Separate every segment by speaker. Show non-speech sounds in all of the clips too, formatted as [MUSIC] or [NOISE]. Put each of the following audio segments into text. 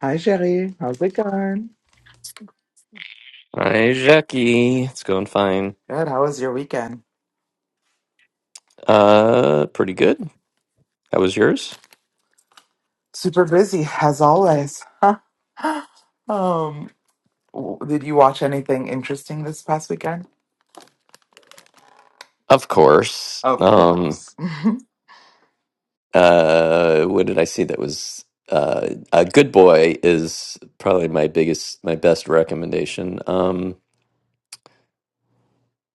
Speaker 1: Hi, Sherry. How's it going?
Speaker 2: Hi, Jackie. It's going fine.
Speaker 1: Good. How was your weekend?
Speaker 2: Uh, pretty good. That was yours?
Speaker 1: Super busy, as always. Um, w- did you watch anything interesting this past weekend?
Speaker 2: Of course.
Speaker 1: Of
Speaker 2: Um,
Speaker 1: course.
Speaker 2: uh, what did I see that was uh, a good boy is probably my biggest, my best recommendation. Um,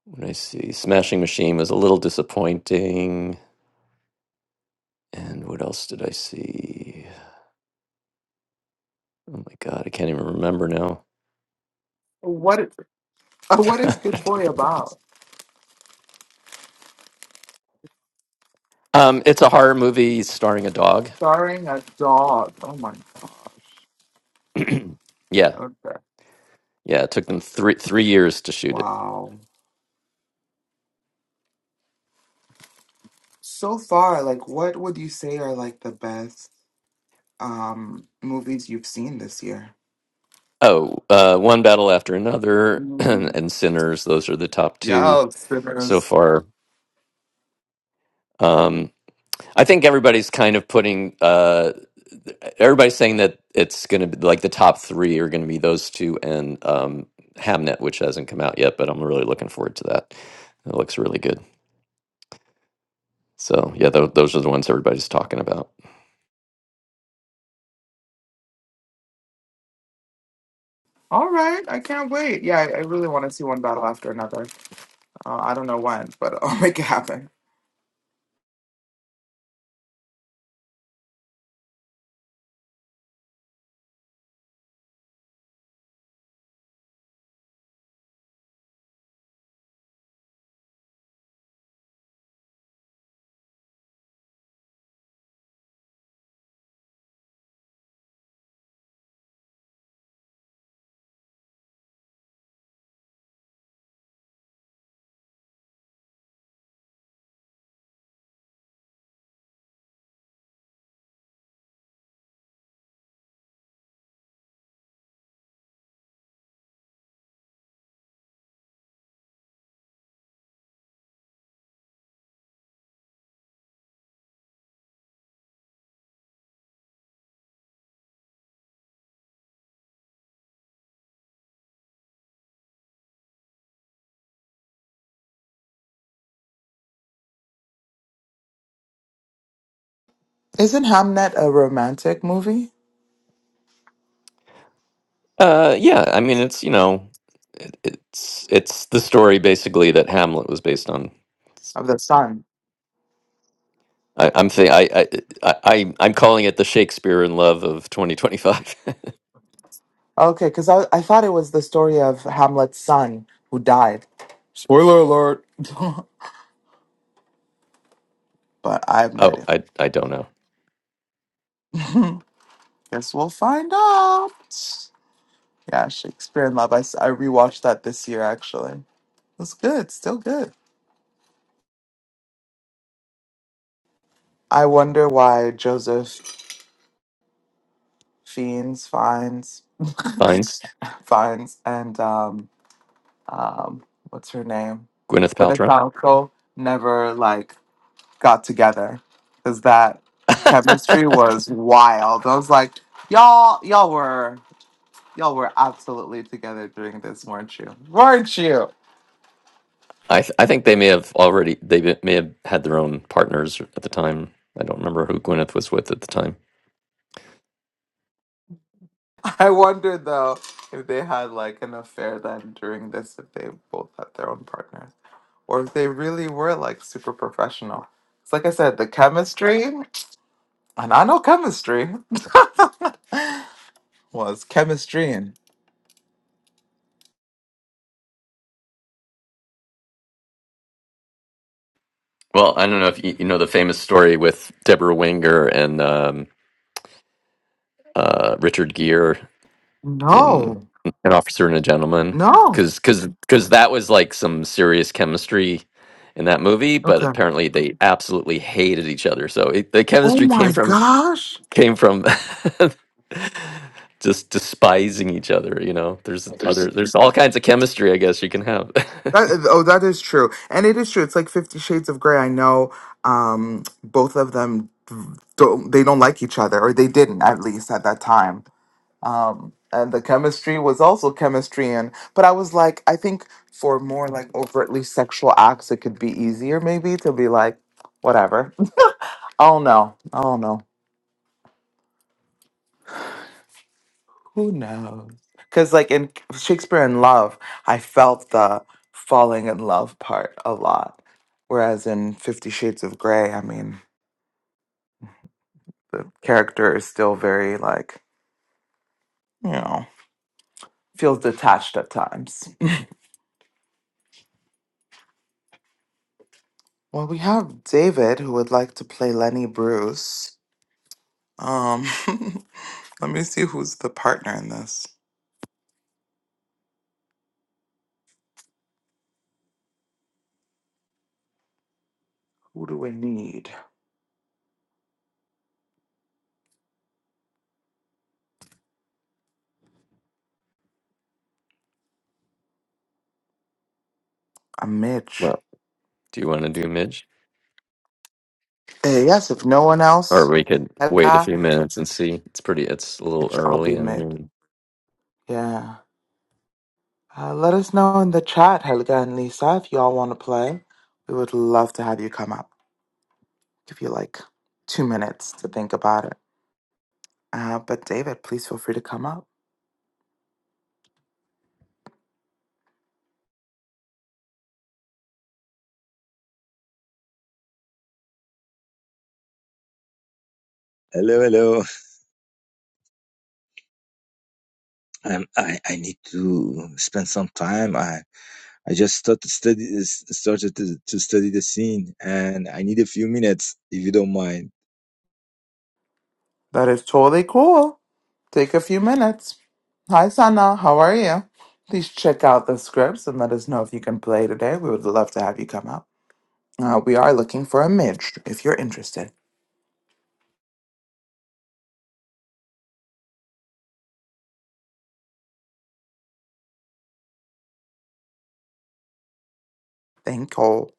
Speaker 2: what did I see? Smashing Machine was a little disappointing. And what else did I see? Oh my God, I can't even remember now.
Speaker 1: [LAUGHS] what uh,
Speaker 2: [LAUGHS] I
Speaker 1: What
Speaker 2: don't
Speaker 1: is
Speaker 2: even
Speaker 1: Good Boy
Speaker 2: remember what it's-
Speaker 1: about?
Speaker 2: um, it's a horror movie starring a dog.
Speaker 1: Starring a dog. Oh my gosh.
Speaker 2: [CLEARS THROAT] yeah,
Speaker 1: Okay.
Speaker 2: Yeah, it took them three three years to shoot it.
Speaker 1: Wow. So far, like, what would you say are like the best um movies you've seen this year?
Speaker 2: Oh, uh, one battle after another, [CLEARS THROAT]
Speaker 1: Mm.
Speaker 2: and Sinners. Those are the top two
Speaker 1: Yeah,
Speaker 2: so
Speaker 1: Sinners.
Speaker 2: far. Um, I think everybody's kind of putting. Uh, everybody's saying that it's going to be like the top three are going to be those two and um, Hamnet, which hasn't come out yet, but I'm really looking forward to that. It looks really good. So yeah, tho- those are the ones everybody's talking about.
Speaker 1: All right, I can't wait. Yeah, I, I really want to see one battle after another. Uh, I don't know when, but I'll [LAUGHS] make it happen. Isn't Hamnet a romantic movie
Speaker 2: Uh, yeah, I mean, it's you know, it, it's it's the story basically that Hamlet was based on. It's-
Speaker 1: of the
Speaker 2: it's-
Speaker 1: son?
Speaker 2: I, I'm thi- I, I I I- I'm calling it the Shakespeare in Love of 2025.
Speaker 1: Okay, because I, I thought it was the story of Hamlet's son who died. Spoiler alert. [LAUGHS] but I have
Speaker 2: [LAUGHS]
Speaker 1: no
Speaker 2: oh,
Speaker 1: idea.
Speaker 2: I I don't know.
Speaker 1: [LAUGHS] Guess we'll find out. Yeah, Shakespeare in Love. I, s- I rewatched that this year, actually. It was good, still good. I wonder why Joseph Fiennes finds,
Speaker 2: Fines,
Speaker 1: finds and um, um, what's her name?
Speaker 2: Gwyneth
Speaker 1: Gwyneth
Speaker 2: Paltrow.
Speaker 1: Paltrow never like got together because that
Speaker 2: [LAUGHS]
Speaker 1: chemistry was wild. I was like, y'all, y'all were, y'all were absolutely together during this, weren't you? Weren't you?
Speaker 2: I th- I think they may have already they be- may have had their own partners at the time. I don't remember who Gwyneth was with at the time.
Speaker 1: [LAUGHS] I wonder though if they had like an affair then during this, if they both had their own partners, or if they really were like super professional. It's like I said, the chemistry, and I know chemistry [LAUGHS] was chemistry.
Speaker 2: Well, I don't know if you, you know the famous story with Deborah Winger and um, uh, Richard Gere in
Speaker 1: No,
Speaker 2: an officer and a gentleman
Speaker 1: no.
Speaker 2: because because because that was like some serious chemistry in that movie but
Speaker 1: Okay.
Speaker 2: apparently they absolutely hated each other so it, the
Speaker 1: Oh
Speaker 2: chemistry came
Speaker 1: my
Speaker 2: from
Speaker 1: gosh.
Speaker 2: came from [LAUGHS] just despising each other you know there's other there's all kinds of chemistry i guess you can have
Speaker 1: That is, oh, that is true, and it is true. It's like Fifty Shades of Grey. I know um, both of them don't. They don't like each other, or they didn't at least at that time. Um, and the chemistry was also chemistry, and but I was like, I think for more like overtly sexual acts, it could be easier maybe to be like, whatever. [LAUGHS] Oh no, oh no. Who knows? Because, like in Shakespeare in Love, I felt the falling in love part a lot. Whereas in Fifty Shades of Grey, I mean, character is still very, like, you know, feels detached at times. Well, we have David who would like to play Lenny Bruce. Um, [LAUGHS] let me see who's the partner in this. Who do we need? A
Speaker 2: [LAUGHS]
Speaker 1: Mitch.
Speaker 2: well do you want to do midge
Speaker 1: Eh, yes, if no one
Speaker 2: or
Speaker 1: else,
Speaker 2: we
Speaker 1: is
Speaker 2: could
Speaker 1: that
Speaker 2: wait a
Speaker 1: guy,
Speaker 2: few minutes and see it's pretty it's a little
Speaker 1: Mitch, I'll be
Speaker 2: early i
Speaker 1: Mitch.
Speaker 2: mean
Speaker 1: Yeah. Uh, let us know in the chat, Helga and Lisa, if y'all want to play. We would love to have you come up. Give you like two minutes to think about it. Uh, but David, please feel free to come up.
Speaker 3: Hello, hello. Um, I, I need to spend some time. I, I just started study started to, to study the scene, and I need a few minutes if you don't mind.
Speaker 1: That is totally cool. Take a few minutes. Hi, Sana. How are you? Please check out the scripts and let us know if you can play today. We would love to have you come up. Uh, we are looking for a midge if you're interested. Thank you.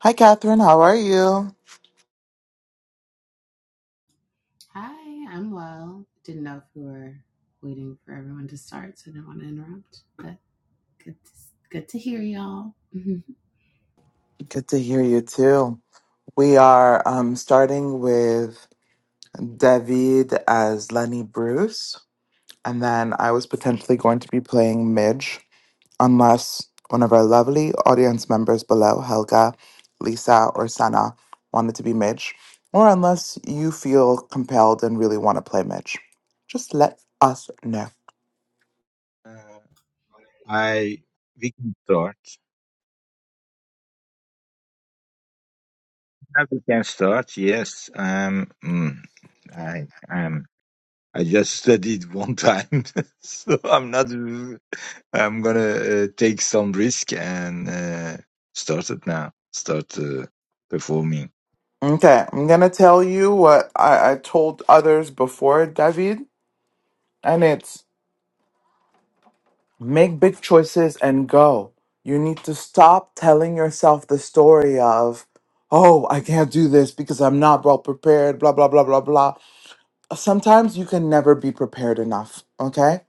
Speaker 1: Hi, Catherine. How are you?
Speaker 4: Hi, I'm well. Didn't know if we were waiting for everyone to start, so I didn't want to interrupt. But good to, good to hear y'all. [LAUGHS]
Speaker 1: Good to hear you too. We are um, starting with David as Lenny Bruce. And then I was potentially going to be playing Midge, unless one of our lovely audience members below, Helga, Lisa, or Sana, wanted to be Midge, or unless you feel compelled and really want to play Midge. Just let us know.
Speaker 3: Uh, I we can start. Uh, We can start. Yes. Um. mm, I um. I just studied one time, [LAUGHS] so I'm not. I'm gonna uh, take some risk and uh, start it now. Start uh, performing.
Speaker 1: Okay, I'm gonna tell you what I, I told others before, David, and it's Make big choices and go. You need to stop telling yourself the story of, oh, I can't do this because I'm not well prepared, blah, blah, blah, blah, blah. Sometimes you can never be prepared enough, okay?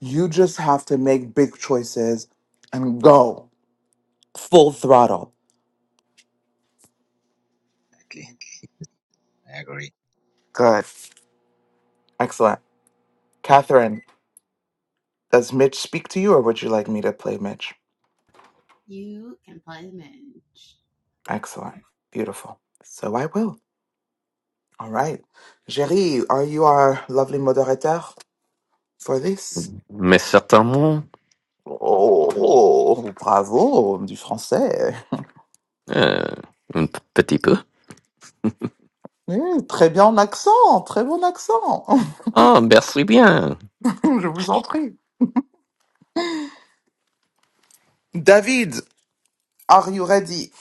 Speaker 1: You just have to make big choices and go full throttle.
Speaker 3: Exactly. I agree.
Speaker 1: Good. Excellent. Catherine, does Mitch speak to you or would you like me to play Mitch?
Speaker 4: you can play the minge.
Speaker 1: Excellent. Beautiful. So I will. All right. Jerry, are you our lovely moderator? for this.
Speaker 2: mais certainement
Speaker 1: Oh, oh, bravo, du français.
Speaker 2: euh, un petit peu
Speaker 1: Eh, très bien en accent, très bon accent.
Speaker 2: ah merci bien
Speaker 1: [LAUGHS] Je vous en prie. David, are you ready?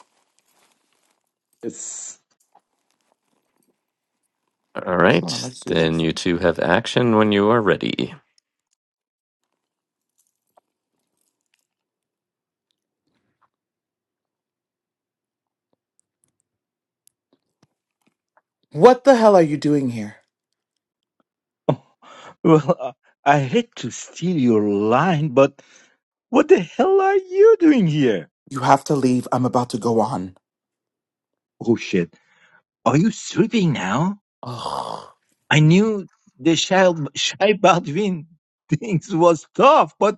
Speaker 3: Yes.
Speaker 2: All
Speaker 1: Excellent,
Speaker 2: right,
Speaker 1: let's do
Speaker 2: then
Speaker 1: this.
Speaker 2: you two have action when you are ready.
Speaker 1: What the hell are you doing here?
Speaker 3: [LAUGHS] Well, uh, I hate to steal your line, but what the hell are you doing here?
Speaker 1: You have to leave. I'm about to go on.
Speaker 3: Oh shit. Are you sleeping now?
Speaker 1: Ugh.
Speaker 3: I knew the Shai, Shai Baldwin things was tough, but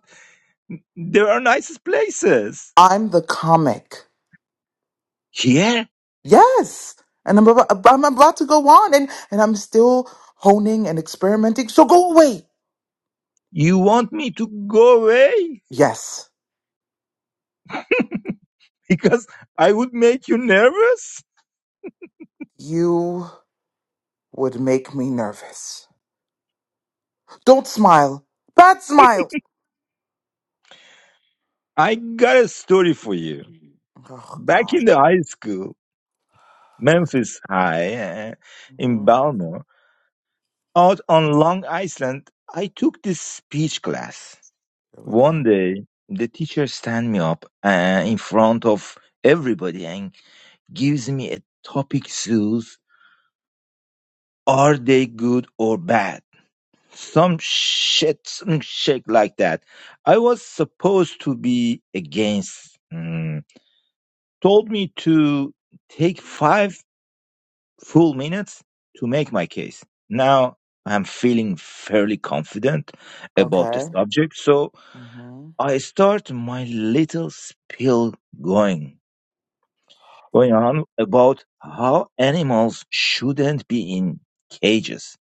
Speaker 3: there are nice places.
Speaker 1: I'm the comic.
Speaker 3: Here?
Speaker 1: Yes. And I'm about, I'm about to go on and, and I'm still honing and experimenting. So go away.
Speaker 3: You want me to go away?
Speaker 1: Yes.
Speaker 3: [LAUGHS] Because I would make you nervous?
Speaker 1: You would make me nervous. Don't smile. Bad smile.
Speaker 3: I got a story for you.
Speaker 1: Oh
Speaker 3: Back
Speaker 1: God.
Speaker 3: in the high school, Memphis High, uh, in
Speaker 1: hmm
Speaker 3: Baltimore, out on Long Island, I took this speech class.
Speaker 1: Here we go.
Speaker 3: One day, the teacher stand me up uh, in front of everybody and gives me a topic zoos. Are they good or bad? Some shit, some shit like that. I was supposed to be against. mm, told me to take five full minutes to make my case. Now I'm feeling fairly confident about the
Speaker 1: Okay.
Speaker 3: subject, so
Speaker 1: Mm-hmm.
Speaker 3: I start my little spiel going going on about how animals shouldn't be in cages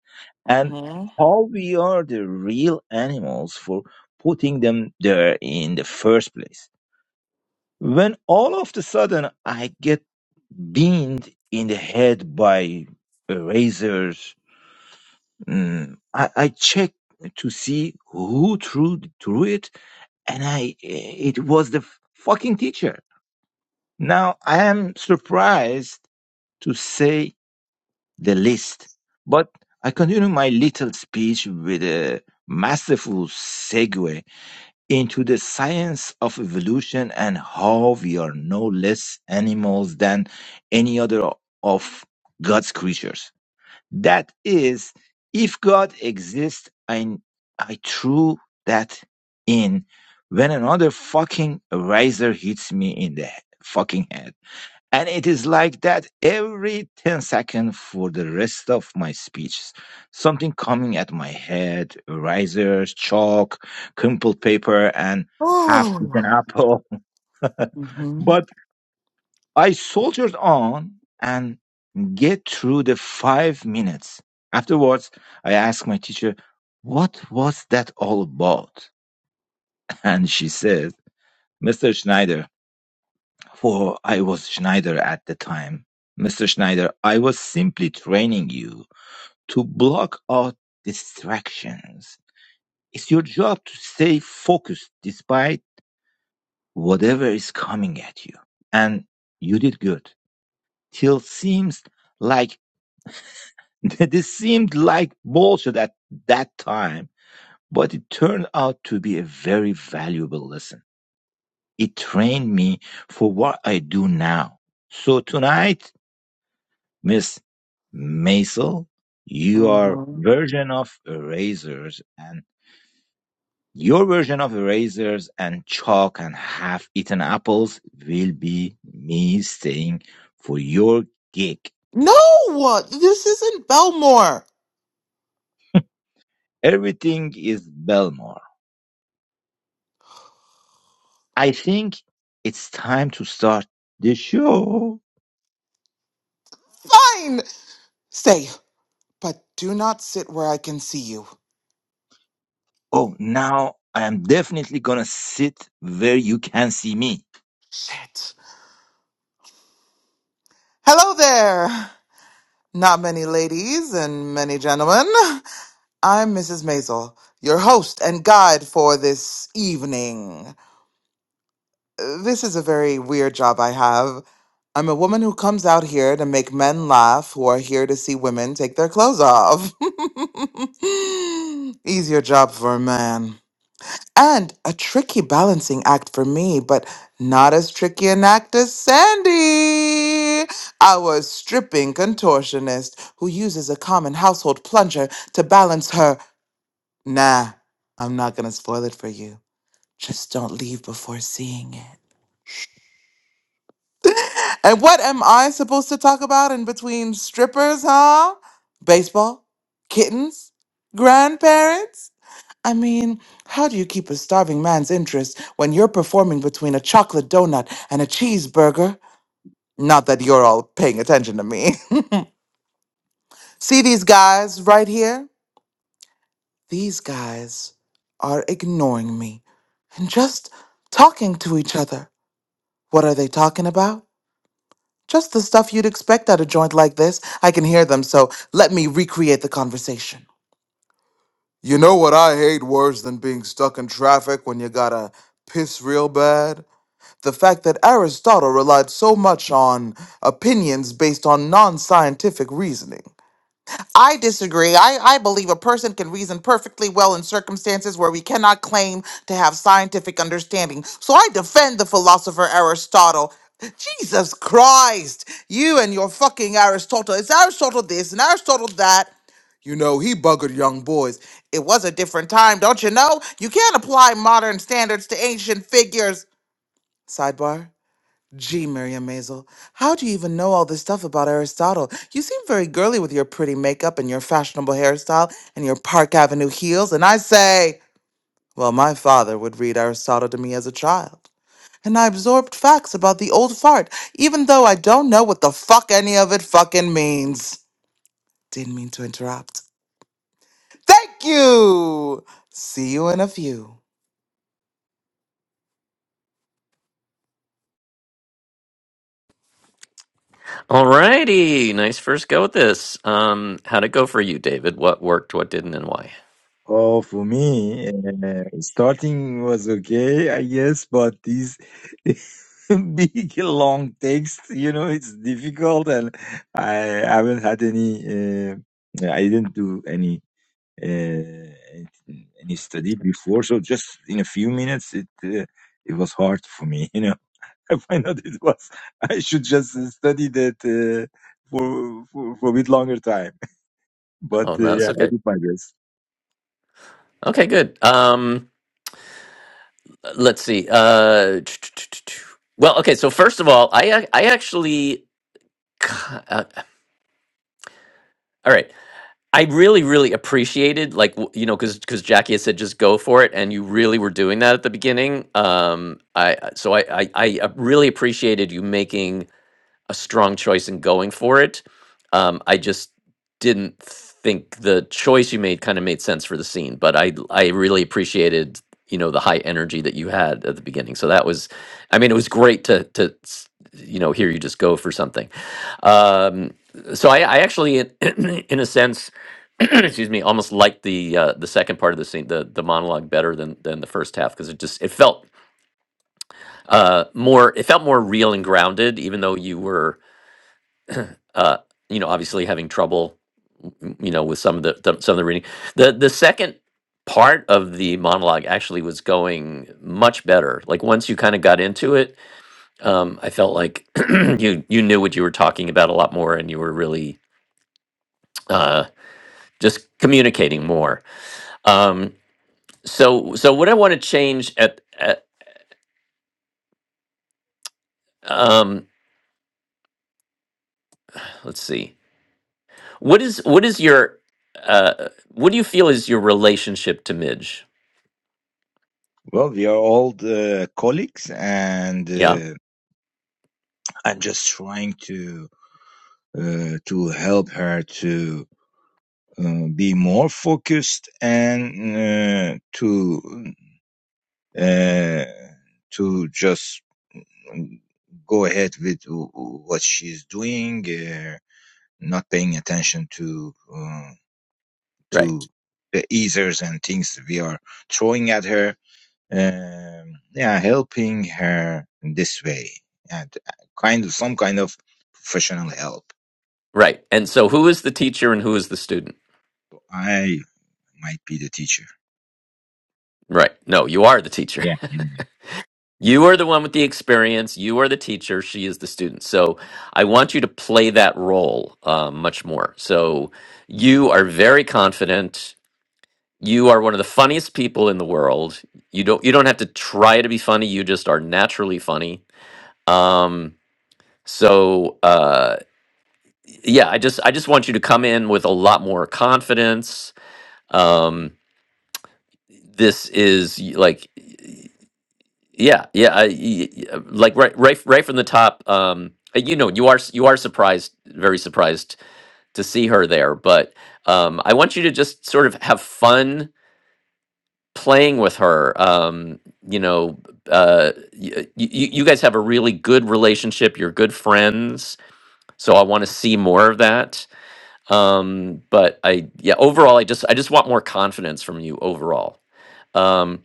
Speaker 3: and
Speaker 1: Mm-hmm. [SIGHS]
Speaker 3: how we are the real animals for putting them there in the first place. When all of a sudden I get beamed in the head by erasers Mm, I, I checked to see who threw, threw it, and I it was the fucking teacher. Now I am surprised to say the least, but I continue my little speech with a masterful segue into the science of evolution and how we are no less animals than any other of God's creatures. That is, if God exists, I, I threw that in when another fucking razor hits me in the he- fucking head. And it is like that every 10 seconds for the rest of my speeches. Something coming at my head, razors, chalk, crumpled paper, and half eaten
Speaker 1: Oh.
Speaker 3: apple. [LAUGHS]
Speaker 1: Mm-hmm.
Speaker 3: But I soldiered on, and get through the five minutes. Afterwards, I asked my teacher, What was that all about? [LAUGHS] And she said, Mr. Schneider, for I was Schneider at the time, Mr. Schneider, I was simply training you to block out distractions. It's your job to stay focused despite whatever is coming at you. And you did good. Till seems like [LAUGHS] this seemed like bullshit at that time But it turned out to be a very valuable lesson. It trained me for what I do now. So tonight, Miss Maisel, your
Speaker 1: Mm-hmm.
Speaker 3: version of erasers and your version of erasers and chalk and half eaten apples will be me staying for your gig.
Speaker 1: No! This isn't Belmore!
Speaker 3: Everything is Belmore. I think it's time to start the show.
Speaker 1: Fine! Stay, but do not sit where I can see you.
Speaker 3: Oh, now I am definitely gonna sit where you can see me.
Speaker 1: Shit. Hello there! Not many ladies and many gentlemen. I'm Mrs. Maisel, your host and guide for this evening. this is a very weird job I have. I'm a woman who comes out here to make men laugh who are here to see women take their clothes off. [LAUGHS] Easier job for a man. And a tricky balancing act for me, but not as tricky an act as Sandy. I was stripping contortionist who uses a common household plunger to balance her. Nah, I'm not gonna spoil it for you. Just don't leave before seeing it. And what am I supposed to talk about in between strippers, huh? Baseball? Kittens? Grandparents? I mean, how do you keep a starving man's interest when you're performing between a chocolate donut and a cheeseburger? Not that you're all paying attention to me. [LAUGHS] See these guys right here? These guys are ignoring me and just talking to each other. What are they talking about? Just the stuff you'd expect at a joint like this. I can hear them, so let me recreate the conversation. You know what I hate worse than being stuck in traffic when you gotta piss real bad? The fact that Aristotle relied so much on opinions based on non scientific reasoning. I disagree. I, I believe a person can reason perfectly well in circumstances where we cannot claim to have scientific understanding. So I defend the philosopher Aristotle. Jesus Christ, you and your fucking Aristotle. It's Aristotle this and Aristotle that. You know, he buggered young boys. It was a different time, don't you know? You can't apply modern standards to ancient figures. Sidebar. Gee, Miriam Maisel, how do you even know all this stuff about Aristotle? You seem very girly with your pretty makeup and your fashionable hairstyle and your Park Avenue heels, and I say, well, my father would read Aristotle to me as a child, and I absorbed facts about the old fart, even though I don't know what the fuck any of it fucking means. Didn't mean to interrupt. Thank you! See you in a few.
Speaker 2: All righty, nice first go at this. Um, how'd it go for you, David? What worked, what didn't, and why?
Speaker 3: Oh, for me, uh, starting was okay, I guess, but these [LAUGHS] big long text, you know, it's difficult, and I haven't had any. Uh, I didn't do any uh, any study before, so just in a few minutes, it uh, it was hard for me, [LAUGHS] you know. [LAUGHS] I find out it was I should just study that uh, for, for for a bit longer time. [LAUGHS] But
Speaker 2: Oh
Speaker 3: uh,
Speaker 2: no, that's
Speaker 3: yeah, I
Speaker 2: okay.
Speaker 3: did my best.
Speaker 2: Okay, good. Um, let's see. Uh, well, okay. So first of all, I ac- I actually, uh, all right. I really, really appreciated, like w- you know, because because Jackie had said just go for it, and you really were doing that at the beginning. Um, I I- so I I, I uh, really appreciated you making a strong choice in going for it. Um, I just didn't think the choice you made kind of made sense for the scene, but I I really appreciated you know the high energy that you had at the beginning. So that was, I mean, it was great to to s- you know hear you just go for something. Um, so I, I actually, in, [CLEARS THROAT] in a sense, [CLEARS THROAT] excuse me, almost liked the uh, the second part of the scene, the the monologue, better than than the first half because it just it felt uh, more it felt more real and grounded, even though you were uh, you know, obviously having trouble, m- you know, with some of the, the some of the reading. The the second part of the monologue actually was going much better. Like once you kind of got into it, um, I felt like [CLEARS THROAT] you you knew what you were talking about a lot more, and you were really uh, just communicating more. Um, so so what I want to change at, at um, let's see, what is what is your uh, what do you feel is your relationship to Midge?
Speaker 3: Well, we are all uh, colleagues, and
Speaker 2: Yeah,
Speaker 3: uh, I'm just trying to uh, to help her to uh, be more focused and uh, to uh, to just go ahead with w- what she's doing, uh, not paying attention to. uh,
Speaker 2: right.
Speaker 3: to the easers and things we are throwing at her. Um, yeah, helping her in this way and uh, kind of some kind of professional help.
Speaker 2: Right. And so who is the teacher and who is the student?
Speaker 3: I might be the teacher.
Speaker 2: Right. No, you are the teacher.
Speaker 3: Yeah.
Speaker 2: [LAUGHS] you are the one with the experience. You are the teacher. She is the student. So I want you to play that role uh, much more. So you are very confident. You are one of the funniest people in the world. You don't you don't have to try to be funny. You just are naturally funny. Um so uh yeah, I just I just want you to come in with a lot more confidence. Um this is y- like Yeah, yeah, I, y- y- uh, like right, right, right from the top. Um, uh, you know, you are s- you are surprised, very surprised to see her there. But um, I want you to just sort of have fun playing with her. Um, you know, uh, y- uh, y- you guys have a really good relationship. You're good friends, so I want to see more of that. Um, but I, yeah, overall, I just I just want more confidence from you overall. um,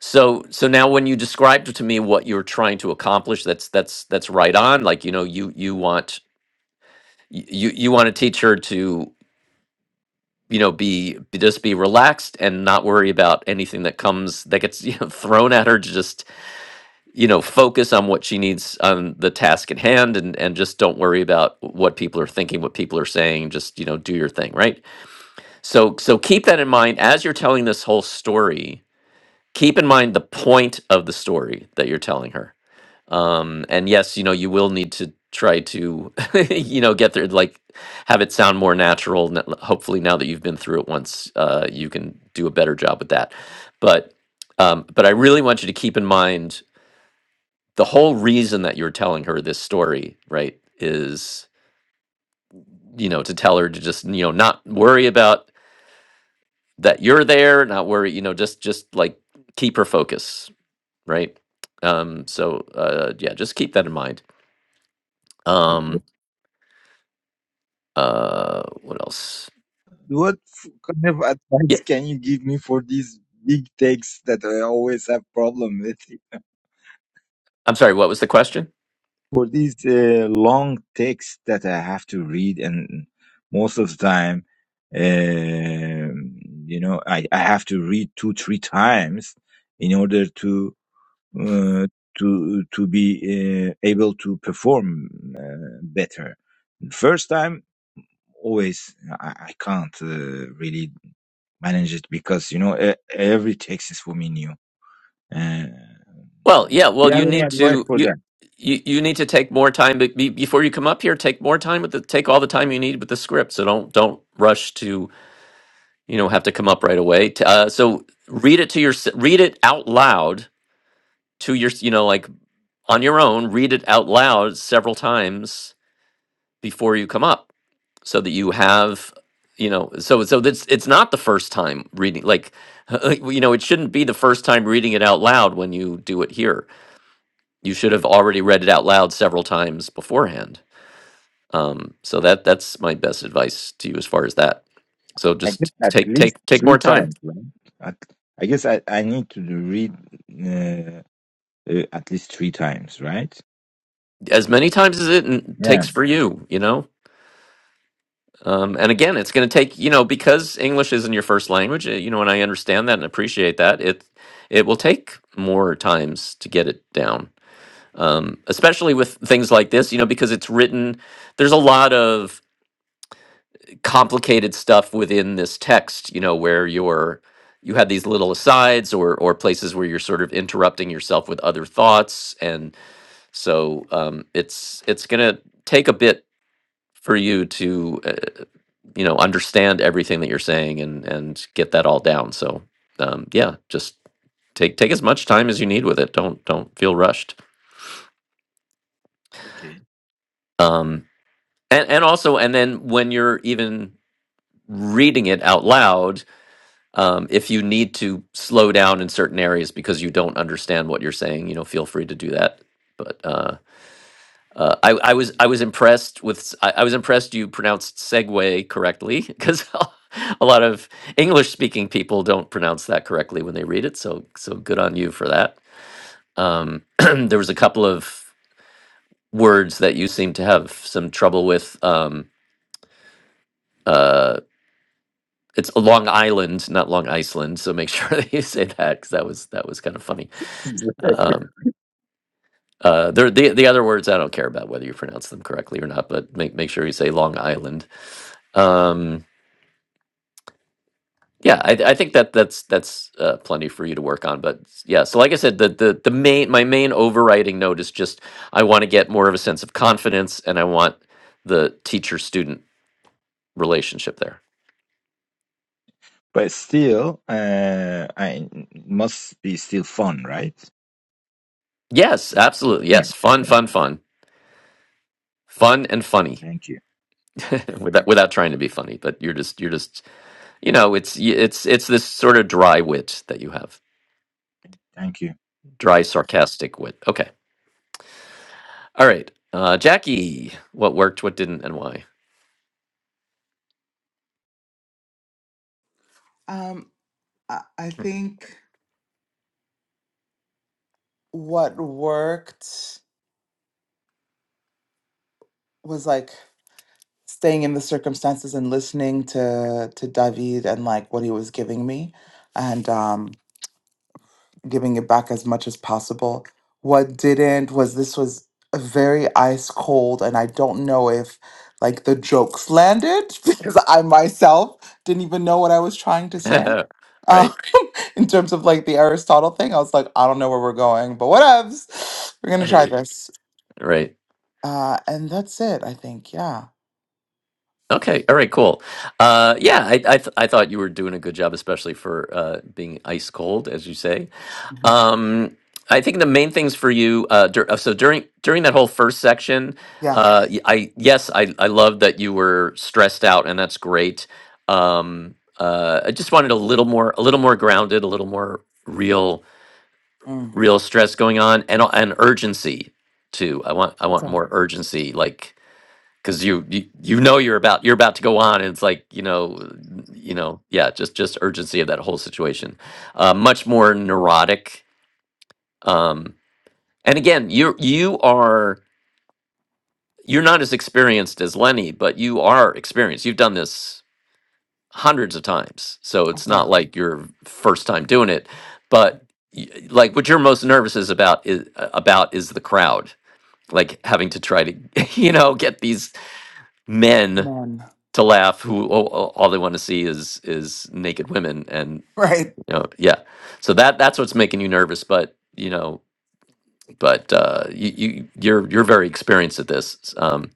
Speaker 2: So so now when you described to me what you're trying to accomplish, that's that's that's right on. Like, you know, you you want y- you you want to teach her to, you know, be be- just be relaxed and not worry about anything that comes that gets [LAUGHS] you know, thrown at her to just, you know, focus on what she needs on the task at hand and and just don't worry about what people are thinking, what people are saying, just, you know, do your thing, right? So so keep that in mind as you're telling this whole story. Keep in mind the point of the story that you're telling her um and yes you know you will need to try to [LAUGHS] you know get there like have it sound more natural n- hopefully now that you've been through it once uh you can do a better job with that but um but i really want you to keep in mind the whole reason that you're telling her this story right is you know to tell her to just you know not worry about that you're there not worry you know just just like keep her focus right um so uh yeah just keep that in mind um
Speaker 3: Okay.
Speaker 2: uh what else
Speaker 3: What f- kind of
Speaker 2: yeah
Speaker 3: advice can you give me for these big takes that I always have problem with?
Speaker 2: i'm sorry what was the question
Speaker 3: for these uh, long texts that I have to read, and most of the time, um you know, I, I have to read two, three times in order to uh, to to be uh, able to perform uh, better. First time, always I, I can't uh, really manage it because you know e- every text is for me new. Uh,
Speaker 2: well yeah
Speaker 3: do you
Speaker 2: well you
Speaker 3: have any
Speaker 2: need
Speaker 3: advice
Speaker 2: to
Speaker 3: for that?
Speaker 2: you you, you need to take more time be, be- before you come up here take more time with the take all the time you need with the script so don't don't rush to you know have to come up right away T- uh, so read it to your read it out loud to your you know like on your own read it out loud several times before you come up so that you have you know so so that's it's not the first time reading like [LAUGHS] you know it shouldn't be the first time reading it out loud when you do it here you should have already read it out loud several times beforehand um, so that that's my best advice to you as far as that so
Speaker 3: I guess
Speaker 2: just
Speaker 3: at
Speaker 2: take take
Speaker 3: least
Speaker 2: take
Speaker 3: three
Speaker 2: more time
Speaker 3: times, right? At, I guess I, I need to read uh, uh, at least three times, right?
Speaker 2: as many times as it n-
Speaker 3: Yeah.
Speaker 2: takes for you you know um, and again it's going to take you know because english isn't your first language uh, you know and i understand that and appreciate that it it will take more times to get it down um, especially with things like this, you know, because it's written, there's a lot of complicated stuff within this text, you know, where you're, you have these little asides or, or places where you're sort of interrupting yourself with other thoughts. And so um, it's, it's going to take a bit for you to, uh, you know, understand everything that you're saying and, and get that all down. So um, yeah, just take, take as much time as you need with it. Don't, don't feel rushed.
Speaker 3: Okay.
Speaker 2: Um, and and also and then when you're even reading it out loud um, if you need to slow down in certain areas because you don't understand what you're saying you know feel free to do that but uh, uh, I, I was I was impressed with s- I, I was impressed you pronounced segue correctly [LAUGHS] because a lot of English speaking people don't pronounce that correctly when they read it so so good on you for that um, [CLEARS THROAT] there was a couple of words that you seem to have some trouble with um, uh, It's Long Island, not Long Iceland. So make sure [LAUGHS] that you say that because that was that was kind of funny. Um, uh, there, the the other words I don't care about whether you pronounce them correctly or not, but make make sure you say Long Island. Um, yeah, I, I think that that's that's uh, plenty for you to work on. But yeah, so like I said, the the the main my main overriding note is just I want to get more of a sense of confidence, and I want the teacher student relationship there.
Speaker 3: [LAUGHS] but still, uh, I it must be still fun, right?
Speaker 2: Yes, absolutely.
Speaker 3: Yeah.
Speaker 2: Yes, fun, fun, fun, fun, and funny.
Speaker 3: Thank you.
Speaker 2: [LAUGHS] without without trying to be funny, but you're just you're just you know it's y- it's it's this sort of dry wit that you have,
Speaker 3: Thank you.
Speaker 2: dry sarcastic wit. Okay, all right, uh, Jackie, what worked, what didn't, and why?
Speaker 1: Um, I, I think what worked was like staying in the circumstances and listening to to David and like what he was giving me and um giving it back as much as possible. What didn't was this was a very ice cold and I don't know if like the jokes landed [LAUGHS] because I myself didn't even know what I was trying to say.
Speaker 2: [LAUGHS]
Speaker 1: Uh,
Speaker 2: right,
Speaker 1: [LAUGHS] in terms of like the Aristotle thing, I was like, I don't know where we're going, but whatevs. We're gonna
Speaker 2: [LAUGHS]
Speaker 1: try this.
Speaker 2: right.
Speaker 1: Uh, and that's it, I think. Yeah.
Speaker 2: Okay, all right, cool. Uh, yeah, I I, th- I thought you were doing a good job, especially for uh, being ice cold, as you say.
Speaker 1: Mhm.
Speaker 2: Um, I think the main things for you, uh, dur- uh, so during during that whole first section,
Speaker 1: Yeah.
Speaker 2: uh, y- I yes, I I love that you were stressed out, and that's great. Um, uh, I just wanted a little more, a little more grounded, a little more real,
Speaker 1: Mm.
Speaker 2: real stress going on, and a- and urgency too. I want I want more
Speaker 1: Okay.
Speaker 2: urgency, like because you, you you know you're about you're about to go on, and it's like you know n- you know yeah, just just urgency of that whole situation. Uh, much more neurotic. um. And again, you you are you're not as experienced as Lenny, but you are experienced. You've done this hundreds of times, so it's not like your first time doing it. But y- like, what you're most nervous is about is about is the crowd, like having to try to [LAUGHS] you know get these men
Speaker 1: None.
Speaker 2: to laugh who all, all all they want to see is is naked women and
Speaker 1: Right.
Speaker 2: you know yeah so that that's what's making you nervous but you know but uh you, you you're you're very experienced at this um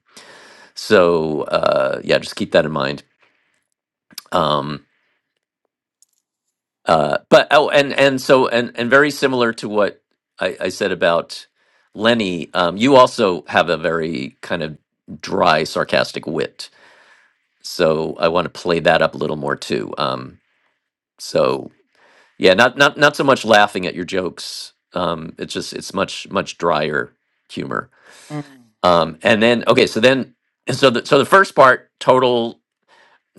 Speaker 2: So uh, yeah, just keep that in mind. Um, uh, but oh, and and so and and very similar to what I, I said about Lenny, um, you also have a very kind of dry, sarcastic wit. So I want to play that up a little more too. Um, so yeah, not not not so much laughing at your jokes. Um, it's just it's much much drier humor.
Speaker 1: Mm.
Speaker 2: Um, and then okay, so then so the so the first part, total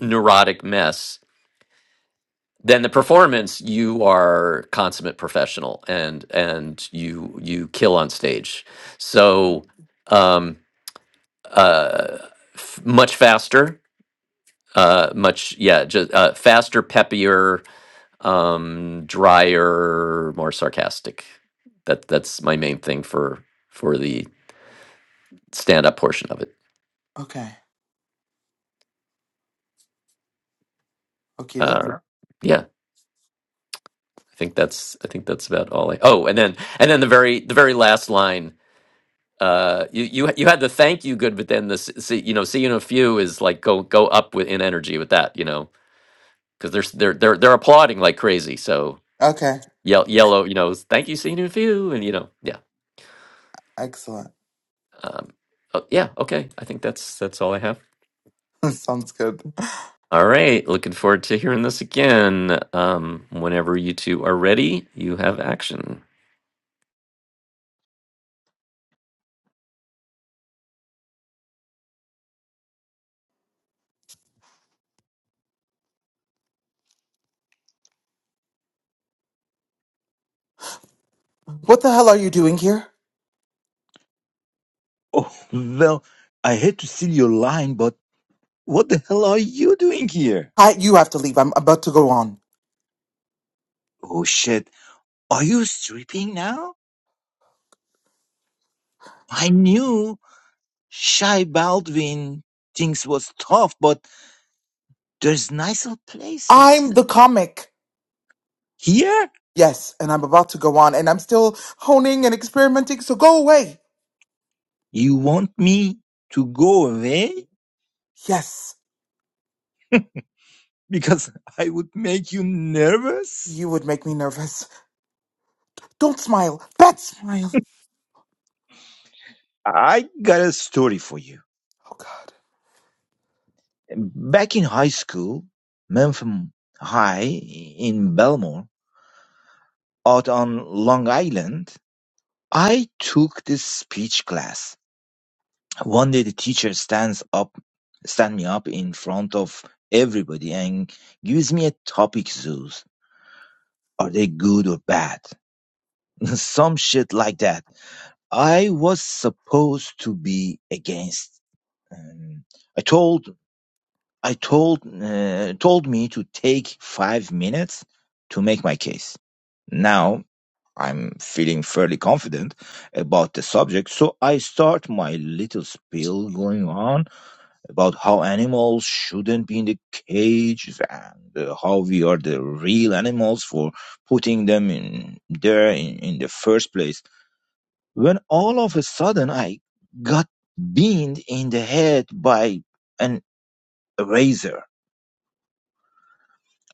Speaker 2: neurotic mess then the performance you are consummate professional and and you you kill on stage so um uh f- much faster uh much yeah just uh, faster peppier um drier more sarcastic that that's my main thing for for the stand up portion of it
Speaker 1: Okay. Okay. doctor.
Speaker 2: uh yeah i think that's i think that's about all i oh and then and then the very the very last line uh you you you had the thank you good but then the s- see you know see you in a few is like go go up with in energy with that you know because they're s- they're they're they're applauding like crazy so
Speaker 1: okay.
Speaker 2: yell yellow you know is, thank you see you in a few and you know yeah
Speaker 1: Excellent.
Speaker 2: um oh, yeah okay I think that's that's all I have
Speaker 1: [LAUGHS] Sounds good.
Speaker 2: all right looking forward to hearing this again um whenever you two are ready you have action
Speaker 1: What the hell are you doing here?
Speaker 3: Oh, well, I hate to steal your line, but what the hell are you doing here?
Speaker 1: I you have to leave. I'm about to go on.
Speaker 3: Oh shit, are you stripping now? I knew Shy Baldwin things was tough, but There's nicer
Speaker 1: I'm
Speaker 3: places.
Speaker 1: the comic.
Speaker 3: Here,
Speaker 1: Yes, and I'm about to go on, and I'm still honing and experimenting. So go away.
Speaker 3: you want me to go away
Speaker 1: Yes,
Speaker 3: because [LAUGHS] I would make you nervous?
Speaker 1: you would make me nervous. Don't smile. Bad smile.
Speaker 3: I got a story for you.
Speaker 1: Oh God.
Speaker 3: Back in high school, Memphis High in Belmore, out on Long Island, I took this speech class. One day the teacher stands up, stand me up in front of everybody and gives me a topic zoos. Are they good or bad? [LAUGHS] some shit like that. I was supposed to be against. Um, I told I told uh, told me to take five minutes to make my case. Now I'm feeling fairly confident about the subject, so I start my little spiel going on about how animals shouldn't be in the cage and uh, how we are the real animals for putting them in there in, in the first place when all of a sudden I got beamed in the head by an eraser.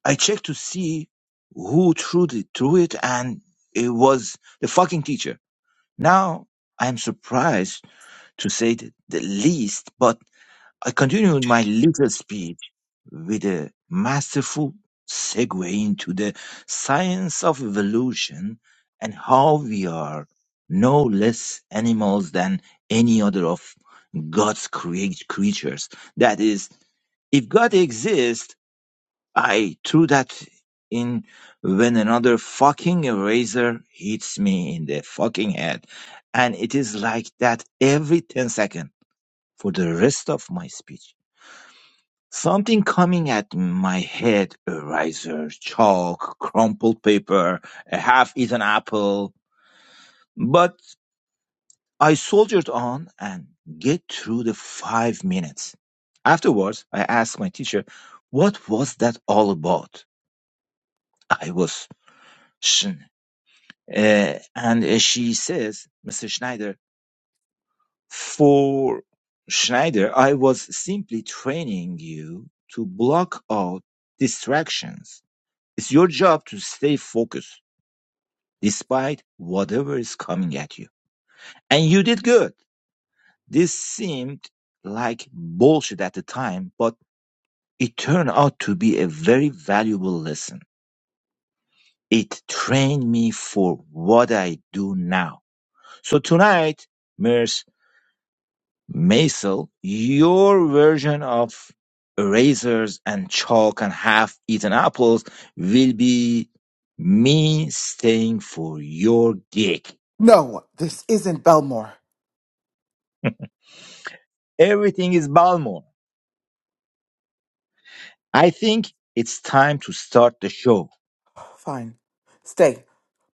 Speaker 3: I checked to see who threw it, threw it and it was the fucking teacher. Now I'm surprised to say the least, but I continued my little speech with a masterful segue into the science of evolution and how we are no less animals than any other of God's create creatures. That is, if God exists, I threw that in when another fucking eraser hits me in the fucking head. And it is like that every 10 seconds for the rest of my speech. Something coming at my head, a razor, chalk, crumpled paper, a half-eaten apple. But I soldiered on and get through the five minutes. Afterwards, I asked my teacher, what was that all about? I was shen. Uh, and uh, she says, Mr. Schneider, for Schneider, I was simply training you to block out distractions It's your job to stay focused despite whatever is coming at you. And you did good. This seemed like bullshit at the time, but it turned out to be a very valuable lesson. It trained me for what I do now. So tonight, Ms. Maisel, your version of erasers and chalk and half eaten apples will be me staying for your gig.
Speaker 1: No, this isn't Belmore.
Speaker 3: Everything is Balmor. I think it's time to start the show.
Speaker 1: Fine, stay,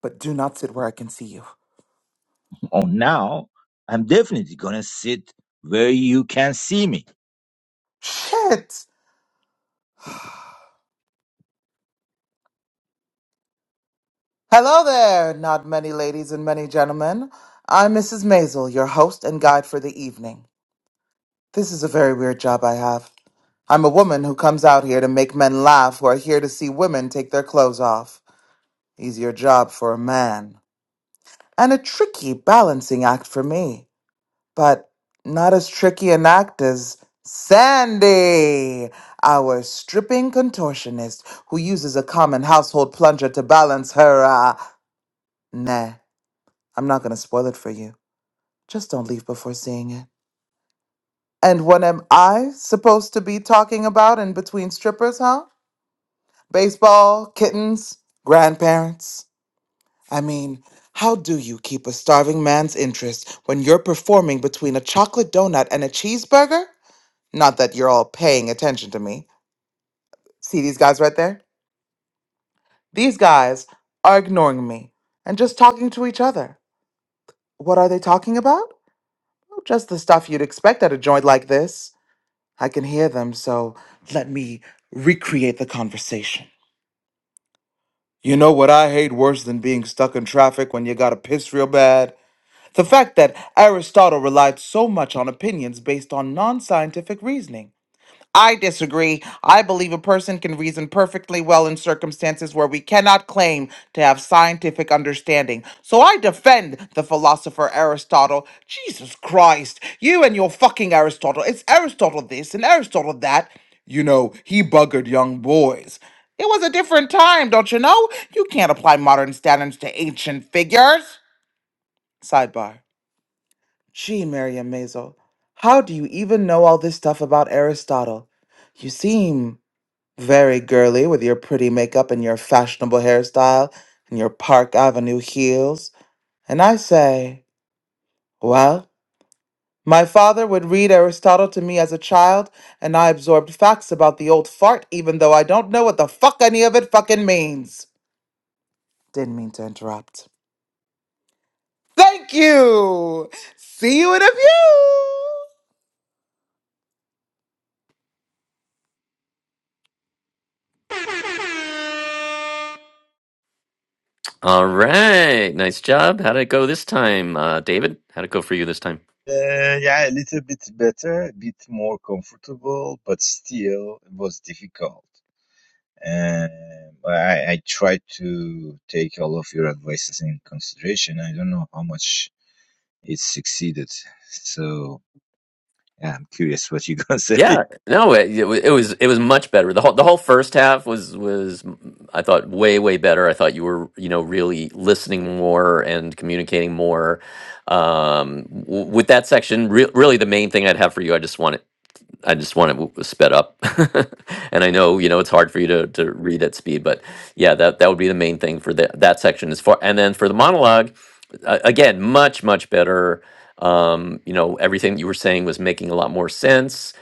Speaker 1: but do not sit where I can see you.
Speaker 3: Oh, now, I'm definitely gonna sit where you can see me.
Speaker 1: Shit. Hello there, not many ladies and many gentlemen. I'm Mrs. Maisel, your host and guide for the evening. This is a very weird job I have. I'm a woman who comes out here to make men laugh who are here to see women take their clothes off. Easier job for a man. And a tricky balancing act for me. But not as tricky an act as Sandy, our stripping contortionist who uses a common household plunger to balance her, uh, nah, I'm not gonna spoil it for you. Just don't leave before seeing it. And what am I supposed to be talking about in between strippers, huh? Baseball, kittens, grandparents. I mean, how do you keep a starving man's interest when you're performing between a chocolate donut and a cheeseburger? Not that you're all paying attention to me. See these guys right there? These guys are ignoring me and just talking to each other. What are they talking about? Well, Just the stuff you'd expect at a joint like this. I can hear them, so let me recreate the conversation. You know what I hate worse than being stuck in traffic when you gotta piss real bad? The fact that Aristotle relied so much on opinions based on non scientific reasoning. I disagree. I believe a person can reason perfectly well in circumstances where we cannot claim to have scientific understanding. So I defend the philosopher Aristotle. Jesus Christ, you and your fucking Aristotle. It's Aristotle this and Aristotle that. You know, he buggered young boys. It was a different time, don't you know? You can't apply modern standards to ancient figures. Sidebar. Gee, Miriam Mazel, how do you even know all this stuff about Aristotle? You seem very girly with your pretty makeup and your fashionable hairstyle and your Park Avenue heels. And I say, well, my father would read Aristotle to me as a child, and I absorbed facts about the old fart, even though I don't know what the fuck any of it fucking means. Didn't mean to interrupt. Thank you! See you in a few!
Speaker 2: all right nice job how did it go this time uh David how did it go for you this time
Speaker 3: Uh, yeah, a little bit better, a bit more comfortable, but still it was difficult. Um, I, I tried to take all of your advices in consideration. I don't know how much it succeeded. So yeah, I'm curious what you're gonna [LAUGHS] say.
Speaker 2: Yeah, no, it, it wa- it was it was much better. The whole the whole first half was was mm, I thought way way better. I thought you were you know really listening more and communicating more. Um, w- with that section, re really the main thing I'd have for you, I just want it I just want it w- sped up. [LAUGHS] And I know you know it's hard for you to to read at speed, but yeah, that that would be the main thing for that that section as far. And then for the monologue, uh, again, much much better. Um, you know, everything you were saying was making a lot more sense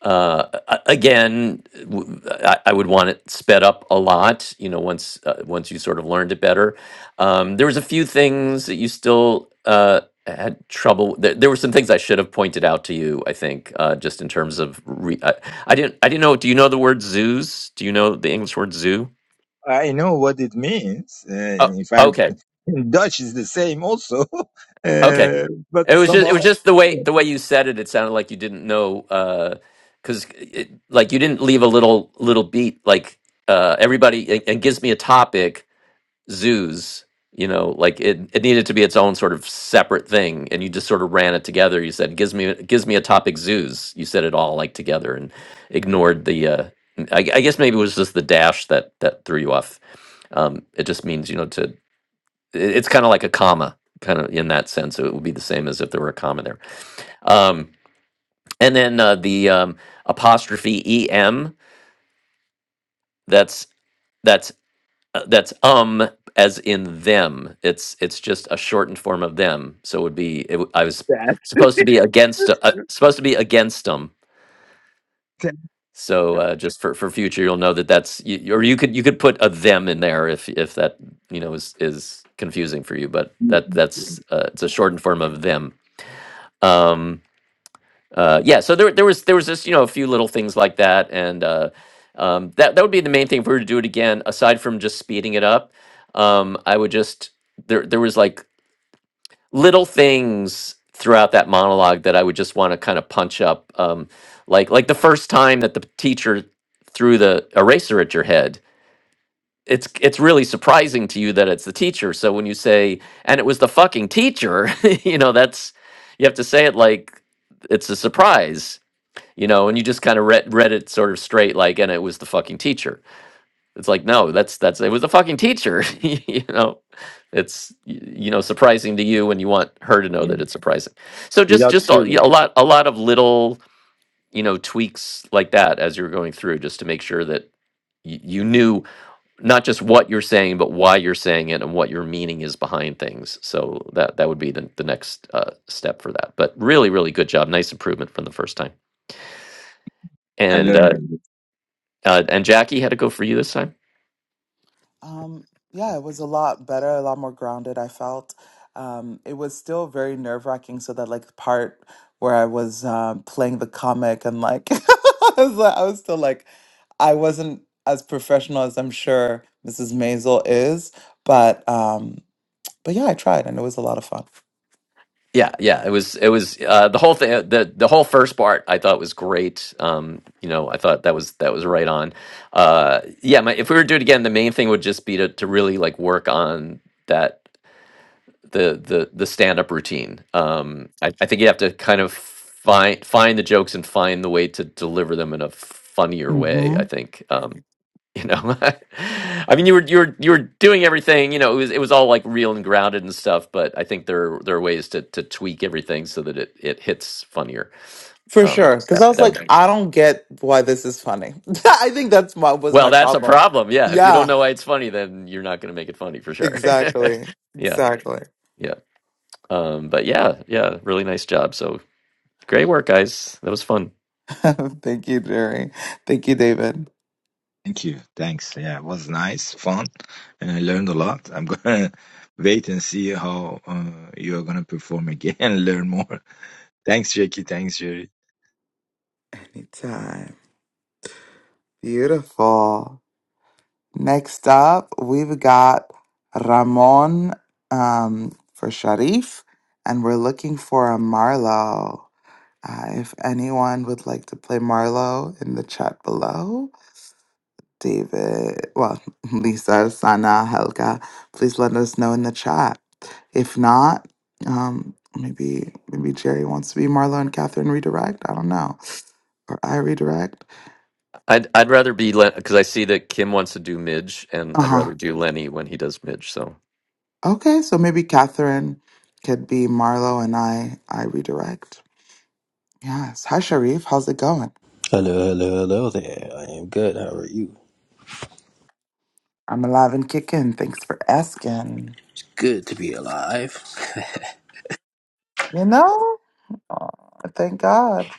Speaker 2: uh, a- again, w- I, I would want it sped up a lot. You know, once uh, once you sort of learned it better, um, there was a few things that you still uh, had trouble. There, there were some things I should have pointed out to you. I think uh, just in terms of re- I, I didn't I didn't know. Do you know the word zoos? Do you know the English word zoo?
Speaker 3: I know what it means. Uh,
Speaker 2: Oh,
Speaker 3: if I
Speaker 2: okay,
Speaker 3: [LAUGHS] in Dutch is the same also, [LAUGHS]
Speaker 2: okay.
Speaker 3: uh, but
Speaker 2: It was just
Speaker 3: somehow
Speaker 2: it was just the way
Speaker 3: uh,
Speaker 2: the way you said it. It sounded like you didn't know because like you didn't leave a little little beat like uh, everybody and, and gives me a topic zoos. You know, like it, it needed to be its own sort of separate thing, and you just sort of ran it together. You said gives me gives me a topic zoos. You said it all like together and ignored the. Uh, I, I guess maybe it was just the dash that that threw you off. Um, it just means you know to. it- It's kind of like a comma, kind of in that sense. so It would be the same as if there were a comma there. Um, and then uh, the um, apostrophe em. That's that's uh, that's um as in them. It's it's just a shortened form of them. So it would be it, w- I was
Speaker 3: that
Speaker 2: supposed to be against uh, supposed to be against them.
Speaker 3: can
Speaker 2: So uh, just for, for future, you'll know that that's you, you- or you could you could put a them in there if if that you know is is confusing for you. But
Speaker 3: be,
Speaker 2: that that's uh, it's a shortened form of them. Um, uh, yeah, so there there was there was just you know a few little things like that, and uh, um, that that would be the main thing if we were to do it again. Aside from just speeding it up, um, I would just there there was like little things throughout that monologue that I would just want to kind of punch up, um, like like the first time that the teacher threw the eraser at your head. It's it's really surprising to you that it's the teacher. So when you say and it was the fucking teacher, [LAUGHS] you know that's you have to say it like it's a surprise you know and you just kind of read read it sort of straight like and it was the fucking teacher it's like no that's that's it was the fucking teacher [LAUGHS] you know it's y- you know surprising to you and you want her to know
Speaker 3: yeah,
Speaker 2: that it's surprising so just
Speaker 3: without
Speaker 2: just a, yeah,
Speaker 3: feeling.
Speaker 2: a lot a lot of little you know tweaks like that as you're going through just to make sure that y- you knew not just what you're saying but why you're saying it and what your meaning is behind things so that that would be the, the next uh, step for that but really really good job nice improvement from the first time
Speaker 3: I
Speaker 2: and uh,
Speaker 3: learned. a lot.
Speaker 2: Uh, and Jackie had to go for you this time.
Speaker 1: Um, yeah, it was a lot better, a lot more grounded, I felt. Um, it was still very nerve-wracking, so that like part where I was um playing the comic and like [LAUGHS] I was like, I was still like I wasn't as professional as I'm sure Mrs. Maisel is, but um but yeah, I tried and it was a lot of fun
Speaker 2: Yeah, yeah, it was it was uh, the whole thing uh, the the whole first part I thought was great. Um, you know, I thought that was that was right on. Uh, yeah, my, if we were to do it again, the main thing would just be to to really like work on that the the the stand up routine. Um, I, I think you have to kind of find find the jokes and find the way to deliver them in a funnier way.
Speaker 1: hmm
Speaker 2: I think. Um, you know, [LAUGHS] I mean, you were you were you were doing everything. You know, it was it was all like real and grounded and stuff. But I think there are- there are ways to to tweak everything so that it it hits funnier.
Speaker 1: For
Speaker 2: Um,
Speaker 1: sure.
Speaker 2: so
Speaker 1: Because
Speaker 2: that
Speaker 1: I was
Speaker 2: that
Speaker 1: like,
Speaker 2: would.
Speaker 1: I don't get why this is funny. [LAUGHS] I think that's my was
Speaker 2: Well,
Speaker 1: my
Speaker 2: that's a
Speaker 1: problem.
Speaker 2: problem. Yeah, if you don't
Speaker 1: Yeah,
Speaker 2: know why it's funny, then you're not going to make it funny for sure.
Speaker 1: exactly.
Speaker 2: [LAUGHS] yeah,
Speaker 1: Exactly.
Speaker 2: yeah. Um, but yeah, yeah, really nice job. So Great work, guys. That was fun.
Speaker 1: [LAUGHS] Thank you, Jerry. Thank you, David.
Speaker 3: Thank you. Thanks. Yeah, it was nice, fun, and I learned a lot. I'm gonna [LAUGHS] wait and see how uh, you're gonna perform again [LAUGHS] and learn more. Thanks, Jackie. Thanks, Jerry.
Speaker 1: Anytime. Beautiful. Next up, we've got Ramon um, for Sharif, and we're looking for a Marlowe. Uh, if anyone would like to play Marlowe in the chat below, David, well, [LAUGHS] Lisa, Sana, Helga, please let us know in the chat. If not, um, maybe maybe Jerry wants to be Marlowe and Catherine redirect. I don't know, or I redirect.
Speaker 2: I'd I'd rather be Len because I see that Kim wants to do Midge, and
Speaker 1: Uh
Speaker 2: I'd
Speaker 1: huh.
Speaker 2: rather do Lenny when he does Midge. So
Speaker 1: Okay, so maybe Catherine could be Marlo and I I redirect. Yes. Hi Sharif, how's it going?
Speaker 5: Hello, hello, hello there. I am good. How are you?
Speaker 1: I'm alive and kicking. Thanks for asking.
Speaker 5: Good to be alive.
Speaker 1: You know? Oh, thank God.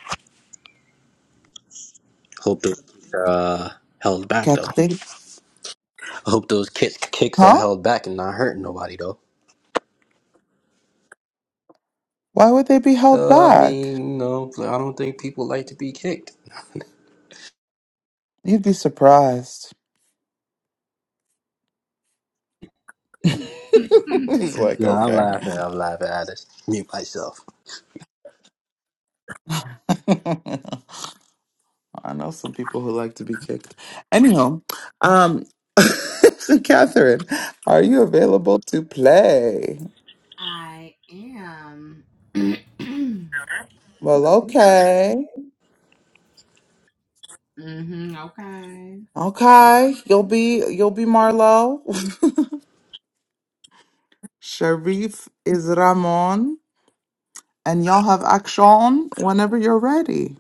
Speaker 5: [LAUGHS] Hope those are uh, held back though.
Speaker 1: Catherine
Speaker 5: I hope those kicks kicks are
Speaker 1: Huh?
Speaker 5: held back and not hurting nobody though.
Speaker 1: Why would they be held
Speaker 5: Uh, I
Speaker 1: back?
Speaker 5: mean, no, I don't think people like to be kicked.
Speaker 1: You'd be surprised. [LAUGHS] He's like,
Speaker 5: No, I'm
Speaker 1: okay.
Speaker 5: laughing. I'm laughing at this. Mute myself.
Speaker 1: [LAUGHS] I know some people who like to be kicked. Anyhow, um [LAUGHS] so Catherine, are you available to play?
Speaker 4: [LAUGHS] I am. [CLEARS THROAT]
Speaker 1: Well,
Speaker 4: Okay.
Speaker 1: okay.
Speaker 4: mm hmm okay.
Speaker 1: Okay. You'll
Speaker 4: Okay.
Speaker 1: be you'll be Marlo. [LAUGHS] Sharif is Ramon. And y'all have action whenever you're ready.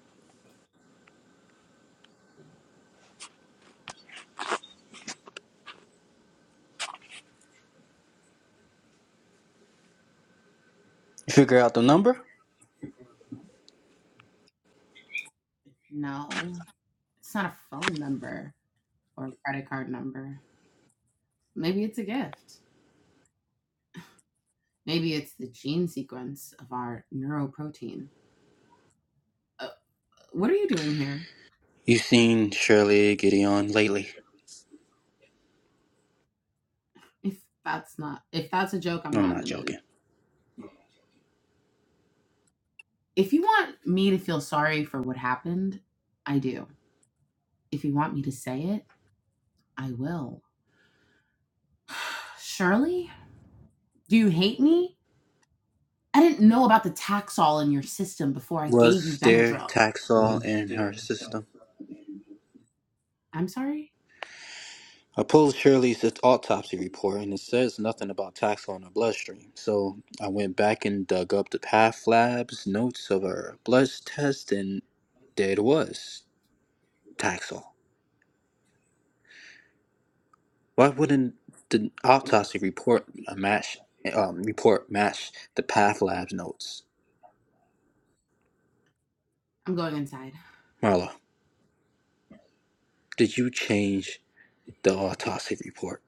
Speaker 5: You figure out the number?
Speaker 4: No, it's not a phone number or a credit card number. Maybe it's a gift. Maybe it's the gene sequence of our neuroprotein. Uh, What are you doing here?
Speaker 5: You seen Shirley Gideon lately?
Speaker 4: If that's not if that's a joke, I'm
Speaker 5: No, I'm
Speaker 4: not in
Speaker 5: not
Speaker 4: the mood.
Speaker 5: joking.
Speaker 4: If you want me to feel sorry for what happened, I do. If you want me to say it, I will. [SIGHS] Shirley, do you hate me? I didn't know about the Taxol in your system before I gave you
Speaker 5: Was there
Speaker 4: Benadryl.
Speaker 5: Taxol in her system?
Speaker 4: I'm sorry.
Speaker 5: I pulled Shirley's autopsy report and it says nothing about Taxol in her bloodstream. So I went back and dug up the path lab's notes of her blood test and there it was Taxol. Why wouldn't the autopsy report uh, match um, report match the path lab's notes?
Speaker 4: I'm going inside.
Speaker 5: Marla, did you change the autopsy report?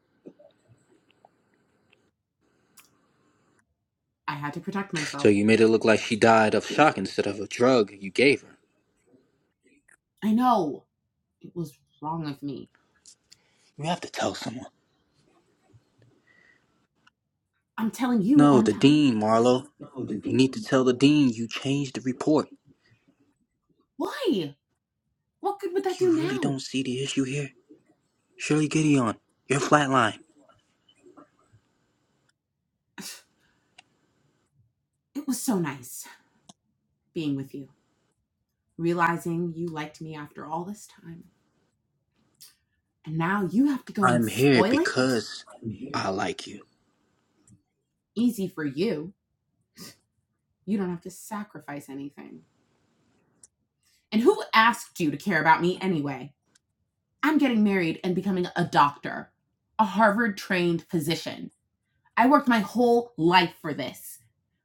Speaker 4: I had to protect
Speaker 5: So
Speaker 4: myself.
Speaker 5: you made it look like she died of shock instead of a drug you gave her.
Speaker 4: I know. It was wrong of me.
Speaker 5: You have to tell someone.
Speaker 4: I'm telling you,
Speaker 5: No, the
Speaker 4: aren't I?
Speaker 5: dean, Marlo. You need to tell the dean you changed the report.
Speaker 4: Why? What good would that
Speaker 5: You
Speaker 4: do
Speaker 5: really
Speaker 4: now?
Speaker 5: don't see the issue here? Shirley Gideon, you're flatline.
Speaker 4: [LAUGHS] [SIGHS] It was so nice being with you, realizing you liked me after all this time. And now you have to go and
Speaker 5: I'm here
Speaker 4: spoil it?
Speaker 5: because I like you.
Speaker 4: Easy for you. You don't have to sacrifice anything. And who asked you to care about me anyway? I'm getting married and becoming a doctor, a Harvard trained physician. I worked my whole life for this.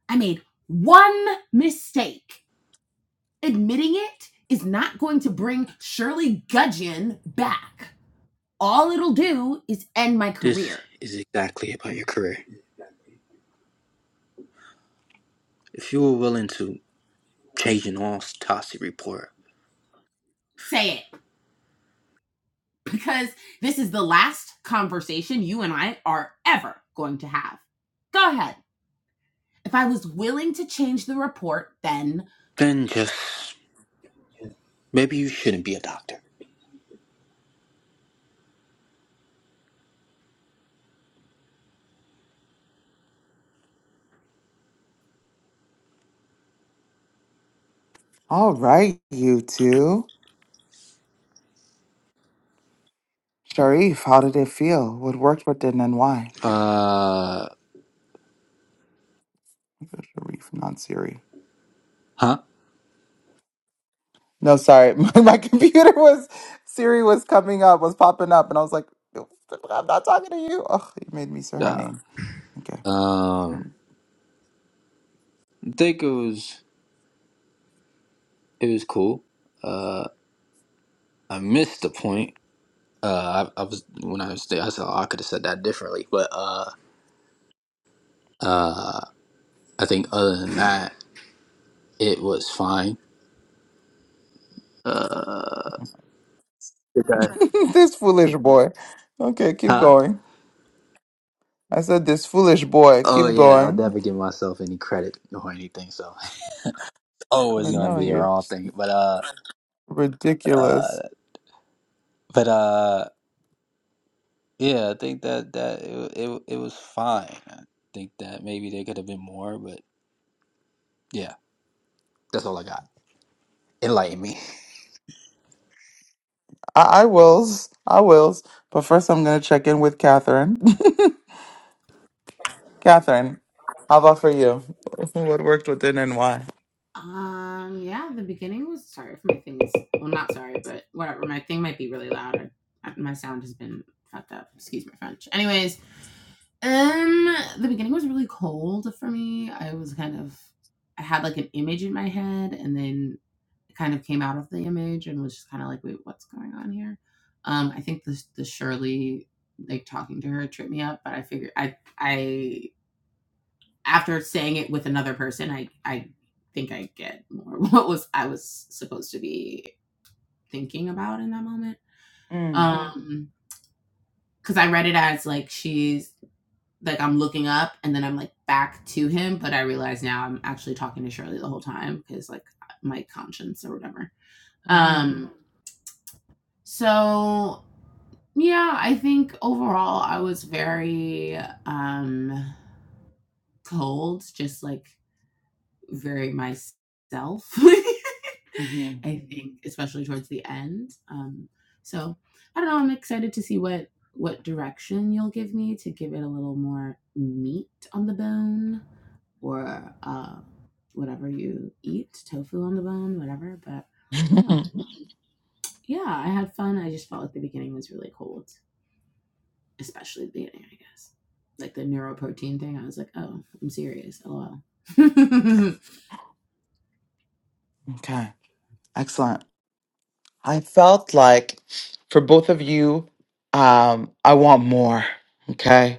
Speaker 4: I made one mistake. Admitting it is not going to bring Shirley Gudgeon back all it'll do is end my
Speaker 5: This
Speaker 4: career.
Speaker 5: is exactly about your career. If you were willing to change an autopsy report,
Speaker 4: say it because this is the last conversation you and I are ever going to have. Go ahead. If I was willing to change the report, then
Speaker 5: then just maybe you shouldn't be a doctor.
Speaker 1: All right, you two. Sharif, how did it feel? What worked, what didn't, and why?
Speaker 5: Uh,
Speaker 1: Sharif, not Siri.
Speaker 5: huh?
Speaker 1: No, sorry. [LAUGHS] My, my computer was Siri was coming up, was popping up, and I was like, I'm not talking to you. Oh, you made me say her
Speaker 5: Uh,
Speaker 1: name. Okay.
Speaker 5: um, I think it was it was cool. Uh, I missed the point. Uh, I, I was when I was there, I said oh, I could have said that differently, but uh. Uh, I think other than that, it was fine. Uh, did I-
Speaker 1: [LAUGHS] this foolish boy. Okay, keep
Speaker 5: huh?
Speaker 1: going. I said, this foolish boy,
Speaker 5: Oh
Speaker 1: keep
Speaker 5: yeah, I'll
Speaker 1: going.
Speaker 5: never give myself any credit or anything, so [LAUGHS]
Speaker 1: I was
Speaker 5: always
Speaker 1: like,
Speaker 5: gonna
Speaker 1: no,
Speaker 5: be a
Speaker 1: you're
Speaker 5: wrong
Speaker 1: just
Speaker 5: thing. But uh, uh,
Speaker 1: ridiculous.
Speaker 5: but uh, yeah, I think that that it it, it was fine. I think that maybe there could have been more, but yeah, that's all I got. Enlighten me.
Speaker 1: I, I wills, I wills. But first, I'm gonna check in with Catherine. [LAUGHS] Catherine, how about for you? [LAUGHS] What worked within and why?
Speaker 4: um yeah, the beginning was sorry if my thing is well not sorry, but whatever. My thing might be really loud. I, my sound has been fucked up. Excuse my French. Anyways, um the beginning was really cold for me. I was kind of I had like an image in my head and then kind of came out of the image and was just kind of like, wait, what's going on here? Um, I think the the Shirley like talking to her tripped me up, but I figured I I after saying it with another person, I I think I get more [LAUGHS] what was I was supposed to be thinking about in that moment.
Speaker 1: Mm.
Speaker 4: Um, because I read it as like she's like I'm looking up and then I'm like back to him, but I realize now I'm actually talking to Shirley the whole time because like my conscience or whatever.
Speaker 1: hmm
Speaker 4: Um, so Yeah, I think overall I was very um cold, just like very myself. [LAUGHS]
Speaker 1: hmm
Speaker 4: I think especially towards the end. Um so I don't know, I'm excited to see what what direction you'll give me to give it a little more meat on the bone or uh whatever you eat, tofu on the bone, whatever, but um, yeah, I had fun. I just felt like the beginning was really cold. especially at the beginning, I guess. Like the neuroprotein thing, I was like, oh, I'm serious. LOL. [LAUGHS]
Speaker 1: [LAUGHS] okay, excellent. I felt like for both of you, um, I want more. Okay.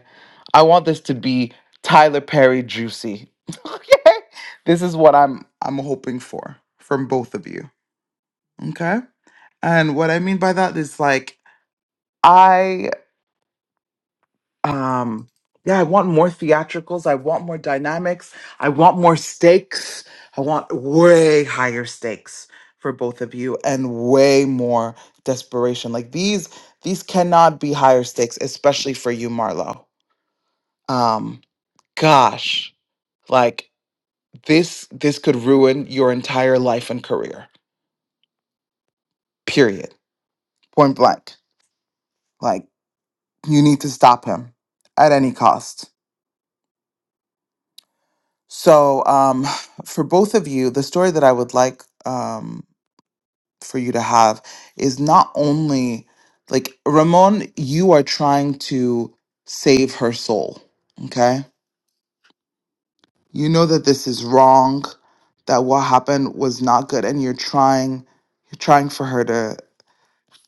Speaker 1: I want this to be Tyler Perry juicy. [LAUGHS] okay. This is what I'm I'm hoping for from both of you. Okay. And what I mean by that is like I. um yeah i want more theatricals i want more dynamics i want more stakes i want way higher stakes for both of you and way more desperation like these these cannot be higher stakes especially for you marlo um gosh like this this could ruin your entire life and career period point blank like you need to stop him at any cost So, um, [SIGHS] for both of you, the story that I would like um, for you to have is not only like Ramon, you are trying to save her soul. Okay. You know that this is wrong, that what happened was not good, and you're trying, you're trying for her to,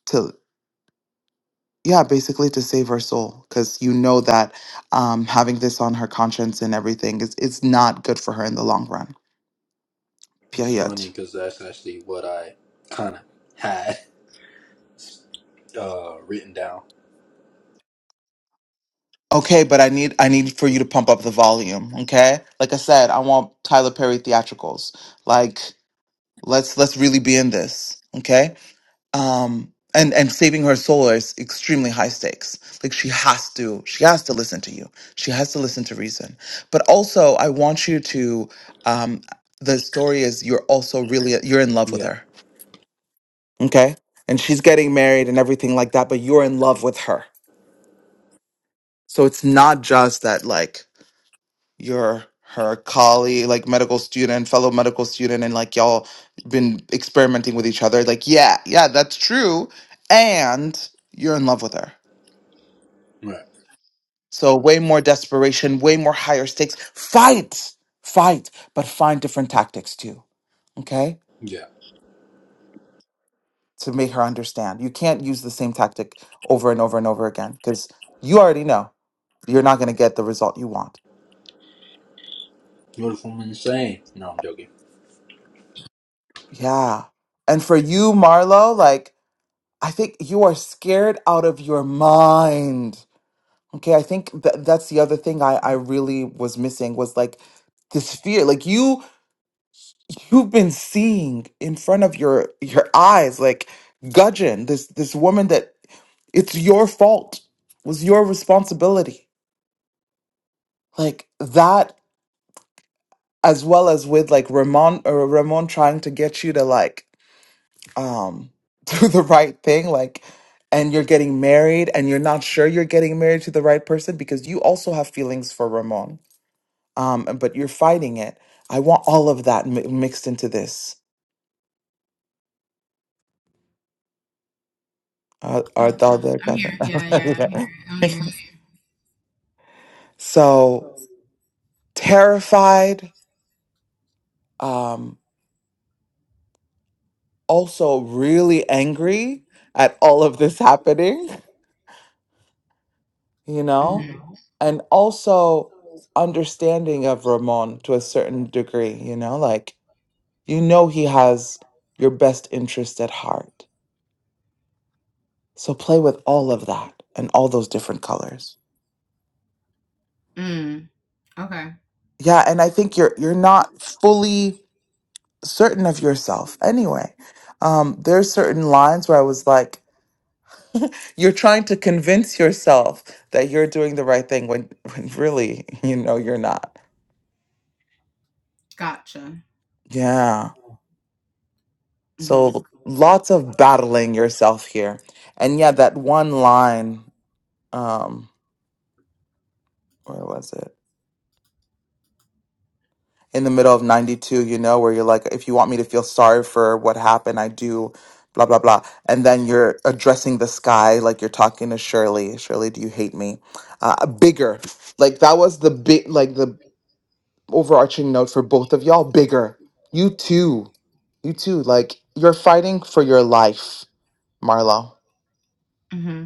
Speaker 1: to, yeah, basically to save her soul because you know that um, having this on her conscience and everything is, is not good for her in the long run.
Speaker 5: It's
Speaker 1: Period.
Speaker 5: funny because that's actually what I kind of had uh written down.
Speaker 1: Okay, but I need I need for you to pump up the volume, okay? Like I said, I want Tyler Perry theatricals. Like let's let's really be in this, okay? Um and and saving her soul is extremely high stakes. Like she has to she has to listen to you. She has to listen to reason. But also, I want you to um the story is you're also really you're in love with
Speaker 5: Yeah,
Speaker 1: her, okay? And she's getting married and everything like that, but you're in love with her. So it's not just that like you're her colleague, like medical student, fellow medical student, and like y'all been experimenting with each other. Like, yeah, yeah, that's true. And you're in love with her.
Speaker 5: right.
Speaker 1: So, way more desperation, way more higher stakes. Fight, fight, but find different tactics too, okay?
Speaker 5: Yeah,
Speaker 1: To make her understand. You can't use the same tactic over and over and over again because you already know you're not going to get the result you want.
Speaker 5: beautiful and insane. No, I'm joking.
Speaker 1: Yeah. And for you, Marlo, like, I think you are scared out of your mind. Okay, I think that that's the other thing I I really was missing was like this fear. Like you you've been seeing in front of your your eyes like gudgeon this this woman that it's your fault was your responsibility. Like that as well as with like Ramon or Ramon trying to get you to like um [LAUGHS] do the right thing like and you're getting married and you're not sure you're getting married to the right person because you also have feelings for Ramon um but you're fighting it I want all of that mi- mixed into this uh, or the
Speaker 4: gotcha.
Speaker 1: other
Speaker 4: I'm
Speaker 1: Catherine
Speaker 4: here. Yeah, yeah, I'm here.
Speaker 1: [LAUGHS]
Speaker 4: I'm
Speaker 1: Yeah.
Speaker 4: here.
Speaker 1: [LAUGHS] so terrified um also really angry at all of this happening you know and also understanding of Ramon to a certain degree you know like You know He has your best interest at heart. So play with all of that and all those different colors.
Speaker 4: Mm, okay.
Speaker 1: Yeah, and I think you're you're not fully certain of yourself anyway. Um, there's certain lines where I was like, you're trying to convince yourself that you're doing the right thing when, when really [LAUGHS] you know you're not.
Speaker 4: Gotcha.
Speaker 1: Yeah.
Speaker 4: Mm-hmm.
Speaker 1: So lots of battling yourself here. And yeah, that one line, um, where was it? in the middle of 92, you know, where you're like, if you want me to feel sorry for what happened, I do, blah, blah, blah. And then you're addressing the sky like you're talking to Shirley. Shirley, do you hate me? Uh, bigger. Like that was the big, like the overarching note for both of y'all. Bigger. You too. You too. Like you're fighting for your life, Marlo.
Speaker 4: Mm-hmm.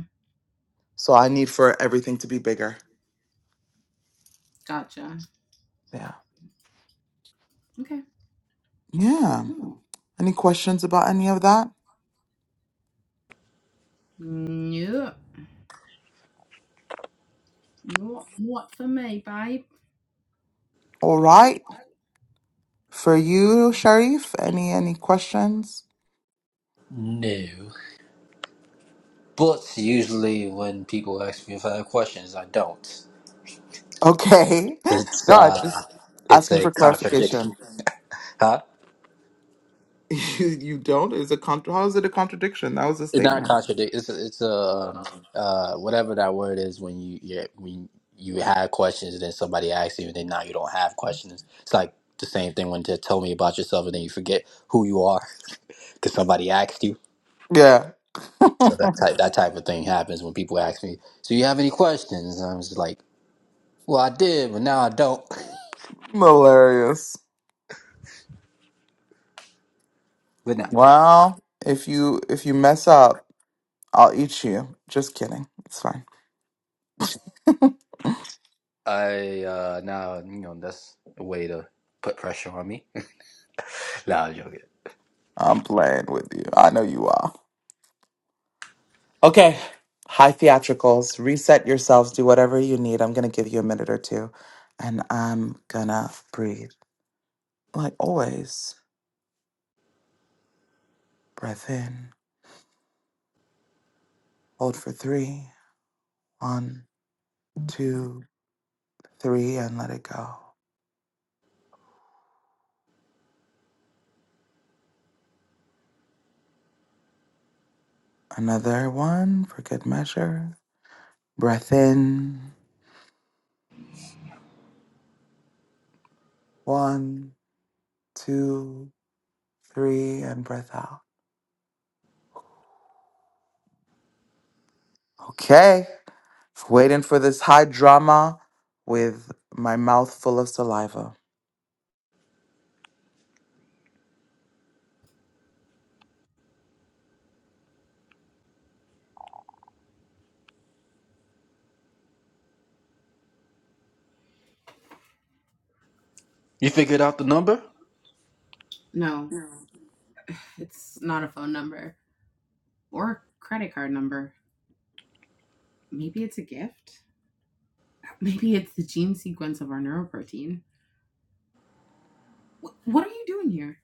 Speaker 1: So I need for everything to be bigger.
Speaker 4: Gotcha.
Speaker 1: Yeah.
Speaker 4: Okay.
Speaker 1: Yeah. Any questions about any of that?
Speaker 4: Nope. What not for me, babe.
Speaker 1: All right. For you, Sharif, any any questions?
Speaker 5: No. But usually when people ask me if I have questions, I don't.
Speaker 1: Okay. [LAUGHS]
Speaker 5: It's
Speaker 1: No, I
Speaker 5: uh
Speaker 1: just
Speaker 5: it's
Speaker 1: asking
Speaker 5: a
Speaker 1: for
Speaker 5: contradiction. [LAUGHS]
Speaker 1: clarification.
Speaker 5: Huh?
Speaker 1: [LAUGHS] You, you don't? Is a contra- how is it a contradiction? That was a
Speaker 5: It's not a
Speaker 1: statement.
Speaker 5: contradict. It's a, it's a um, uh whatever that word is when you you when you have questions and then somebody asks you and then now you don't have questions. It's like the same thing when to tell me about yourself and then you forget who you are [LAUGHS] because somebody asked you.
Speaker 1: Yeah.
Speaker 5: So
Speaker 1: [LAUGHS]
Speaker 5: that type that type of thing happens when people ask me. So you have any questions? And I'm just like, well, I did, but now I don't.
Speaker 1: Hilarious.
Speaker 5: [LAUGHS] But no.
Speaker 1: Well, if you if you mess up, I'll eat you. Just kidding. It's fine.
Speaker 5: I uh now you know that's a way to put pressure on me. [LAUGHS] nah, I'm joking.
Speaker 1: I'm playing with you. I know you are. Okay. High theatricals. Reset yourselves. Do whatever you need. I'm gonna give you a minute or two. And I'm gonna breathe. Like always, breath in, hold for three, one, two, three, and let it go. Another one for good measure. Breath in, one, two, three, and breath out. Okay, waiting for this high drama with my mouth full of saliva.
Speaker 5: You figured out the number?
Speaker 4: No, it's not a phone number or credit card number. Maybe it's a gift. Maybe it's the gene sequence of our neuroprotein. Wh- what are you doing here?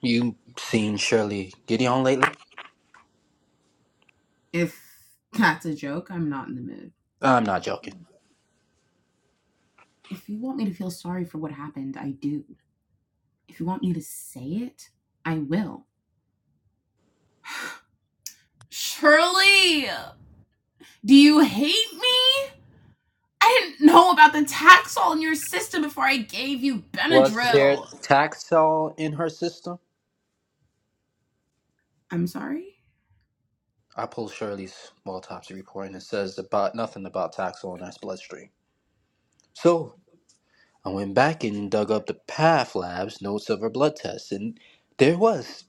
Speaker 5: You seen Shirley Gideon lately?
Speaker 4: If that's a joke, I'm not in the mood.
Speaker 5: I'm not joking.
Speaker 4: If you want me to feel sorry for what happened, I do. If you want me to say it, I will. Shirley, do you hate me? I didn't know about the Taxol in your system before I gave you
Speaker 5: Was
Speaker 4: Benadryl.
Speaker 5: there Taxol in her system?
Speaker 4: I'm sorry.
Speaker 5: I pulled Shirley's autopsy report and it says about nothing about Taxol in her bloodstream. So I went back and dug up the PATH lab's notes of her blood tests, and there was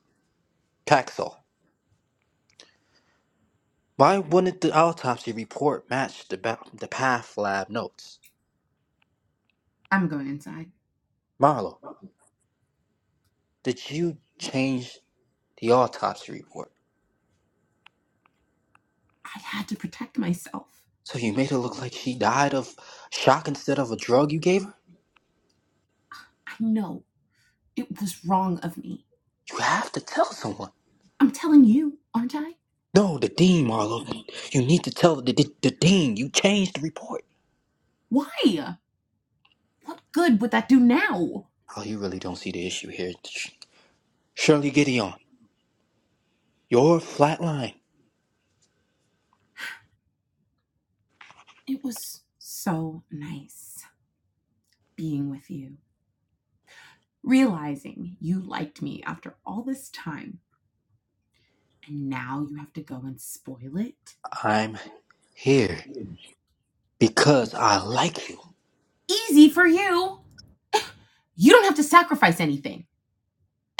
Speaker 5: Taxol. Why wouldn't the autopsy report match the, ba- the PATH lab notes?
Speaker 4: I'm going inside.
Speaker 5: Marlo. that you changed the autopsy report.
Speaker 4: I had to protect myself.
Speaker 5: So you made it look like she died of shock instead of a drug you gave her?
Speaker 4: I know it was wrong of me.
Speaker 5: You have to tell someone.
Speaker 4: I'm telling you, aren't I?
Speaker 5: No, the dean, Marlo. You need to tell the, the, the dean. You changed the report.
Speaker 4: Why? What good would that do now?
Speaker 5: Oh, you really don't see the issue here. Shirley Gideon, you're flatline.
Speaker 4: It was so nice being with you. Realizing you liked me after all this time and now you have to go and spoil it?
Speaker 5: I'm here because I like you.
Speaker 4: Easy for you! You don't have to sacrifice anything.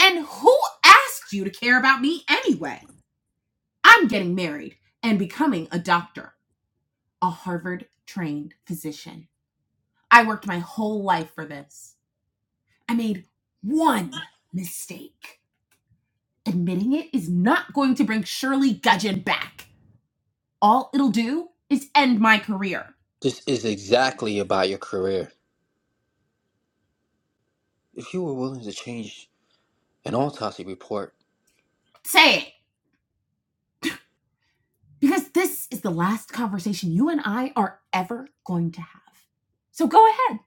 Speaker 4: And who asked you to care about me anyway? I'm getting married and becoming a doctor, a Harvard trained physician. I worked my whole life for this. I made one mistake. Admitting it is not going to bring Shirley Gudgeon back. All it'll do is end my career.
Speaker 5: This is exactly about your career. If you were willing to change an autopsy report,
Speaker 4: Say it. because this is the last conversation you and I are ever going to have. So go ahead.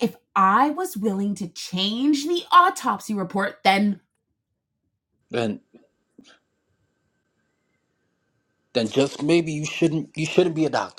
Speaker 4: If I was willing to change the autopsy report, then
Speaker 5: then then just maybe you shouldn't you shouldn't be a doctor.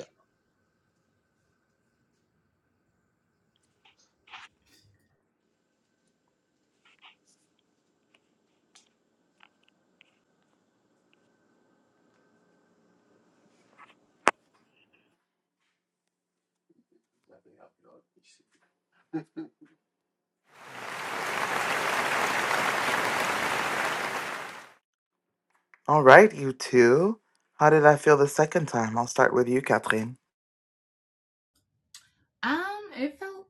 Speaker 1: All right, you two. How did I feel the second time? I'll start with you, Catherine.
Speaker 4: Um, it felt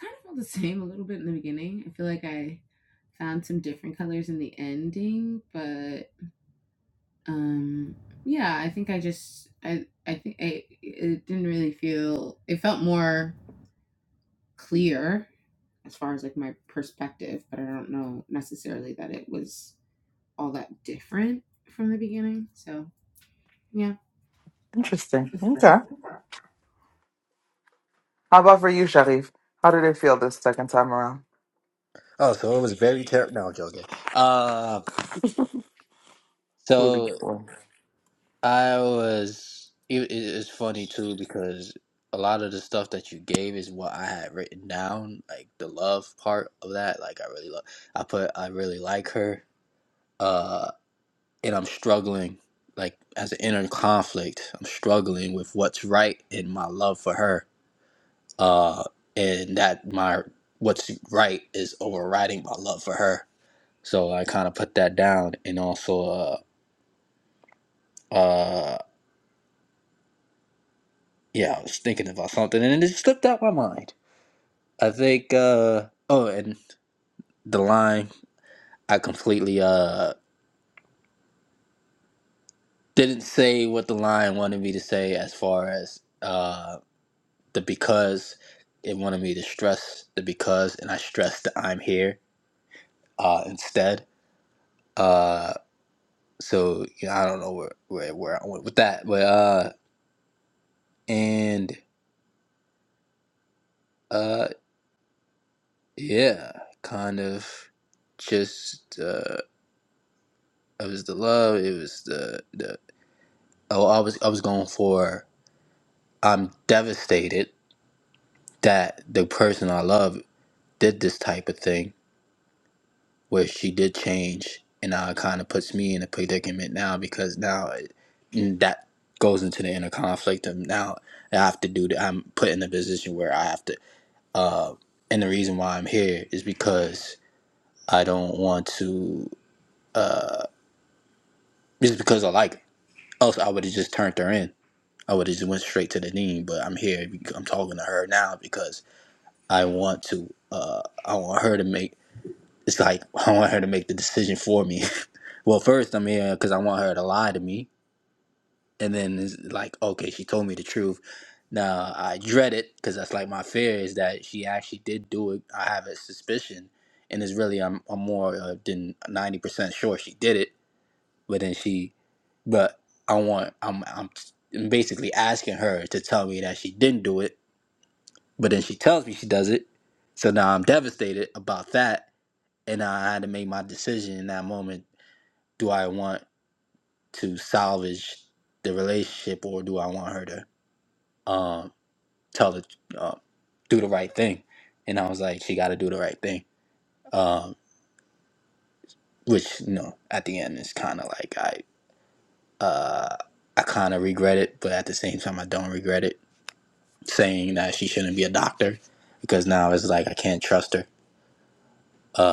Speaker 4: kind of felt the [LAUGHS] same a little bit in the beginning. I feel like I found some different colors in the ending, but um, yeah, I think I just I I think I it didn't really feel it felt more clear as far as like my perspective, but I don't know necessarily that it was all that different from the beginning. So yeah.
Speaker 1: Interesting. Okay. How about for you, Sharif? How did it feel this second time around?
Speaker 5: Oh, so it was very terrible. No, I'm joking. Uh,
Speaker 1: foolish
Speaker 5: so
Speaker 1: boy.
Speaker 5: I was. It, it- it's funny too because a lot of the stuff that you gave is what I had written down. Like the love part of that. Like I really love. I put. I really like her. Uh, and I'm struggling. Like as an inner conflict, I'm struggling with what's right in my love for her. Uh, and that my what's right is overriding my love for her. So I kind of put that down, and also uh, Uh, yeah, I was thinking about something and it slipped out my mind. I think, uh, oh, and the line, I completely, uh, didn't say what the line wanted me to say as far as, uh, the because it wanted me to stress the because and I stressed the I'm here, uh, instead. Uh, so, you know, I don't know where, where, where I went with that, but, uh, and, uh, yeah, kind of just, uh. It was the love. It was the the. Oh, I was I was going for. I'm devastated that the person I love did this type of thing where she did change, and now it kind of puts me in a predicament now because now it, and that goes into the inner conflict, and now I have to do that. I'm put in a position where I have to. Uh, and the reason why I'm here is because I don't want to. Uh, just because I like her. Else, I would have just turned her in I would have just went straight to the dean, but I'm here. bec- I'm talking to her now because I want to. Uh, I want her to make. It's like [LAUGHS] I want her to make the decision for me. [LAUGHS] well, first I'm here because I want her to lie to me, and then it's like, okay, she told me the truth. Now I dread it because that's like my fear is that she actually did do it. I have a suspicion, and it's really I'm, I'm more uh, than ninety percent sure she did it, but then she, but I want I'm I'm basically asking her to tell me that she didn't do it But then she tells me she does it. So now I'm devastated about that. And now I had to make my decision in that moment. Do I want to salvage the relationship or do I want her to um, tell the, uh, do the right thing? And I was like, she got to do the right thing. Um, which, you know, at the end is kind of like, I, I kind of regret it, but at the same time, I don't regret it saying that she shouldn't be a doctor because now it's like, I can't trust her. Uh,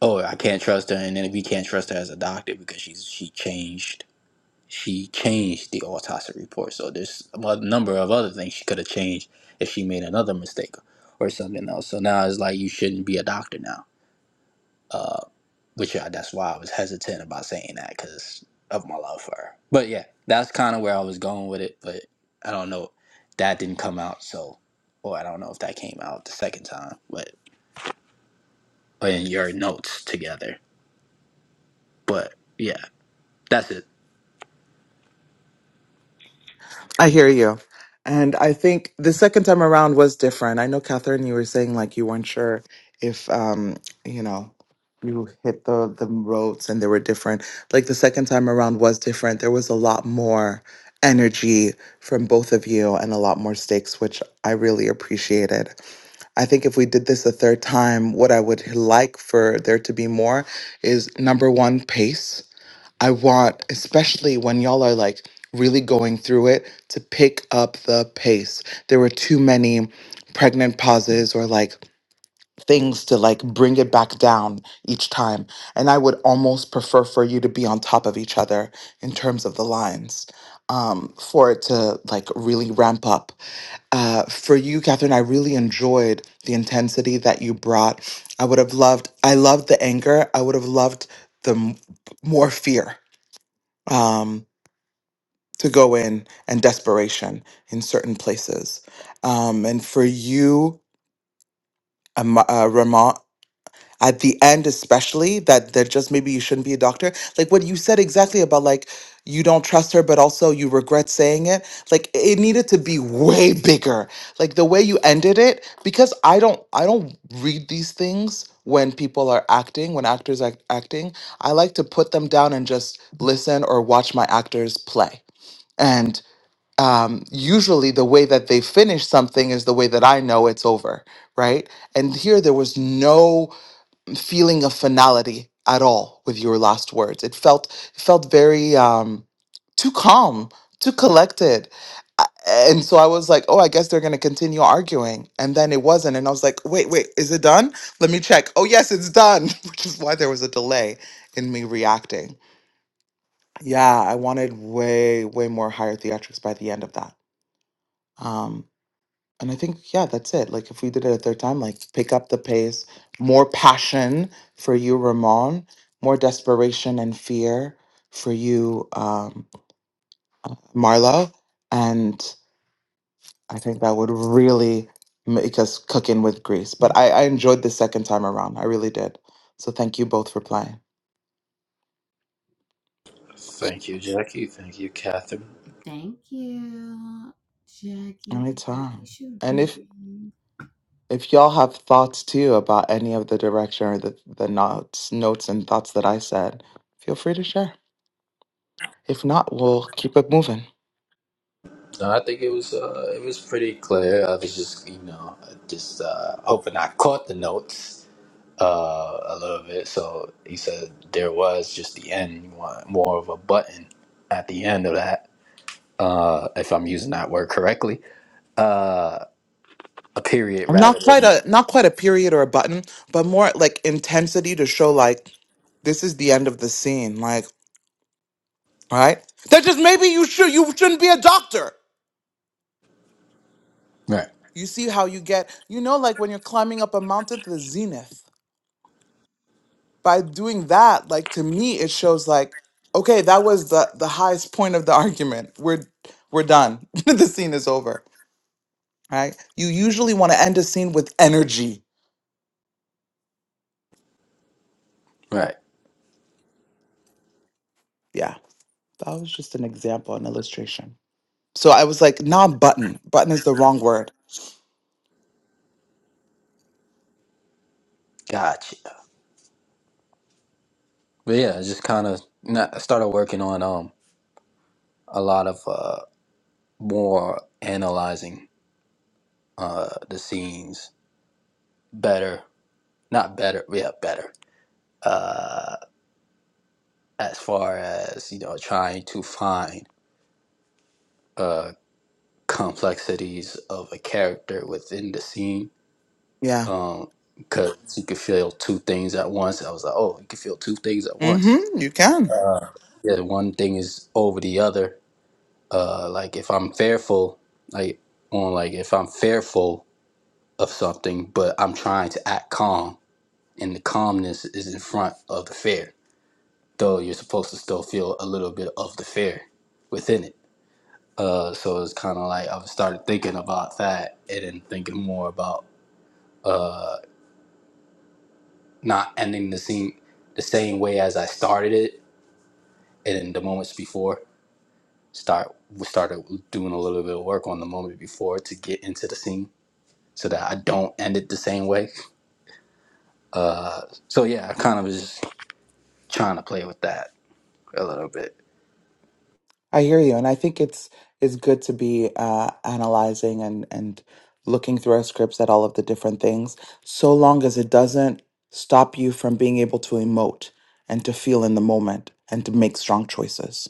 Speaker 5: oh i can't trust her and then we can't trust her as a doctor because she's she changed she changed the autopsy report so there's a mo- number of other things she could have changed if she made another mistake or something else so now it's like you shouldn't be a doctor now uh which I, that's why i was hesitant about saying that because of my love for her but yeah that's kind of where i was going with it but i don't know that didn't come out so or i don't know if that came out the second time but or in your notes together but yeah that's it
Speaker 1: I hear you. And I think the second time around was different. I know, Catherine, you were saying like you weren't sure if, um, you know, you hit the, the roads and they were different. Like the second time around was different. There was a lot more energy from both of you and a lot more stakes, which I really appreciated. I think if we did this a third time, what I would like for there to be more is number one, pace I want, especially when y'all are like really going through it, to pick up the pace. There were too many pregnant pauses or like things to like bring it back down each time. And I would almost prefer for you to be on top of each other in terms of the lines um, for it to like really ramp up. Uh, for you, Catherine, I really enjoyed the intensity that you brought. I would have loved, I loved the anger. I would have loved the m- more fear um, to go in and desperation in certain places. Um, and for you, um, uh, Ramon, at the end, especially that that just maybe you shouldn't be a doctor. Like what you said exactly about like you don't trust her, but also you regret saying it. Like it needed to be way [LAUGHS] bigger. Like the way you ended it, because I don't I don't read these things when people are acting, when actors are acting. I like to put them down and just listen or watch my actors play. And um, usually the way that they finish something is the way that I know it's over, right? And here there was no feeling of finality at all with your last words. It felt it felt very um, too calm, too collected. A- And so I was like, oh, I guess they're going to continue arguing. And then it wasn't. And I was like, wait, wait, is it done? Let me check. Oh, yes, it's done, [LAUGHS] which is why there was a delay in me reacting. Yeah, I wanted way, way more higher theatrics by the end of that. Um, and I think, yeah, that's it. Like, if we did it a third time, like, pick up the pace, more passion for you, Ramon, more desperation and fear for you, um, Marlo. And I think that would really make us cook in with grease. But I, I enjoyed the second time around. I really did. So thank you both for playing.
Speaker 5: Thank you, Jackie. Thank you, Catherine.
Speaker 4: Thank you, Jackie. Thank you,
Speaker 1: Anytime. And if
Speaker 4: Shireen.
Speaker 1: if y'all have thoughts too about any of the direction or the, the notes, notes and thoughts that I said, feel free to share. If not, we'll keep it moving.
Speaker 5: No, I think it was uh, it was pretty clear. I was just you know just uh, hoping I caught the notes uh, a little bit. So he said there was just the end. You want more of a button at the end of that, uh, if I'm using that word correctly. Uh, a period rather
Speaker 1: Not quite
Speaker 5: than
Speaker 1: a not quite a period or a button, but more like intensity to show like this is the end of the scene. Like, right? That just maybe you should you shouldn't be a doctor.
Speaker 5: right,
Speaker 1: You see how you get you know like when you're climbing up a mountain to the zenith. by doing that, like to me, it shows like, okay, that was the the highest point of the [LAUGHS] argument. We're we're done. [LAUGHS] the scene is over. Right? You usually want to end a scene with energy.
Speaker 5: right.
Speaker 1: Yeah, that was just an example, an illustration. So I was like, nah, button. Button is the wrong word.
Speaker 5: Gotcha. But yeah, I just kind of not I started working on um a lot of uh, more analyzing uh, the scenes better not better yeah better uh as far as you know trying to find uh complexities of a character within the scene
Speaker 1: Yeah.
Speaker 5: um because you could feel two things at once i was like oh you can feel two things at once
Speaker 1: Mm-hmm. You can.
Speaker 5: yeah the one thing is over the other uh like if i'm fearful like on like if i'm fearful of something but i'm trying to act calm and the calmness is in front of the fear though you're supposed to still feel a little bit of the fear within it. Uh, so it's kind of like I've started thinking about that and then thinking more about not ending the scene the same way as I started it, and in the moments before start we started doing a little bit of work on the moment before to get into the scene so that I don't end it the same way. So yeah, I kind of was just trying to play with that a little bit.
Speaker 1: I hear you, and I think it's it's good to be uh, analyzing and and looking through our scripts at all of the different things, so long as it doesn't stop you from being able to emote and to feel in the moment and to make strong choices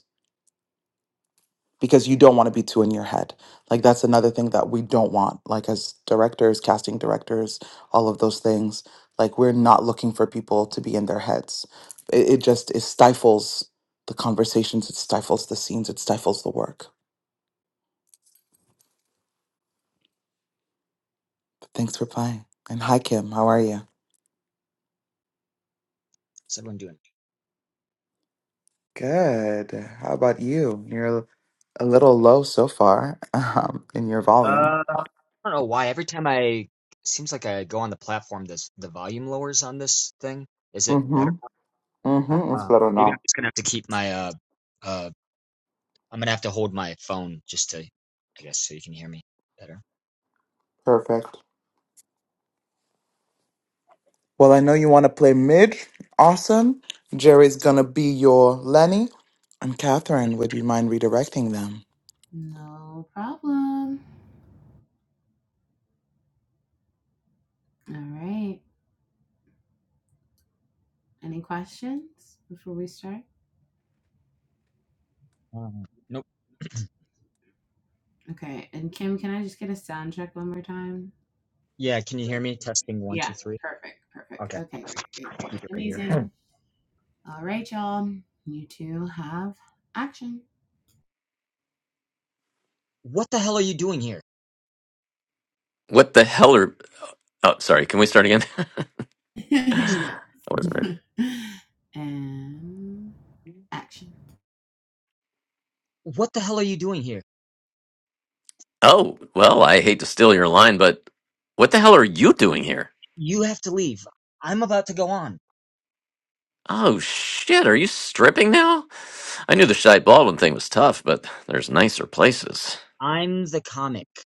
Speaker 1: because you don't want to be too in your head. Like that's another thing that we don't want. Like as directors, casting directors, all of those things. Like we're not looking for people to be in their heads. It, it just it stifles the conversations. It stifles the scenes. It stifles the work. Thanks for playing. And hi, Kim. How are you?
Speaker 6: What's everyone doing?
Speaker 1: Good. How about you? You're a little low so far, [LAUGHS] um, in your volume.
Speaker 6: Uh, I don't know why. Every time I seems like I go on the platform, this the volume lowers on this thing. Is it better?
Speaker 1: Mm-hmm.
Speaker 6: Uh,
Speaker 1: Mm-hmm. It's
Speaker 6: uh,
Speaker 1: better
Speaker 6: maybe I'm
Speaker 1: now.
Speaker 6: just gonna have to keep my uh uh. I'm gonna have to hold my phone just to, I guess, so you can hear me better.
Speaker 1: Perfect. Well, I know you want to play mid. Awesome. Jerry's gonna be your Lenny. And Catherine, would you mind redirecting them?
Speaker 4: No problem. All right. Any questions before we start?
Speaker 6: Um, nope.
Speaker 4: Okay. And Kim, can I just get a sound check one more time?
Speaker 6: Yeah, can you hear me? Testing one, two, three.
Speaker 4: Perfect. Perfect.
Speaker 6: Okay,
Speaker 4: Okay. Great. Great. Great.
Speaker 6: keep it right here.
Speaker 4: Amazing. All right, y'all. You two have action.
Speaker 6: What the hell are you doing here?
Speaker 2: what the hell are? Oh, sorry. Can we start again? [LAUGHS]
Speaker 4: [LAUGHS]
Speaker 2: I
Speaker 6: Sorry.
Speaker 4: yes.
Speaker 2: wasn't ready.
Speaker 4: [LAUGHS] and action.
Speaker 6: What the hell are you doing here?
Speaker 2: Oh well, I hate to steal your line, but what the hell are you doing here?
Speaker 6: You have to leave. I'm about to go on.
Speaker 2: Oh shit, are you stripping now? I knew the Shy Baldwin thing was tough, but there's nicer places.
Speaker 6: I'm the comic.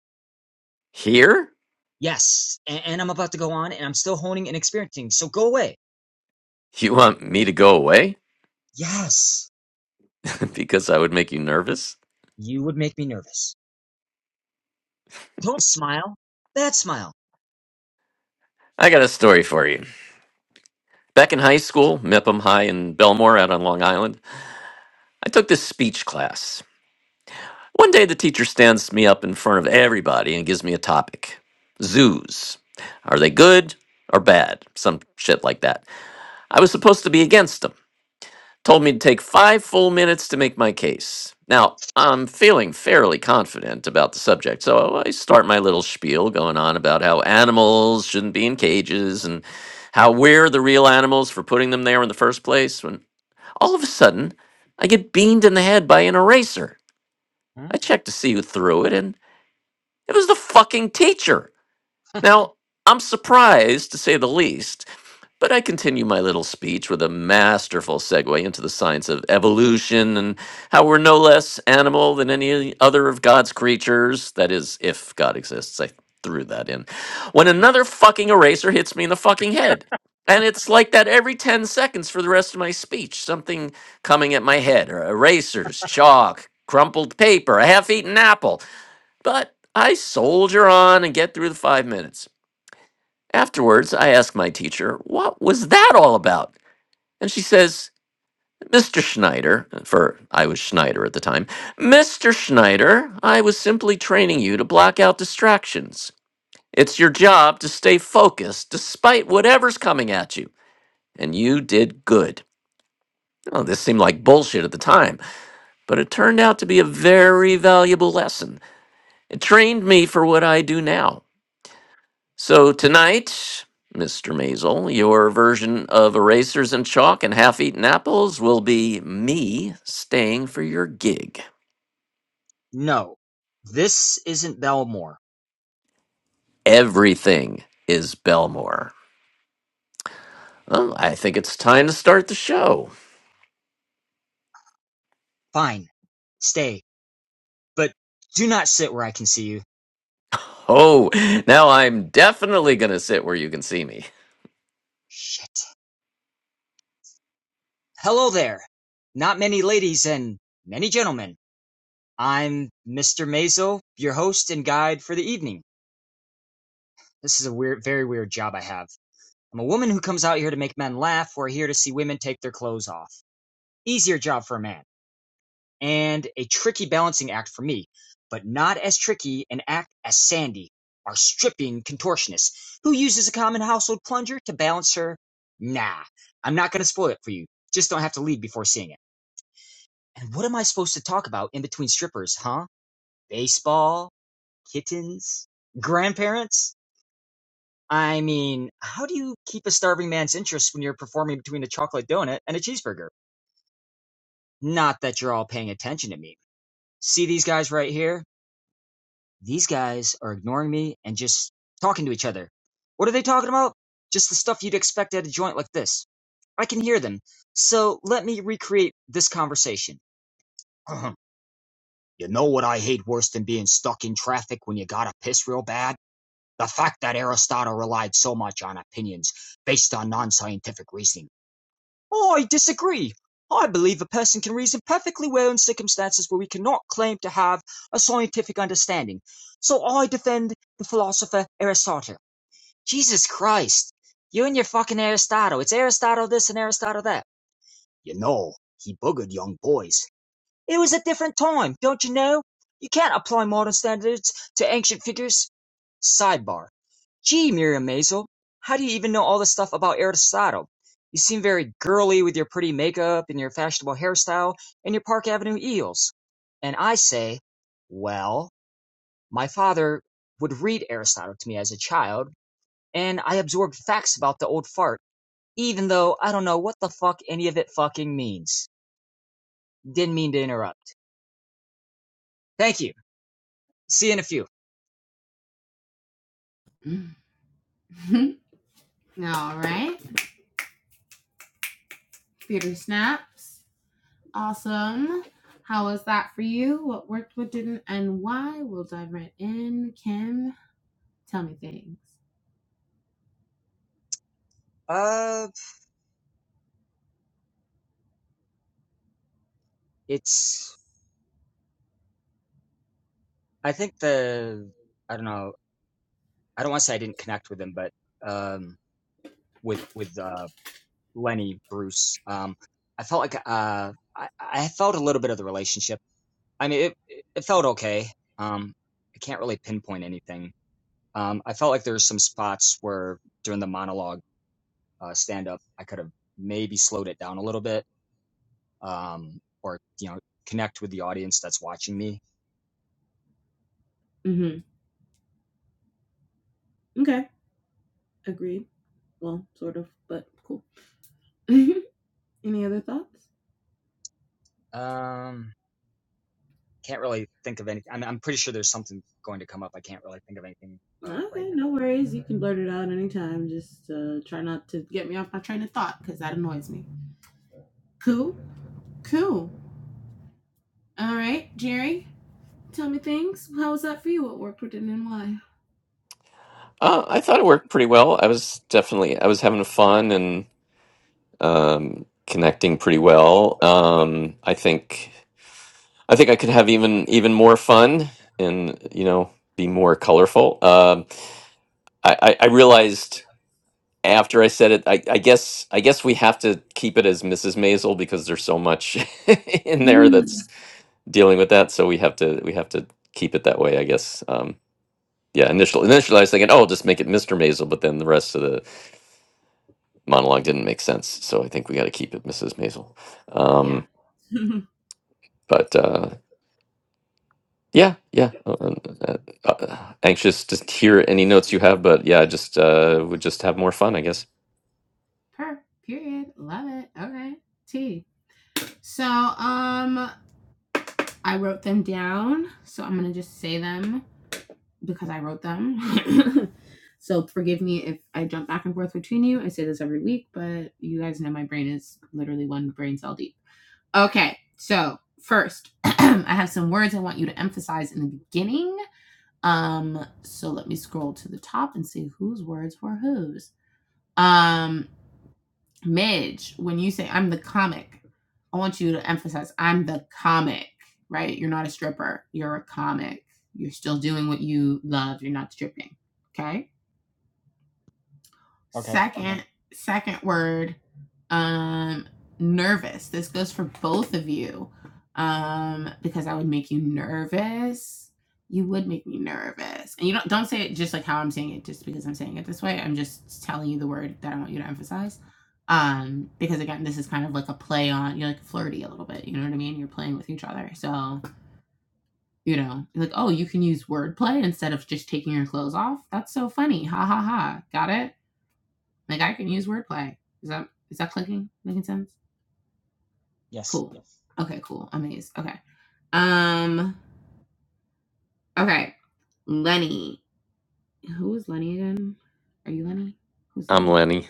Speaker 2: Here?
Speaker 6: Yes. And, and I'm about to go on and I'm still honing and experiencing. So go away.
Speaker 2: You want me to go away?
Speaker 6: Yes.
Speaker 2: [LAUGHS] because I would make you nervous?
Speaker 6: You would make me nervous. Don't smile. Bad smile.
Speaker 2: I got a story for you. Back in high school, Mipham High in Belmore out on Long Island, I took this speech class. One day the teacher stands me up in front of everybody and gives me a topic. Zoos. Are they good or bad? Some shit like that. I was supposed to be against them. Told me to take five full minutes to make my case. Now, I'm feeling fairly confident about the subject, so I start my little spiel going on about how animals shouldn't be in cages and how we're the real animals for putting them there in the first place. when. All of a sudden, I get beamed in the head by an eraser.
Speaker 6: Huh?
Speaker 2: I check to see who threw it, and it was the fucking teacher. Now, I'm surprised, to say the least, but I continue my little speech with a masterful segue into the science of evolution and how we're no less animal than any other of God's creatures. That is, if God exists. I threw that in. When another fucking eraser hits me in the fucking head. And it's like that every 10 seconds for the rest of my speech. Something coming at my head, or erasers, chalk, crumpled paper, a half eaten apple. But I soldier on and get through the five minutes. Afterwards, I asked my teacher, What was that all about? And she says, Mr. Schneider, for I was Schneider at the time, Mr. Schneider, I was simply training you to block out distractions. It's your job to stay focused despite whatever's coming at you. And you did good. Oh, this seemed like bullshit at the time, but it turned out to be a very valuable lesson. It trained me for what I do now. So tonight, Mr. Mazel, your version of erasers and chalk and half-eaten apples will be me staying for your gig.
Speaker 6: No. This isn't Belmore.
Speaker 2: Everything is Belmore. Well, I think it's time to start the show.
Speaker 6: Fine. Stay. But do not sit where I can see you.
Speaker 2: Oh, now I'm definitely gonna sit where you can see me.
Speaker 6: Shit. Hello there. Not many ladies and many gentlemen. I'm Mr. Mazo, your host and guide for the evening. This is a weird, very weird job I have. I'm a woman who comes out here to make men laugh. We're here to see women take their clothes off. easier job for a man, and a tricky balancing act for me, but not as tricky an act as Sandy, our stripping contortionist, who uses a common household plunger to balance her. Nah, I'm not gonna spoil it for you. Just don't have to leave before seeing it. And what am I supposed to talk about in between strippers, huh? Baseball? Kittens? Grandparents? I mean, how do you keep a starving man's interest when you're performing between a chocolate donut and a cheeseburger? Not that you're all paying attention to me. See these guys right here? These guys are ignoring me and just talking to each other. What are they talking about? Just the stuff you'd expect at a joint like this. I can hear them. So let me recreate this conversation. [CLEARS THROAT] You know what I hate worse than being stuck in traffic when you gotta piss real bad? The fact that Aristotle relied so much on opinions based on non scientific reasoning. Oh, I disagree. I believe a person can reason perfectly well in circumstances where we cannot claim to have a scientific understanding. So I defend the philosopher Aristotle. Jesus Christ. You and your fucking Aristotle. It's Aristotle this and Aristotle that. You know, he boogered young boys. It was a different time, don't you know? You can't apply modern standards to ancient figures. Sidebar: Gee, Miriam Maisel, how do you even know all this stuff about Aristotle? You seem very girly with your pretty makeup and your fashionable hairstyle and your Park Avenue eels. And I say, well, my father would read Aristotle to me as a child, and I absorbed facts about the old fart, even though I don't know what the fuck any of it fucking means. Didn't mean to interrupt. Thank you. See you in a few.
Speaker 4: [LAUGHS] All right. theater snaps. Awesome. How was that for you? What worked, what didn't, and why? We'll dive right in. Kim, tell me things.
Speaker 6: Uh, it's I think the I don't know. I don't want to say I didn't connect with him, but um, with with uh Lenny Bruce, um, I felt like uh I I felt a little bit of the relationship. I mean, it it it felt okay. Um, I can't really pinpoint anything. Um, I felt like there were some spots where during the monologue uh, stand up, I could have maybe slowed it down a little bit. Um, or you know, connect with the audience that's watching me.
Speaker 4: Mm-hmm. Okay. Agreed. Well, sort of, but cool. [LAUGHS] Any other thoughts?
Speaker 6: Um, can't really think of any. I'm, I'm pretty sure there's something going to come up. I can't really think of anything uh, right
Speaker 4: Okay, no worries. You can blurt it out anytime. Just uh, try not to Get me off my train of thought because that annoys me. Cool. Cool. All right, Jerry, tell me things. How was that for you? What worked, what didn't, and
Speaker 2: Uh, I thought it worked pretty well. I was definitely I was having fun and um, connecting pretty well. Um, I think I think I could have even even more fun and you know be more colorful. Um, I, I I realized after I said it, I, I guess I guess we have to keep it as Mrs. Maisel because there's so much [LAUGHS] in there
Speaker 4: why? [LAUGHS]
Speaker 2: that's dealing with that. So we have to we have to keep it that way. I guess. Um, yeah. Initial initially I was thinking, oh, just make it Mr. Maisel, but then the rest of the monologue didn't make sense. So I think we got to keep it Mrs. Maisel.
Speaker 4: Yeah.
Speaker 2: Um,
Speaker 4: [LAUGHS]
Speaker 2: but uh, Yeah, yeah. Uh, uh, uh, uh, anxious to hear any notes you have, but yeah, I just uh, would just have more fun, I guess.
Speaker 4: Per. Period. Love it. Okay. T. So um, I wrote them down. So I'm gonna just say them because I wrote them. [LAUGHS] so forgive me if I jump back and forth between you. I say this every week, but you guys know my brain is literally one brain cell deep. Okay. So first, [CLEARS THROAT] I have some words I want you to emphasize in the beginning. Um, so let me scroll to the top and see whose words were whose. Um, Midge, when you say I'm the comic, I want you to emphasize I'm the comic, right? You're not a stripper, you're a comic. You're still doing what you love, you're not stripping. Okay?
Speaker 6: now. Okay.
Speaker 4: Second, second word, um, nervous. This goes for both of you, um, because I would make you nervous. You would make me nervous, and you don't don't say it just like how I'm saying it, just because I'm saying it this way. I'm just telling you the word that I want you to emphasize, um, because again, this is kind of like a play on you're like flirty a little bit. You know what I mean? You're playing with each other, so you know, you're like oh, you can use wordplay instead of just taking your clothes off. That's so funny. Ha ha ha. Got it? Like I can use wordplay. Is that is that clicking? Making sense?
Speaker 6: Yes.
Speaker 4: Cool. Okay, cool. Amazed. Okay. Um okay. Lenny. Who is Lenny again? Are you Lenny? Who's
Speaker 2: I'm
Speaker 4: Lenny?
Speaker 2: Lenny.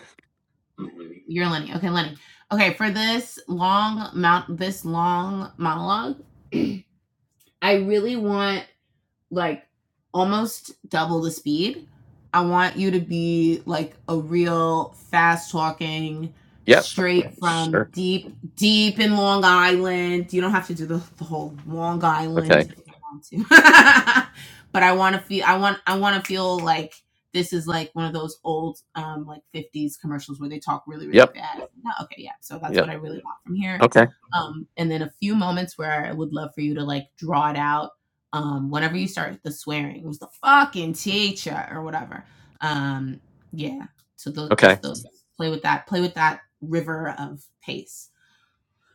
Speaker 4: You're Lenny. Okay, Lenny. Okay, for this long mount this long monologue, [CLEARS THROAT] I really want like almost double the speed. I want you to be like a real fast talking,
Speaker 2: Yep.
Speaker 4: straight from
Speaker 2: Sure.
Speaker 4: deep, deep in Long Island. You don't have to do the, the whole Long Island
Speaker 2: Okay.
Speaker 4: if you don't want to. [LAUGHS] but I want to feel, I want, I want to feel like this is like one of those old, um, like 50s commercials where they talk really, really
Speaker 2: Yep.
Speaker 4: fast. No, okay, yeah. So that's what
Speaker 2: Yep.
Speaker 4: I really want from here.
Speaker 2: Okay.
Speaker 4: Um, and then a few moments where I would love for you to like draw it out um, whenever you start the swearing, it was the fucking teacher or whatever. Um, yeah. So they'll
Speaker 2: Okay.
Speaker 4: just they'll play with that, play with that river of pace.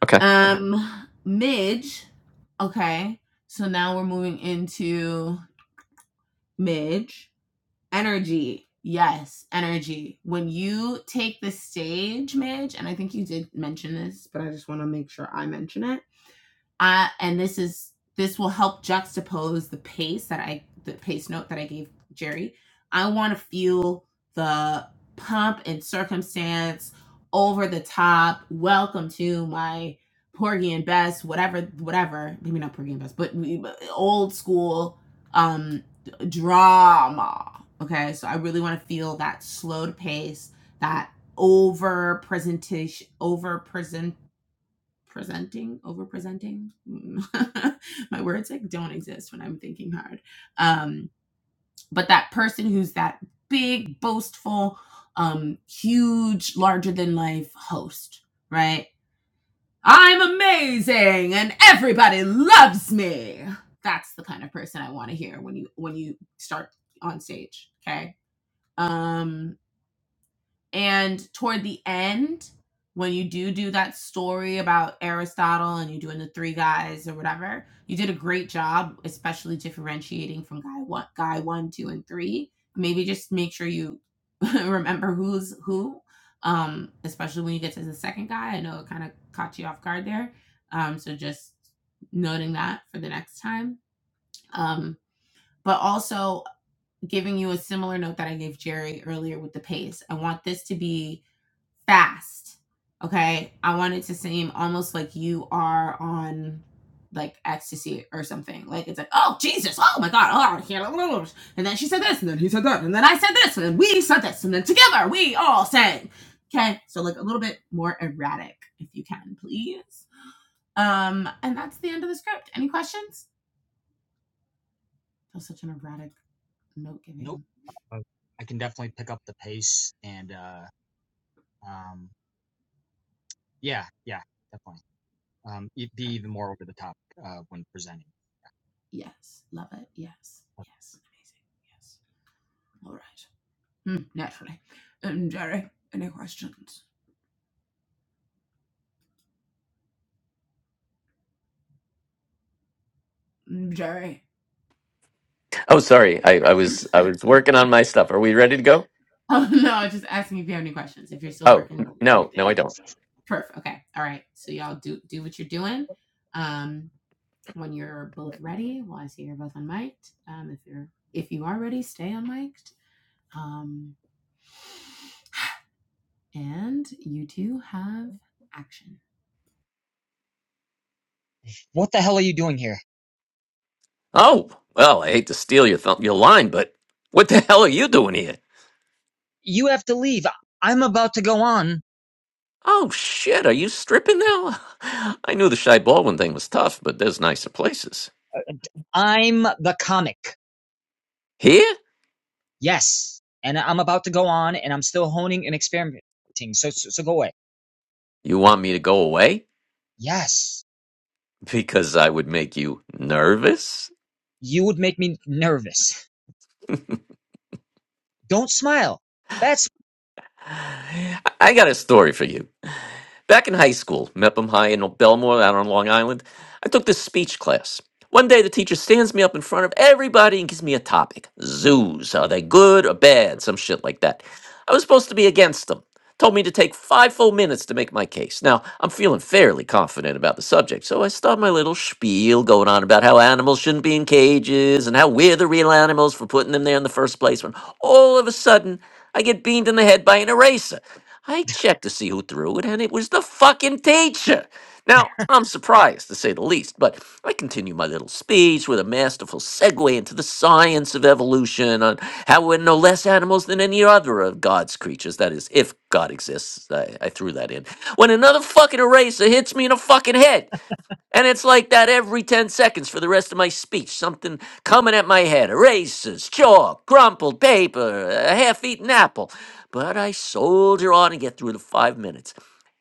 Speaker 2: Okay.
Speaker 4: Um, Midge. Okay. So now we're moving into Midge. Energy. Yes, energy. When you take the stage, Midge, and I think you did mention this, but I just want to make sure I mention it I and this is this will help juxtapose the pace that I the pace note that I gave Jerry. I want to feel the pump and circumstance over the top. Welcome to my Porgy and Bess, whatever, whatever. Maybe not Porgy and Bess, but old school um drama. Okay, so I really want to feel that slowed pace, that over presentation, over present presenting, over presenting. [LAUGHS] My words like don't exist when I'm thinking hard. Um, but that person who's that big, boastful, um, huge, larger than life host, right? I'm amazing and everybody loves me. That's the kind of person I want to hear when you when you start on stage. Okay. Um, and toward the end, when you do do that story about Aristotle and you're doing the three guys or whatever, you did a great job, especially differentiating from guy one, guy one, two, and three. Maybe just make sure you [LAUGHS] remember who's who, um, especially when you get to the second guy. I know it kind of caught you off guard there, um, so just noting that for the next time. Um, but also giving you a similar note that I gave Jerry earlier with the pace. I want this to be fast. Okay. I want it to seem almost like you are on like ecstasy or something. Like it's like, oh Jesus, oh my God, oh I can't-" oh, no, no, no." and then she said this, and then he said that, and then I said this, and then we said this, and then together we all said. Okay, so like a little bit more erratic, if you can, please. Um, and that's the end of the script. Any questions? That was such an erratic note
Speaker 6: Nope.
Speaker 4: giving.
Speaker 6: Uh, I can definitely pick up the pace and uh, um, yeah, yeah, definitely. Um, e- be even more over the top uh, when presenting.
Speaker 4: Yes, love it. Yes, yes, amazing. Yes. All right. Mm, naturally. Um, Jerry, any questions? Mm, Jerry. [LAUGHS]
Speaker 2: Oh, sorry. I, I was I was working on my stuff. Are we ready to go?
Speaker 4: Oh no, just asking if you have any questions. If you're still
Speaker 2: Oh
Speaker 4: working, do your
Speaker 2: no,
Speaker 4: thing.
Speaker 2: no, I don't.
Speaker 4: Perfect. Okay. All right. So y'all do do what you're doing. Um, when you're both ready, well, I see you're both on mic. Um, if you're if you are ready, stay on mic. Um, and you two have action.
Speaker 6: What the hell are you doing here?
Speaker 2: Oh well, I hate to steal your th- your line, but what the hell are you doing here?
Speaker 6: You have to leave. I'm about to go on.
Speaker 2: Oh shit, are you stripping now? [LAUGHS] I knew the Shy Baldwin thing was tough, but there's nicer places.
Speaker 6: I'm the comic.
Speaker 2: Here?
Speaker 6: Yes. And I'm about to go on and I'm still honing and experimenting. So, so, so go away.
Speaker 2: You want me to go away? [LAUGHS]
Speaker 6: Yes.
Speaker 2: Because I would make you nervous?
Speaker 6: You would make me nervous. Don't smile. That's
Speaker 2: I I got a story for you. Back in high school, Mepham High in Belmore out on Long Island, I took this speech class. One day, the teacher stands me up in front of everybody and gives me a topic. Zoos, are they good or bad? Some shit like that. I was supposed to be against them. Told me to take five full minutes to make my case. Now, I'm feeling fairly confident about the subject, so I start my little spiel going on about how animals shouldn't be in cages and how we're the real animals for putting them there in the first place when all of a sudden I get beamed in the head by an eraser. I checked to see who threw it, and it was the fucking teacher. Now, I'm surprised, to say the least, but I continue my little speech with a masterful segue into the science of evolution on how we're no less animals than any other of God's creatures. That is, if God exists, I, I threw that in. When another fucking eraser hits me in the fucking head. And it's like that every 10 seconds for the rest of my speech. Something coming at my head erasers, chalk, crumpled paper, a half eaten apple. But I soldier on and get through the five minutes.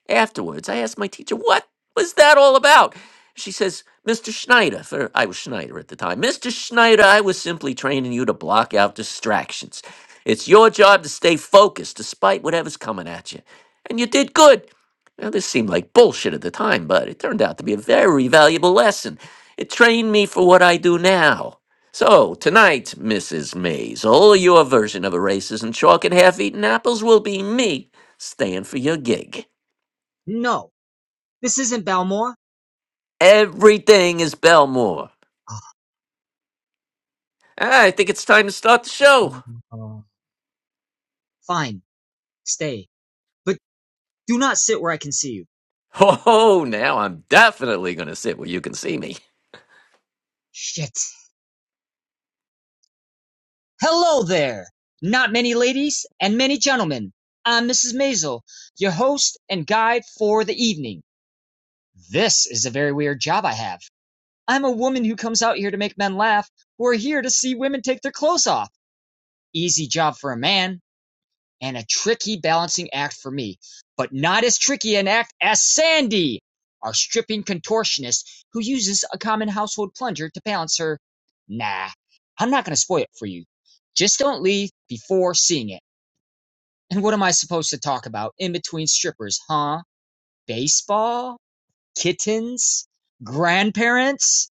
Speaker 2: Afterwards, I asked my teacher, what was that all about? She says, Mr. Schneider, for I was Schneider at the time, Mr. Schneider, I was simply training you to block out distractions. It's your job to stay focused despite whatever's coming at you. And you did good. Now, this seemed like bullshit at the time, but it turned out to be a very valuable lesson. It trained me for what I do now. So, tonight, Mrs. Maisel, your version of erasers and chalk and half eaten apples will be me staying for your gig.
Speaker 6: no. This isn't Balmore.
Speaker 2: Everything is Belmore. I think it's time to start the show.
Speaker 6: Oh, Fine, stay. But do not sit where I can see you.
Speaker 2: Oh, now I'm definitely going to sit where you can see me.
Speaker 6: Shit. Hello there! Not many ladies and many gentlemen. I'm Mrs. Maisel, your host and guide for the evening. This is a very weird job I have. I'm a woman who comes out here to make men laugh, who are here to see women take their clothes off. Easy job for a man. and a tricky balancing act for me, but not as tricky an act as Sandy, our stripping contortionist who uses a common household plunger to balance her. Nah, I'm not going to spoil it for you. Just don't leave before seeing it. And what am I supposed to talk about in between strippers, huh? Baseball? Kittens? Grandparents?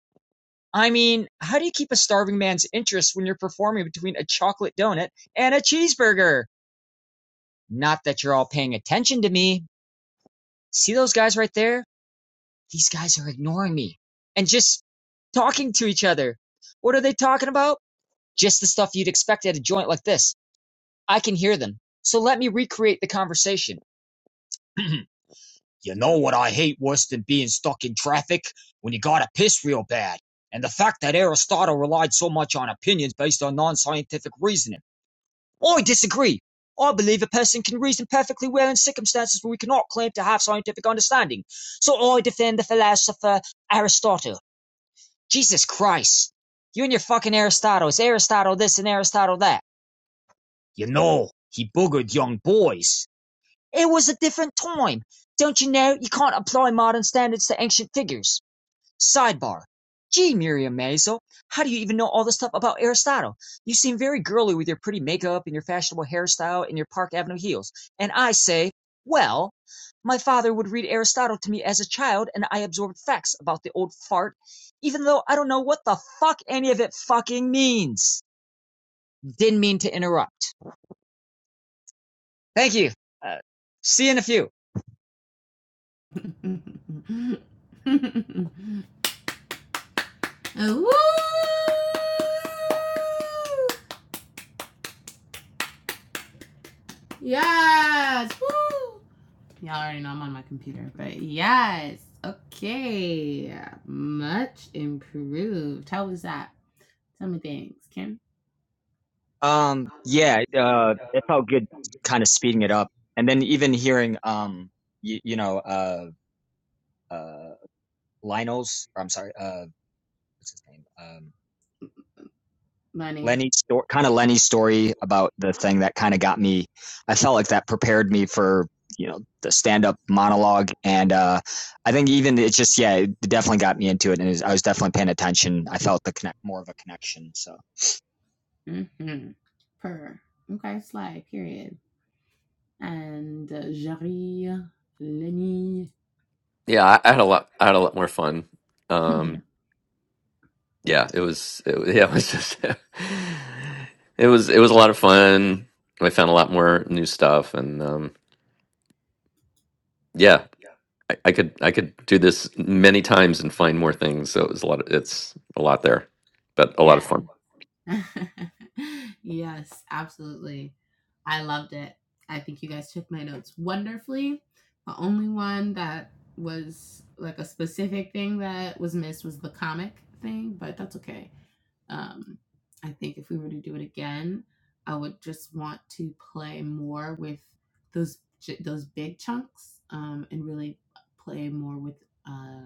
Speaker 6: I mean, how do you keep a starving man's interest when you're performing between a chocolate donut and a cheeseburger? Not that you're all paying attention to me, See those guys right there? These guys are ignoring me and just talking to each other. What are they talking about? Just the stuff you'd expect at a joint like this. I can hear them. So let me recreate the conversation. [CLEARS THROAT] you know what I hate worse than being stuck in traffic? When you gotta piss real bad. And the fact that Aristotle relied so much on opinions based on non scientific reasoning. I disagree. I believe a person can reason perfectly well in circumstances where we cannot claim to have scientific understanding. So I defend the philosopher Aristotle. Jesus Christ. You and your fucking Aristotle. It's Aristotle this and Aristotle that. You know, he boogered young boys. It was a different time. Don't you know you can't apply modern standards to ancient figures? Sidebar: Gee Miriam Maisel, how do you even know all this stuff about Aristotle? You seem very girly with your pretty makeup and your fashionable hairstyle and your Park Avenue heels. And I say, well, my father would read Aristotle to me as a child and I absorbed facts about the old fart, even though I don't know what the fuck any of it fucking means. Didn't mean to interrupt. Thank you. Uh, see you in a few.
Speaker 4: [LAUGHS] Woo! Yes. Woo. Y'all already know I'm on my computer, but yes. Okay. Much improved. How was that? Tell me things, Kim.
Speaker 6: Um, yeah, uh, it felt good kind of speeding it up. And then even hearing, um, you, you know, uh, uh, Lionel's, or I'm sorry, uh, what's his name? Um,
Speaker 4: Money.
Speaker 6: Lenny's story, kind of Lenny's story about the thing that kind of got me, I felt like that prepared me for, you know, the stand up monologue. And, uh, I think even it just, yeah, it definitely got me into it. And it was, I was definitely paying attention. I felt the connect, more of a connection. So,
Speaker 4: Mm-hmm. Per. Okay, slide, period. And uh, Jerry, Lenny.
Speaker 2: Yeah, um, uh, yeah. It was, with um, yeah, I, I could I could just many times and find more things. So it was a lot. Of, it's a lot there, but
Speaker 4: Yeah.
Speaker 2: fun.
Speaker 4: [LAUGHS] Yes, absolutely. I loved it. I think you guys took my notes wonderfully. The only one that was like a specific thing that was missed was the comic thing, but that's okay. Um, I think if we were to do it again, I would just want to play more with those j- those big chunks um, and really play more with uh,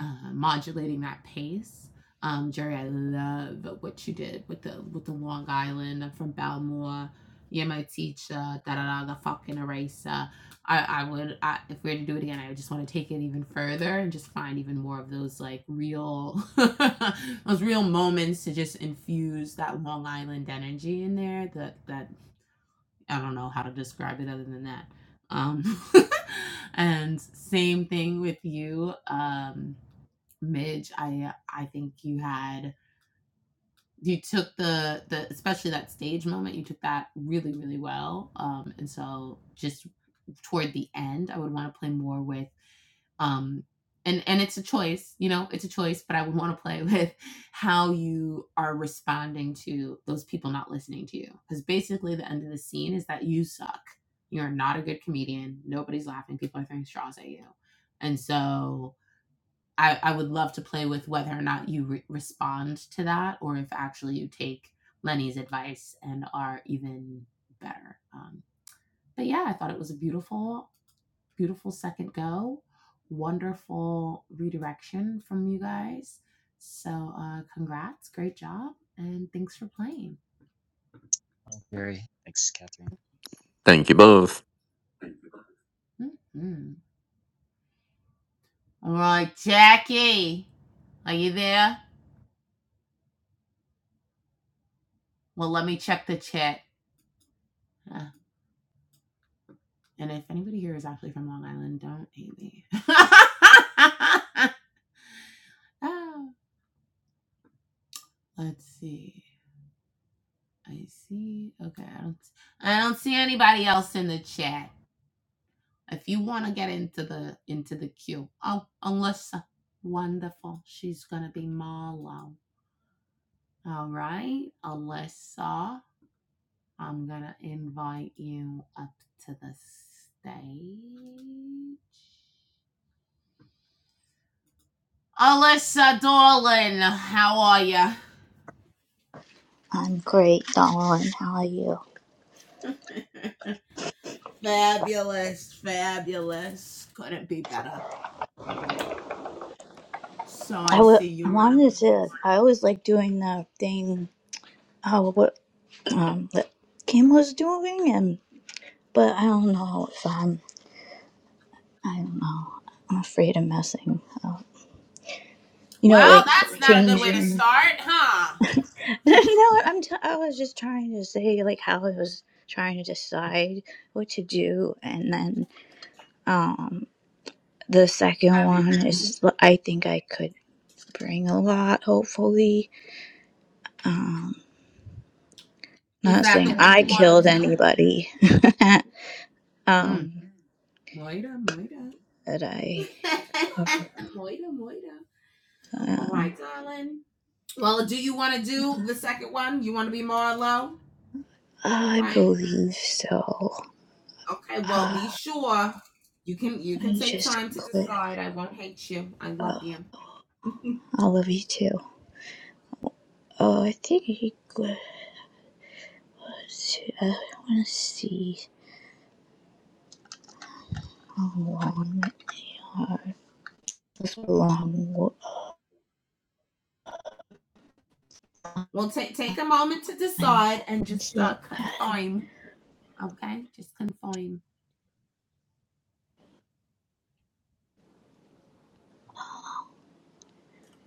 Speaker 4: uh, modulating that pace. Um, Jerry, I love what you did with the with the Long Island. I'm from Balmore. You're my teacher. Da da da. The fucking eraser. I I would I, if we were to do it again. I would just want to take it even further and just find even more of those like real [LAUGHS] those real moments to just infuse that Long Island energy in there. That that I don't know how to describe it other than that. Um, [LAUGHS] and same thing with you. Um, Midge, I I think you had you took the the especially that stage moment, you took that really really well. Um, and so just toward the end, I would want to play more with um and and it's a choice, you know, it's a choice, but I would want to play [LAUGHS] with how you are responding to those people not listening to you. Cuz basically the end of the scene is that you suck. You're not a good comedian. Nobody's laughing. People are throwing straws at you. And so I, I would love to play with whether or not you re- respond to that or if actually you take Lenny's advice and are even better. Um, but yeah, I thought it was a beautiful, beautiful second go. Wonderful redirection from you guys. So, uh, congrats. Great job. And thanks for playing.
Speaker 6: very, thanks, Catherine.
Speaker 2: Thank you both.
Speaker 4: Mhm. All right, Jackie, are you there? Well, let me check the chat. Uh, And if anybody here is actually from Long Island, don't hate me. [LAUGHS] Oh, Let's see. I see. Okay, I don't. I don't see anybody else in the chat. If you want to get into the into the queue, oh, Alyssa, wonderful. She's gonna be Marlo. All right, Alyssa, I'm gonna invite you up to the stage. Alyssa, darling, how are you?
Speaker 7: I'm great, Donald. How are you?
Speaker 4: Fabulous, fabulous. Couldn't be better. So
Speaker 7: I
Speaker 4: I
Speaker 7: w-
Speaker 4: see you want to.
Speaker 7: wanted to. I always like doing the thing. Oh, what um, that Kim was doing, and but I don't know if I'm. I don't know. I'm afraid of messing up. You know,
Speaker 4: Well,
Speaker 7: like
Speaker 4: that's not a good way to
Speaker 7: changing.
Speaker 4: start, huh?
Speaker 7: [LAUGHS] no, I'm. T- I was just trying to say like how I was trying to decide what to do, and then um, the second
Speaker 4: Have you?
Speaker 7: one is. I think I could bring a lot. Hopefully. Um,
Speaker 4: Is
Speaker 7: Not
Speaker 4: that the
Speaker 7: saying
Speaker 4: one
Speaker 7: I
Speaker 4: you want
Speaker 7: killed
Speaker 4: to do?
Speaker 7: anybody. [LAUGHS]
Speaker 4: Mm.
Speaker 7: um,
Speaker 4: Moira, Moira.
Speaker 7: but I,
Speaker 4: [LAUGHS] All right,
Speaker 7: um,
Speaker 4: darling. Well, do you want to do the second one? You want to be Marlo,
Speaker 7: I
Speaker 4: right?
Speaker 7: believe so.
Speaker 4: Okay. Well,
Speaker 7: Uh,
Speaker 4: be sure you can you can
Speaker 7: I
Speaker 4: take
Speaker 7: just
Speaker 4: time to
Speaker 7: click.
Speaker 4: decide. I won't hate you. I love
Speaker 7: Uh,
Speaker 4: you. [LAUGHS]
Speaker 7: I love you too. Oh, I think he goes. to- uh, I want to see how long uh, this long
Speaker 4: Well, take take a moment to decide and
Speaker 7: lines
Speaker 4: just uh,
Speaker 7: it had.
Speaker 4: confirm. Okay, just confirm.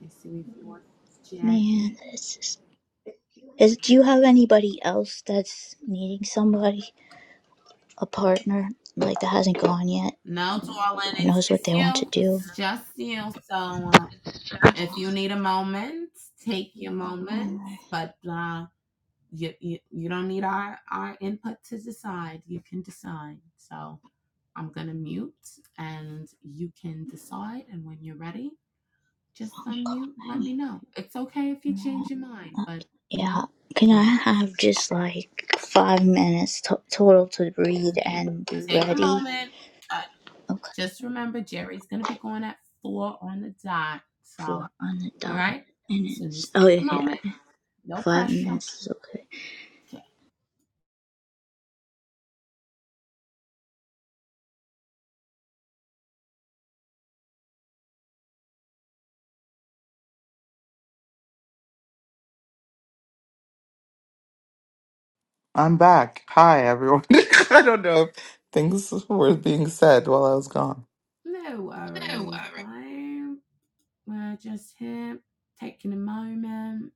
Speaker 4: Let's see if it works.
Speaker 7: Man,
Speaker 4: Jackie.
Speaker 7: this is. Is do you have anybody else that's needing somebody, a partner, like that hasn't gone yet
Speaker 4: No, darling,
Speaker 7: and
Speaker 4: it's
Speaker 7: knows what
Speaker 4: just
Speaker 7: they want to
Speaker 4: you.
Speaker 7: do?
Speaker 4: It's just you. So, uh, if you need a moment, take your moments.
Speaker 7: Um,
Speaker 4: But uh, you, you you don't need our our input to decide you can decide so i'm gonna mute and you can decide and when you're ready just unmute let me know it's okay if you change your mind but you
Speaker 7: yeah.
Speaker 4: know
Speaker 7: Can I
Speaker 4: great
Speaker 7: have just like five minutes to- total to read
Speaker 4: take
Speaker 7: and be
Speaker 4: take a
Speaker 7: ready?
Speaker 4: moment but
Speaker 7: Okay,
Speaker 4: just remember jerry's gonna be going at four on the dot so all
Speaker 7: four on the dot.
Speaker 4: right
Speaker 7: And
Speaker 4: so
Speaker 7: it's
Speaker 4: just
Speaker 7: oh
Speaker 4: take a
Speaker 7: yeah,
Speaker 4: moment no
Speaker 7: five
Speaker 4: pressure
Speaker 7: minutes is okay.
Speaker 4: okay
Speaker 1: I'm back. Hi, everyone. [LAUGHS] I don't know if things were being said while I was gone.
Speaker 4: no worries bye We're just here taking a moment.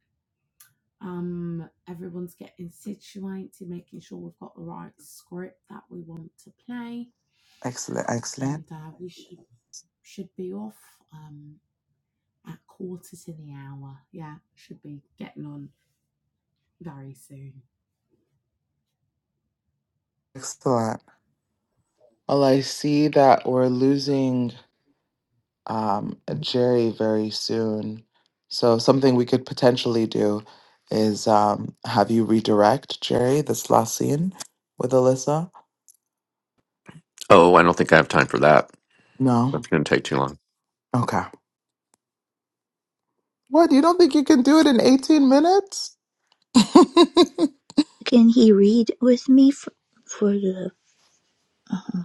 Speaker 4: Um, everyone's getting situated, making sure we've got the right script that we want to play,
Speaker 1: Excellent,
Speaker 4: and
Speaker 1: excellent,
Speaker 4: uh, we should should be off um, at quarter to the hour. Yeah, should be getting on very soon.
Speaker 1: excellent. Well, I see that we're losing. um, Jerry very soon. So something we could potentially do is um, have you redirect Jerry this last scene with Alyssa.
Speaker 2: Oh, I don't think I have time for that.
Speaker 1: No,
Speaker 2: That's going to take too long.
Speaker 1: okay. What you don't think you can do it in eighteen minutes? [LAUGHS]
Speaker 7: Can he read with me for, for the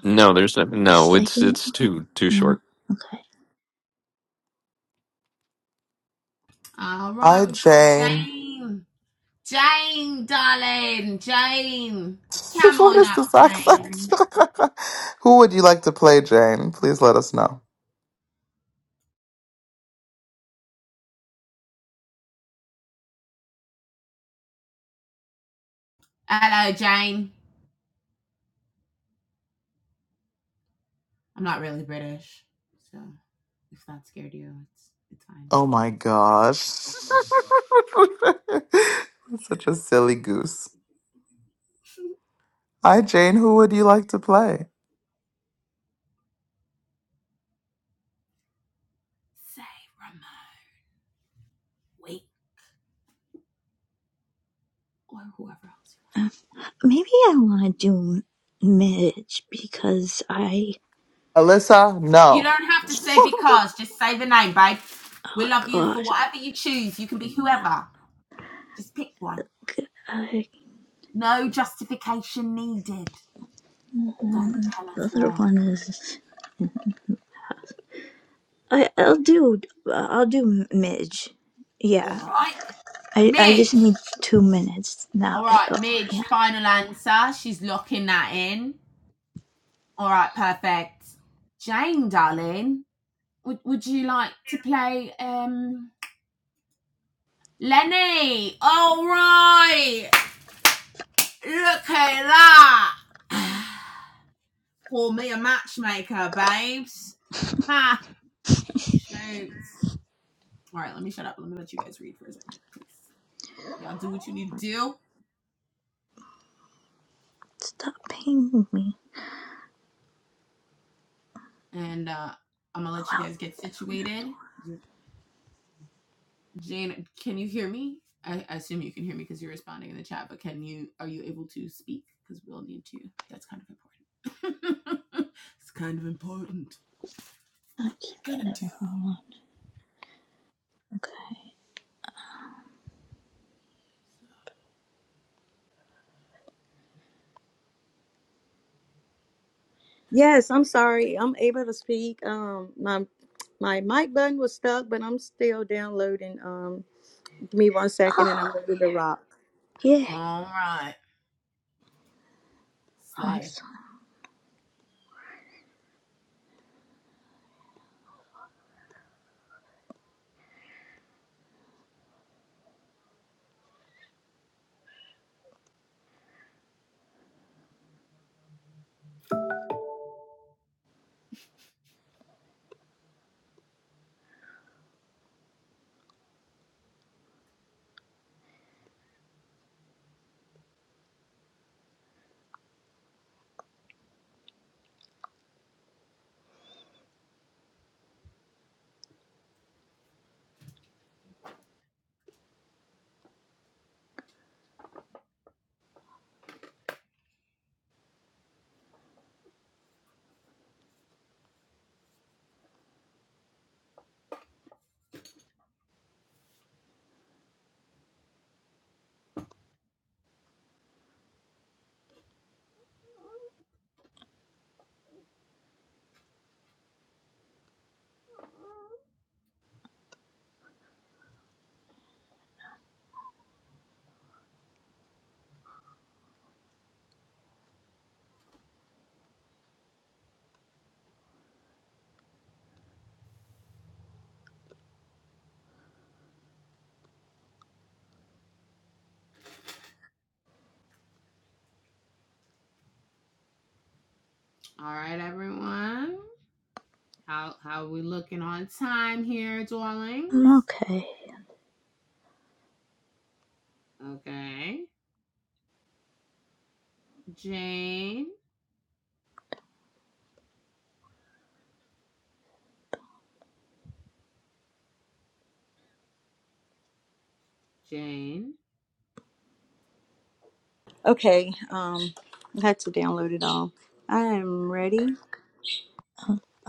Speaker 2: No, there's no. no, It's
Speaker 7: second?
Speaker 2: it's too too short.
Speaker 7: No. Okay.
Speaker 4: All right,
Speaker 1: Hi,
Speaker 4: we've got
Speaker 1: Jane.
Speaker 4: Jane. Jane, darling, Jane,
Speaker 1: [LAUGHS]
Speaker 4: come
Speaker 1: what
Speaker 4: on
Speaker 1: is this
Speaker 4: up,
Speaker 1: accent?
Speaker 4: Jane.
Speaker 1: [LAUGHS] Who would you like to play, Jane? Please let us know.
Speaker 4: Hello, Jane. I'm not really British, so if that scared you, it's it's fine.
Speaker 1: Oh my gosh. [LAUGHS] Such a silly goose. Hi, Jane. Who would you like to play?
Speaker 4: Say Ramon, wait, or whoever else you
Speaker 7: Maybe I want to do Midge because I
Speaker 1: Alyssa,
Speaker 4: want. You
Speaker 1: no.
Speaker 4: don't have to say
Speaker 1: [LAUGHS]
Speaker 4: because. Just say the name, babe. We
Speaker 7: oh
Speaker 4: love you for
Speaker 7: gosh.
Speaker 4: whatever you choose. You can be whoever. Just pick one.
Speaker 7: I,
Speaker 4: No justification.
Speaker 7: mm, mm,
Speaker 4: Don't.
Speaker 7: mm, the other
Speaker 4: Oh.
Speaker 7: one is. I I'll do I'll do midge. Yeah. I I just
Speaker 4: Midge.
Speaker 7: need two minutes now.
Speaker 4: All right,
Speaker 7: Oh,
Speaker 4: Midge.
Speaker 7: yeah.
Speaker 4: In. All right, perfect. Jane, darling, would, would you like to play um Lenny? All right. Look at that. [SIGHS] Call me a matchmaker, babes. Ha! Shoot. All right, let me shut up. Let me let you guys read for a second. 'cause Y'all do what you need to do.
Speaker 7: Stop pinging me.
Speaker 4: And uh, I'm going to let you guys get situated. Jane, can you hear me? I, I assume you can hear me because you're responding in the chat, but can you, are you able to speak? Because we'll need to. That's kind of important. [LAUGHS] it's kind of important.
Speaker 7: I
Speaker 4: What
Speaker 7: keep
Speaker 4: we're going to
Speaker 7: hitting
Speaker 4: do.
Speaker 7: the wrong one. Okay.
Speaker 4: So,
Speaker 8: Yes, I'm sorry. I'm able to speak. Um, my my mic button was stuck, but I'm still downloading. Um, give me one second, and I'm
Speaker 7: Oh
Speaker 8: ready to rock.
Speaker 7: yeah.
Speaker 4: All right. Slay.
Speaker 7: Awesome.
Speaker 4: All right, everyone. How how are we looking on time here,
Speaker 7: I'm
Speaker 4: darlings?
Speaker 7: okay.
Speaker 4: Okay. Jane. Jane.
Speaker 8: Okay. Um, I had to download it all. I am
Speaker 7: Okay.
Speaker 8: ready.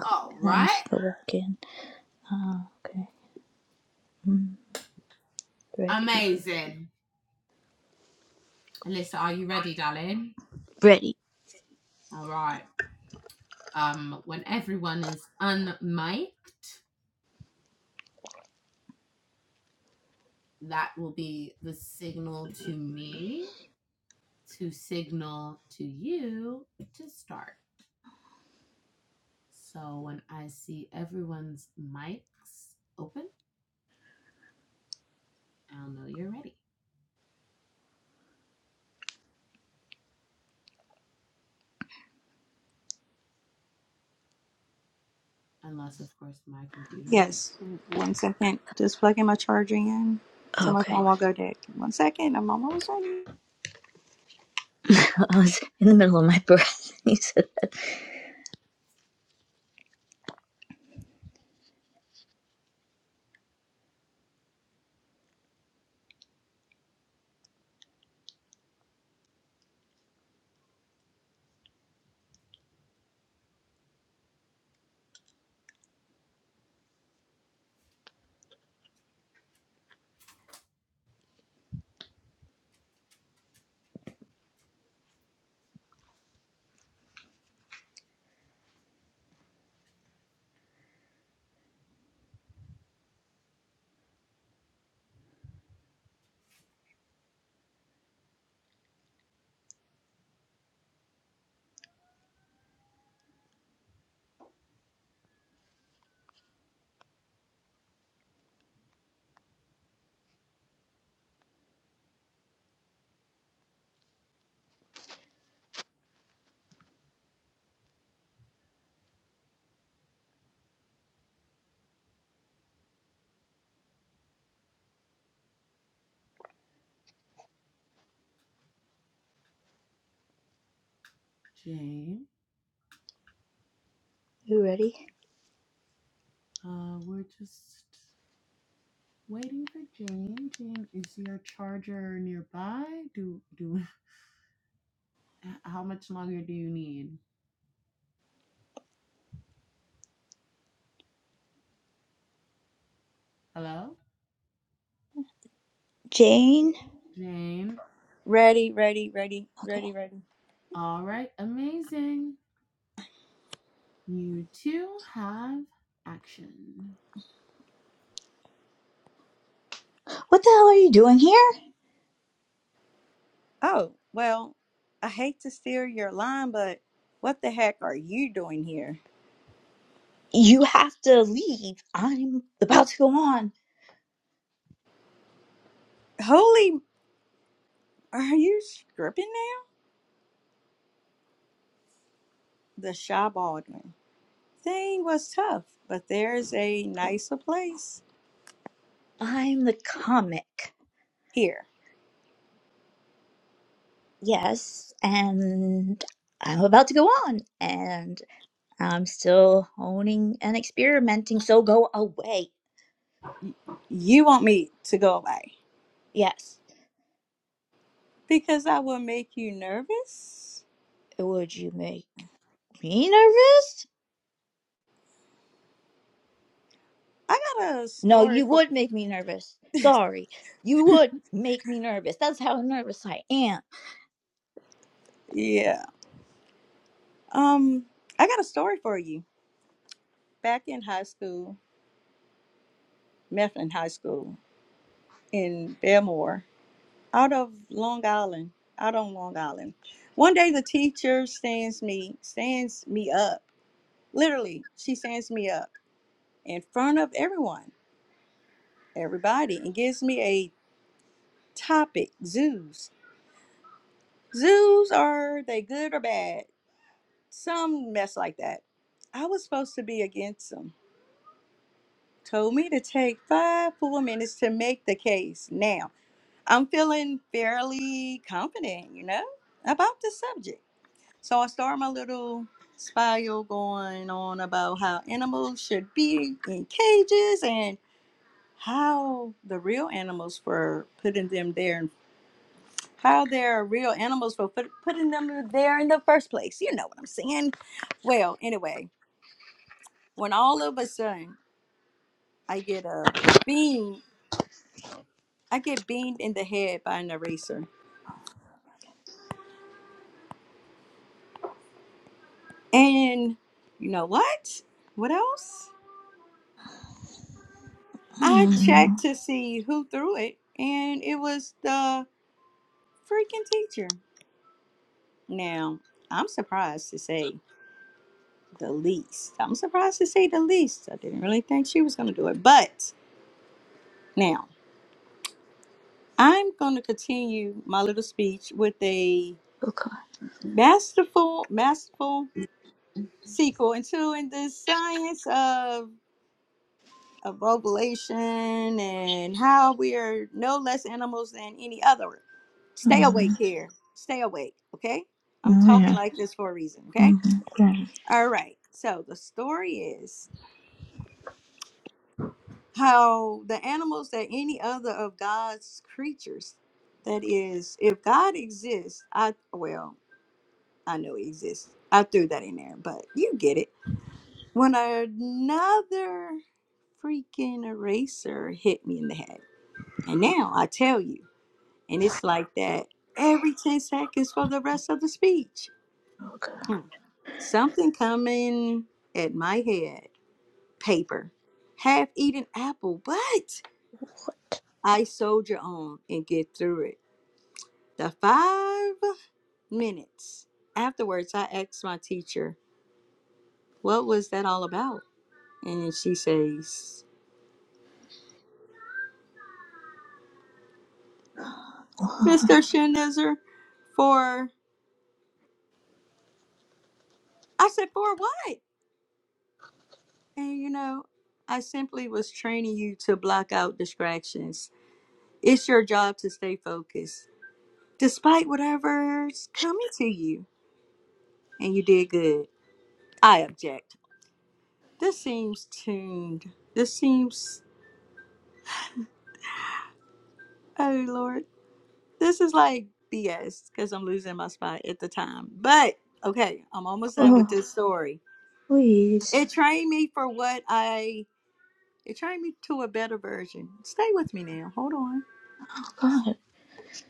Speaker 4: All
Speaker 7: And then I
Speaker 4: right.
Speaker 7: just go back in. Oh, okay. Mm, ready.
Speaker 4: Amazing. Alyssa, are you ready, darling?
Speaker 7: Ready.
Speaker 4: All right. Um, when everyone is unmiked, that will be the signal to me to signal to you to start. So when I see everyone's mics open, I'll know you're ready. Unless, of course, my computer.
Speaker 8: Yes.
Speaker 4: Yes.
Speaker 8: One second.
Speaker 4: Alright.
Speaker 8: Just plugging my charger in. So
Speaker 7: Oh,
Speaker 8: my
Speaker 7: okay.
Speaker 8: phone won't go dead. One second. I'm almost
Speaker 7: [LAUGHS] I was in the middle of my breath. [LAUGHS] He said,
Speaker 4: Jane,
Speaker 7: "You ready,
Speaker 4: uh, we're just waiting for Jane. Jane, is your charger nearby? Do do [LAUGHS] how much longer do you need? Hello, Jane.
Speaker 7: Jane?"
Speaker 4: Jane.
Speaker 8: ready. Ready. Ready. Ready.
Speaker 7: Okay.
Speaker 8: Ready. Ready.
Speaker 4: All right, amazing. You two have action.
Speaker 7: What the hell are you doing here?
Speaker 8: Oh well. I hate to steal your line, but what the heck are you doing here?
Speaker 7: You have to leave. I'm about to go on.
Speaker 8: Holy! Are you stripping now? The shy Baldwin. Thing was tough, but there's a nicer place.
Speaker 7: I'm the comic.
Speaker 8: Here,
Speaker 7: Yes, and I'm about to go on, and I'm still honing and experimenting, so go away.
Speaker 8: you want me to go away
Speaker 7: Yes.
Speaker 8: because I will make you nervous?
Speaker 7: Would you make me nervous?
Speaker 8: I got a
Speaker 7: No,
Speaker 8: story
Speaker 7: you
Speaker 8: for
Speaker 7: would make me nervous. Sorry. You would make me nervous. That's how nervous I am.
Speaker 8: yeah. Um, I got a story for you. Back in high school, Mifflin High School in Belmore, out of Long Island, out on Long Island. One day, the teacher stands me stands me up. Literally, she stands me up in front of everyone, everybody, and gives me a topic zoos. Zoos are they good or bad? Some mess like that. I was supposed to be against them. Told me to take five full minutes to make the case. Now, I'm feeling fairly confident, you know, about the subject. So I start my little spiel going on about how animals should be in cages and how the real animals were putting them there in how they're real animals for put, putting them there in the first place. You know what I'm saying? Well, anyway, when all of a sudden I get a bean, I get beamed in the head by an eraser. And you know what? What else?
Speaker 7: [SIGHS]
Speaker 8: I
Speaker 7: Mm,
Speaker 8: checked to see who threw it, and it was the freaking teacher. Now, I'm surprised to say the least. I'm surprised to say the least. I didn't really think she was going to do it. But now, I'm going to continue my little speech with a
Speaker 7: okay.
Speaker 8: masterful, masterful sequel into in the science of of ovulation and how we are no less animals than any other. Stay
Speaker 7: Mm,
Speaker 8: awake here. Stay awake, okay? I'm talking
Speaker 7: yeah.
Speaker 8: like this for a reason, okay?
Speaker 7: Mm, yeah.
Speaker 8: All right. So the story is how the animals that any other of God's creatures that is if God exists, I well, I know it exists. I threw that in there, but you get it. When another freaking eraser hit me in the head. And now I tell you, and it's like that every 10 seconds for the rest of the speech.
Speaker 7: Okay.
Speaker 8: Hmm. Something coming at my head. Paper. Half eaten apple, but I soldier on and get through it. The five minutes afterwards, I asked my teacher, What was that all about? And she says, Mr. Shinizer, for, I said, for what? And you know, I simply was training you to block out distractions. It's your job to stay focused, despite whatever's coming to you. And you did good. I object. This seems tuned. This seems, oh Lord, this is like BS because I'm losing my spot at the time. But okay, I'm almost done with
Speaker 7: Oh,
Speaker 8: this story.
Speaker 7: please.
Speaker 8: It trained me for what I It trained me to a better version. Stay with me now. Hold on.
Speaker 7: God.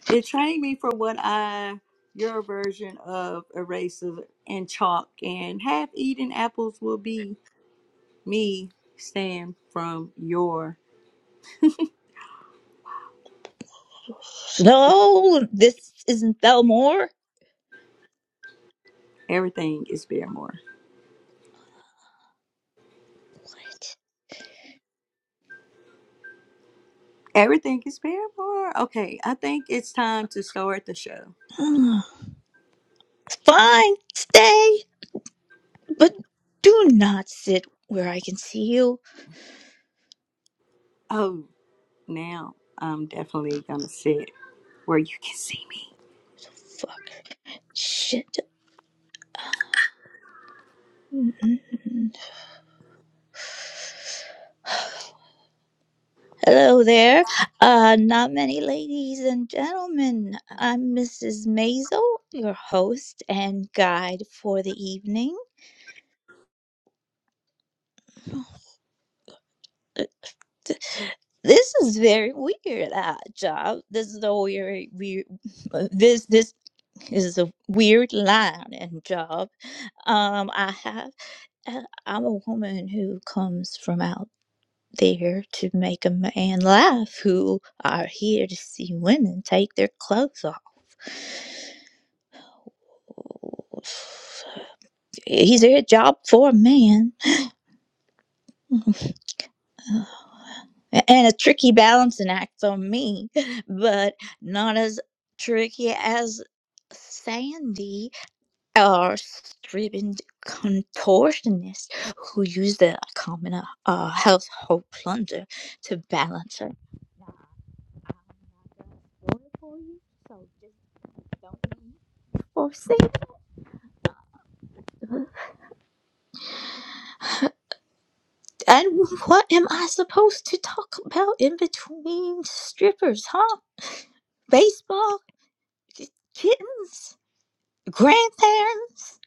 Speaker 8: It trained me for what I your version of erasers and chalk and half eaten apples will be me stand from your
Speaker 7: No, this isn't Belmore.
Speaker 8: everything is Barrymore. Everything is Barrymore. Okay, I think it's time to start the show.
Speaker 7: Ugh, Fine, stay, but do not sit where I can see you.
Speaker 8: Oh, now I'm definitely gonna sit where you can see me.
Speaker 7: Fuck. Shit. [SIGHS] Mm. Hello there. Uh, not many ladies and gentlemen. I'm Mrs. Maisel, your host and guide for the evening. [SIGHS] Uh, th- This is very weird, uh, job. This is a weird, weird. This this is a weird line and job. Um, I have. Uh, I'm a woman who comes from out there to make a man laugh who are here to see women take their clothes off. He's a job for a man. [LAUGHS] and a tricky balancing act on me, but not as tricky as Sandy or stripping contortionist who used the common uh, household plunder to balance her. I'm not gonna spoil it for you, so just don't be forsaken. And what am I supposed to talk about in between strippers, huh? Baseball, kittens, grandparents.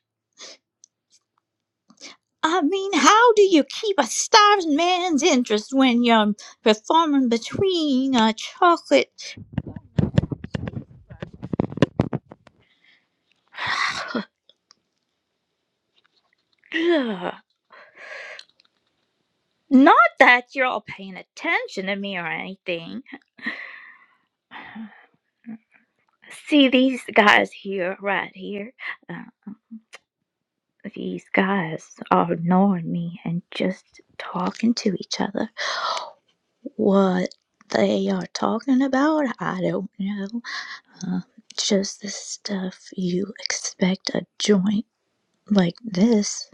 Speaker 7: I mean, how do you keep a starving man's interest when you're performing between a chocolate? [SIGHS] Not that you're all paying attention to me or anything. [SIGHS] See these guys here, right here. Uh, these guys are ignoring me and just talking to each other. What they are talking about, I don't know. Uh, just the stuff you expect a joint like this.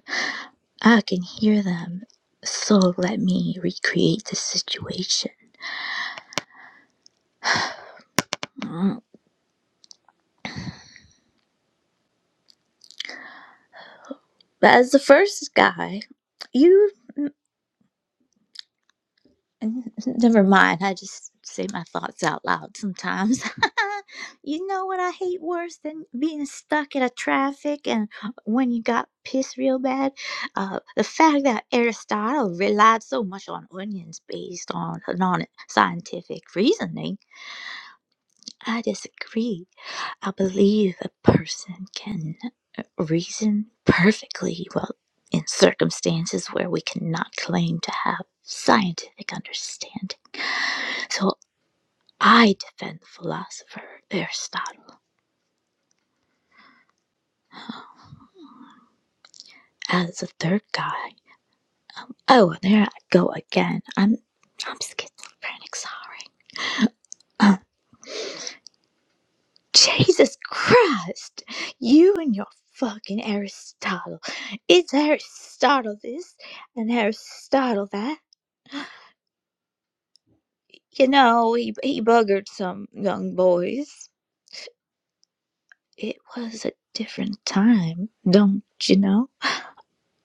Speaker 7: I can hear them, so let me recreate the situation. Mm, As the first guy, you. [LAUGHS] N- n- Never mind. I just say my thoughts out loud sometimes. [LAUGHS] you know what I hate worse than being stuck in a traffic and when you got pissed real bad? Uh, the fact that Aristotle relied so much on onions based on non scientific reasoning. I disagree. I believe a person can uh, reason perfectly well in circumstances where we cannot claim to have scientific understanding. So. I defend philosopher Aristotle as the third guy. Oh, and there I go again. I'm I'm schizophrenic, sorry. Um, Jesus Christ! You and your fucking Aristotle. It's Aristotle this and Aristotle that. You know, he, he buggered some young boys. It was a different time, don't you know?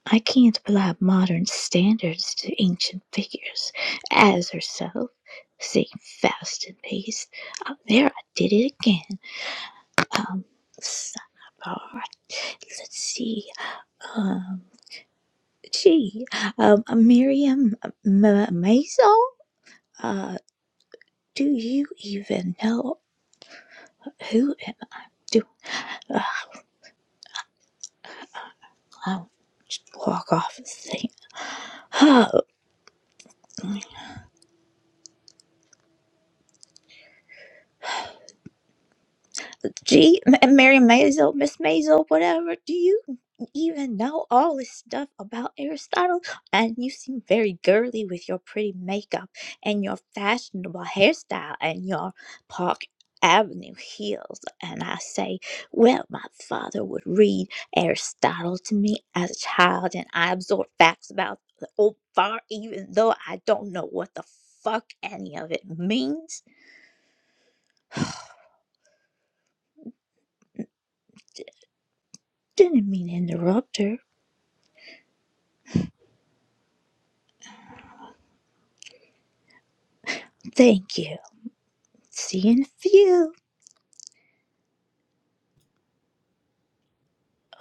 Speaker 7: I can't apply modern standards to ancient figures. As herself, saying fast and paced. Oh, there, I did it again. Sidebar. Let's see. Um, gee, um, Miriam M- M- Maison? Uh, do you even know who am I? Do uh, I'll just walk off the thing. Oh, Gee, M- Mary Mazel, Miss Mazel, whatever, do you even know all this stuff about Aristotle? And you seem very girly with your pretty makeup and your fashionable hairstyle and your Park Avenue heels. And I say, well, my father would read Aristotle to me as a child, and I absorb facts about the old far, even though I don't know what the fuck any of it means. Didn't mean to interrupt her. Thank you. See and feel.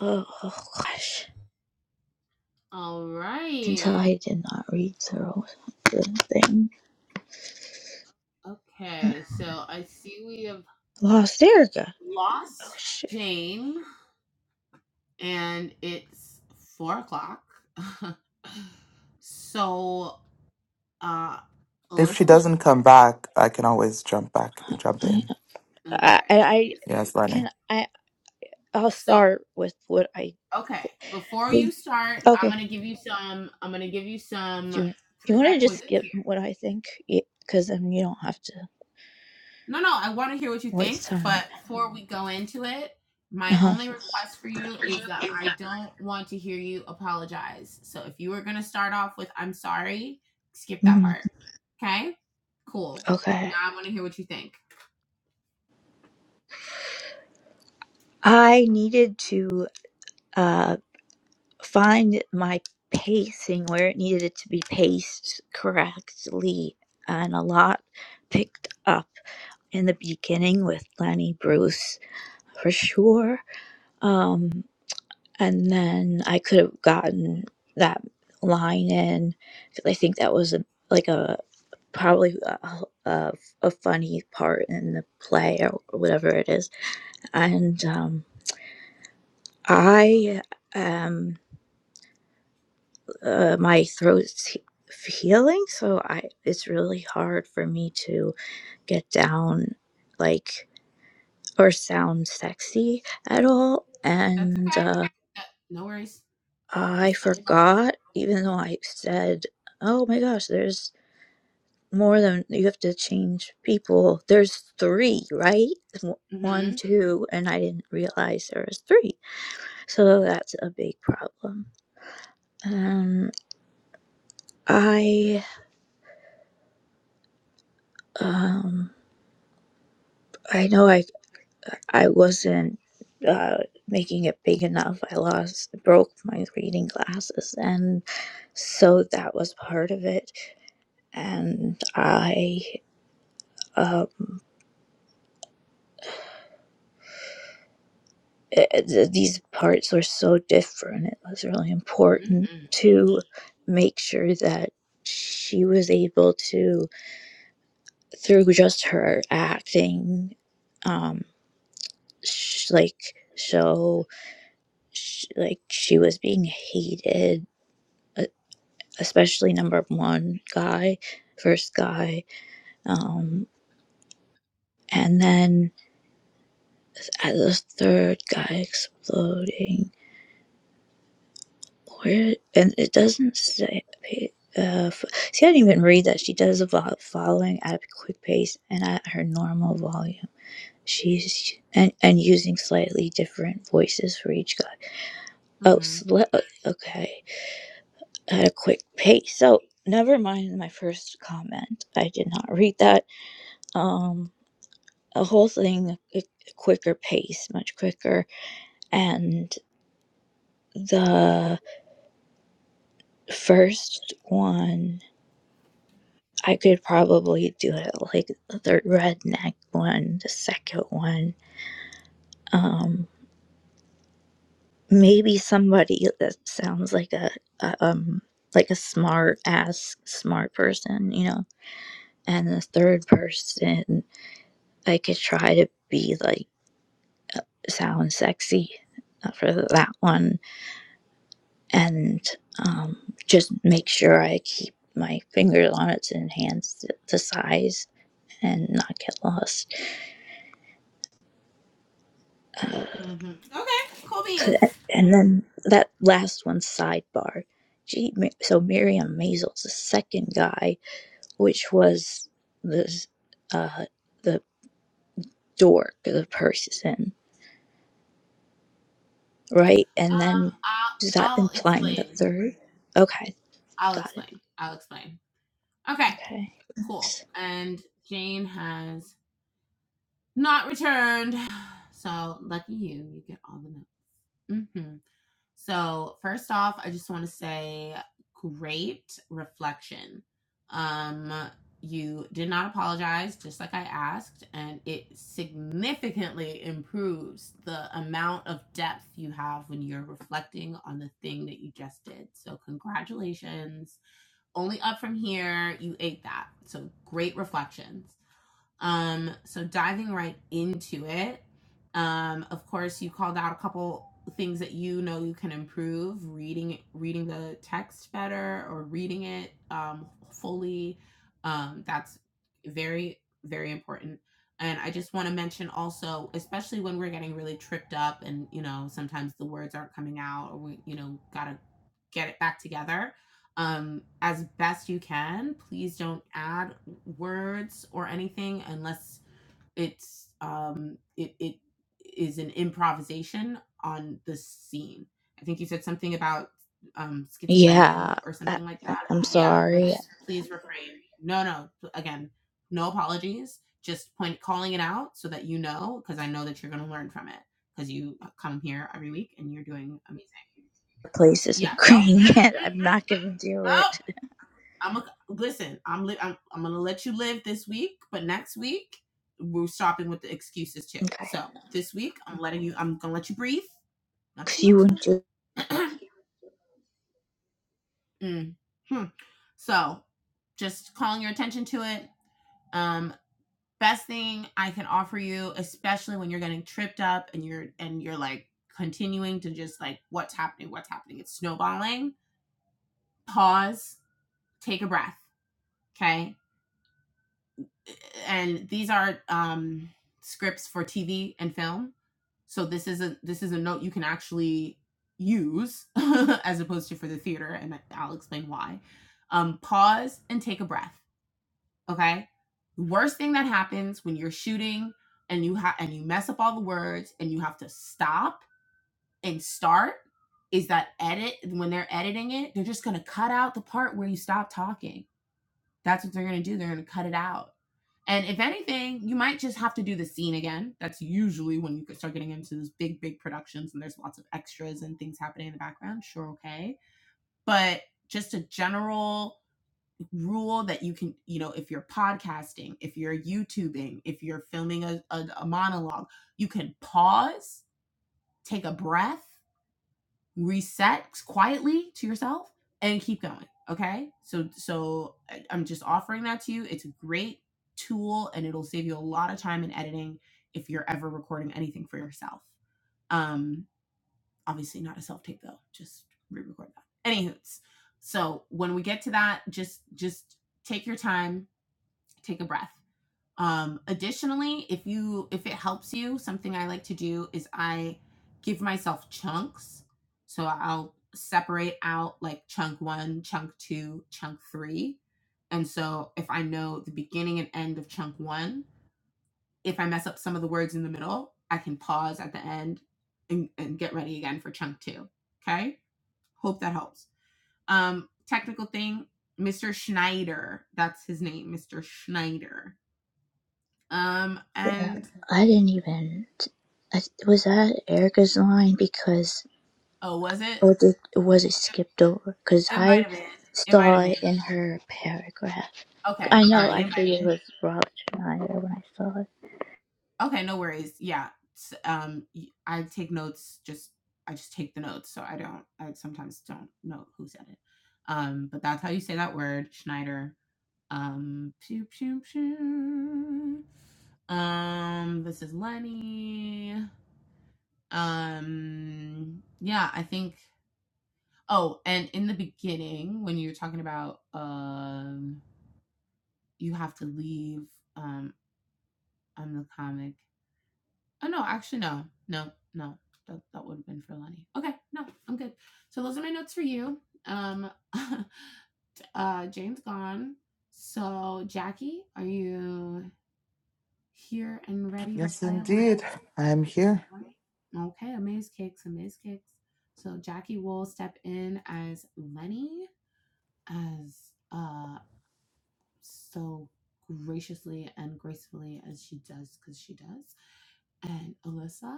Speaker 7: Oh, oh gosh.
Speaker 4: All
Speaker 7: Until
Speaker 4: right.
Speaker 7: I did not read through the thing. Uh,
Speaker 4: Okay, so I see we have
Speaker 7: Lost Erica.
Speaker 4: lost
Speaker 7: Oh shit.
Speaker 4: Jane. and it's four o'clock. [LAUGHS] so, uh,
Speaker 1: If
Speaker 4: Alyssa,
Speaker 1: she doesn't come back, I can always jump back, jump
Speaker 7: I
Speaker 1: in.
Speaker 7: I,
Speaker 4: okay,
Speaker 7: I
Speaker 4: these
Speaker 1: Yes,
Speaker 4: kids.
Speaker 1: Lenny.
Speaker 7: can I I'll
Speaker 4: So,
Speaker 7: start with what I
Speaker 4: okay, before you
Speaker 7: think.
Speaker 4: start, I'm
Speaker 7: Okay.
Speaker 4: gonna give you some. I'm gonna give you some
Speaker 7: Do you, you want to just
Speaker 4: prerequisites
Speaker 7: skip
Speaker 4: here.
Speaker 7: what I think? Because then you don't have to
Speaker 4: No, no, I want to hear what you think,
Speaker 7: waste time.
Speaker 4: but before we go into it,
Speaker 7: Uh
Speaker 4: my
Speaker 7: huh.
Speaker 4: only request for you is that I don't want to hear you apologize. So if you were going to start off with I'm sorry, skip that
Speaker 7: hmm
Speaker 4: part. Okay? Cool.
Speaker 7: Okay.
Speaker 4: Now I want to hear what you think.
Speaker 7: I needed to. uh find my pacing where it needed it to be paced correctly and a lot picked up in the beginning with lenny bruce for sure um and then i could have gotten that line in because i think that was a, like a probably a, a, a funny part in the play or whatever it is and um i am uh, my throat's healing so i it's really hard for me to get down like or sound sexy at all
Speaker 4: That's
Speaker 7: and
Speaker 4: okay.
Speaker 7: uh,
Speaker 4: That- no worries.
Speaker 7: i
Speaker 4: Just tell me
Speaker 7: forgot even though i said oh my gosh there's more than you have to change people there's three right
Speaker 4: about
Speaker 7: one
Speaker 4: it.
Speaker 7: two and i didn't realize there was three so that's a big problem um i um I know I I wasn't uh, making it big enough. I lost, broke my reading glasses, and so that was part of it. And I, um, it, it- these parts were so different. It was really
Speaker 4: Mm-hmm.
Speaker 7: important
Speaker 4: Mm-hmm.
Speaker 7: to make sure that she was able to, through just her acting, um, sh- like show, sh- like she was being hated especially number one guy, first guy, um, and then at the third guy exploding. Where and it doesn't say. Uh, f- see, I didn't even read that. She does a lot of following at a quick pace and at her normal volume. She's and and using slightly different voices for each guy. Oh,
Speaker 4: Mm-hmm.
Speaker 7: sli- uh, okay, at a quick pace. So never mind my first comment. I did not read that. Um, a whole thing a quicker pace, much quicker. And the first one, I could probably do it like the redneck one, the second one. Um, maybe somebody that sounds like a, a um like a smart ass smart person, you know. And the third person, I could try to be like sound sexy uh, for that one and um, just make sure I keep my fingers on it and hands the the size and not get lost. Uh,
Speaker 4: Mm-hmm. Okay. Cool
Speaker 7: 'cause-
Speaker 4: beans.
Speaker 7: and then that last one, sidebar. Gee, Mi- so Miriam Mazel's the second guy, which was the uh, the dork, the person, right? And
Speaker 4: Um
Speaker 7: then
Speaker 4: I'll
Speaker 7: is that
Speaker 4: I'll
Speaker 7: implying the
Speaker 4: explain.
Speaker 7: third? Okay,
Speaker 4: I'll
Speaker 7: got it.
Speaker 4: explain. I'll explain. Okay.
Speaker 7: Okay.
Speaker 4: Cool. And Jane has Not returned. [SIGHS] So lucky you, you get all the notes. Mm-hmm. So, first off, I just want to say great reflection. Um, you did not apologize, just like I asked, and it significantly improves the amount of depth you have when you're reflecting on the thing that you just did. So, congratulations. Only up from here, you ate that. So, great reflections. Um, so diving right into it, um, of course, you called out a couple things that you know you can improve reading reading the text better or reading it um, fully um, that's very very important and i just want to mention also especially when we're getting really tripped up and you know sometimes the words aren't coming out or we you know gotta get it back together um, as best you can please don't add words or anything unless it's um it it is an improvisation on the scene i think you said something about um
Speaker 7: Yeah,
Speaker 4: schizophrenia or
Speaker 7: I,
Speaker 4: something like that
Speaker 7: I'm
Speaker 4: yeah
Speaker 7: sorry.
Speaker 4: let's please refrain no no again no apologies just point calling it out so that you know because i know that you're going to learn from it because you come here every week and you're doing amazing
Speaker 7: place is
Speaker 4: yeah no
Speaker 7: agreeing
Speaker 4: mm,
Speaker 7: it. [LAUGHS] I'm
Speaker 4: mm, mm,
Speaker 7: not gonna do
Speaker 4: mm.
Speaker 7: it.
Speaker 4: I'm a, listen. I'm li- I'm I'm gonna let you live this week, but next week we're stopping with the excuses too. So
Speaker 7: Okay.
Speaker 4: this week I'm letting you. I'm gonna let you breathe. Not
Speaker 7: Cause
Speaker 4: too
Speaker 7: you
Speaker 4: much
Speaker 7: wouldn't do.
Speaker 4: though. [CLEARS THROAT] mm. hmm. So just calling your attention to it. Um, best thing I can offer you, especially when you're getting tripped up and you're and you're like continuing to just like what's happening, what's happening. It's snowballing. Pause. Take a breath. Okay and these are um, scripts for TV and film. So this is a this is a note you can actually use [LAUGHS] as opposed to for the theater, and I'll explain why. Um, pause and take a breath. Okay. The worst thing that happens when you're shooting and you have and you mess up all the words and you have to stop and start is that edit when they're editing it, they're just gonna cut out the part where you stop talking. That's what they're gonna do. They're gonna cut it out and if anything, you might just have to do the scene again. That's usually when you start getting into these big, big productions and there's lots of extras and things happening in the background. Sure, okay. But just a general rule that you can, you know, if you're podcasting, if you're YouTubing, if you're filming a, a, a monologue, you can pause, take a breath, reset quietly to yourself and keep going okay so so I- am just offering that to you it's a great tool and it'll save you a lot of time in editing if you're ever recording anything for yourself um obviously not a self tape though just re-record that anywho so when we get to that just just take your time take a breath um, additionally, if you if it helps you, something I like to do is I give myself chunks. So I'll separate out like chunk one, chunk two, chunk three. And so if I know the beginning and end of chunk one, if I mess up some of the words in the middle, I can pause at the end and, and get ready again for chunk two. Okay. Hope that helps. Um, technical thing, Mr. Schneider. That's his name, Mr. Schneider. Um, and
Speaker 7: I didn't even. I, was that Erica's line? Because
Speaker 4: Oh, was it?
Speaker 7: or did was it
Speaker 4: It,
Speaker 7: skipped over? Cause
Speaker 4: it might
Speaker 7: I
Speaker 4: have been. It might
Speaker 7: saw
Speaker 4: have been.
Speaker 7: it in her paragraph.
Speaker 4: Okay.
Speaker 7: I
Speaker 4: All
Speaker 7: know.
Speaker 4: right.
Speaker 7: I
Speaker 4: It might
Speaker 7: figured it was
Speaker 4: have
Speaker 7: Robert Schneider when I saw it.
Speaker 4: been. Okay. No worries. Yeah. S- Um, y- I take notes. Just I just take the notes, so I don't. I sometimes don't know who said it. Um, but that's how you say that word, Schneider. Um, pew, pew, pew. um, this is Lenny. Um, yeah, I think. Oh, and in the beginning, when you were talking about um you have to leave. Um, I'm the comic. Oh no, actually no, no, no. That that would have been for Lenny. Okay, no, I'm good. So those are my notes for you. Um, [LAUGHS] uh, James gone. So Jackie, are you here and ready to
Speaker 1: Yes,
Speaker 4: play a
Speaker 1: indeed.
Speaker 4: little?
Speaker 1: I am here.
Speaker 4: Okay, amaze kicks, amaze kicks. So Jackie will step in as Lenny, as uh so graciously and gracefully as she does because she does. And Alyssa,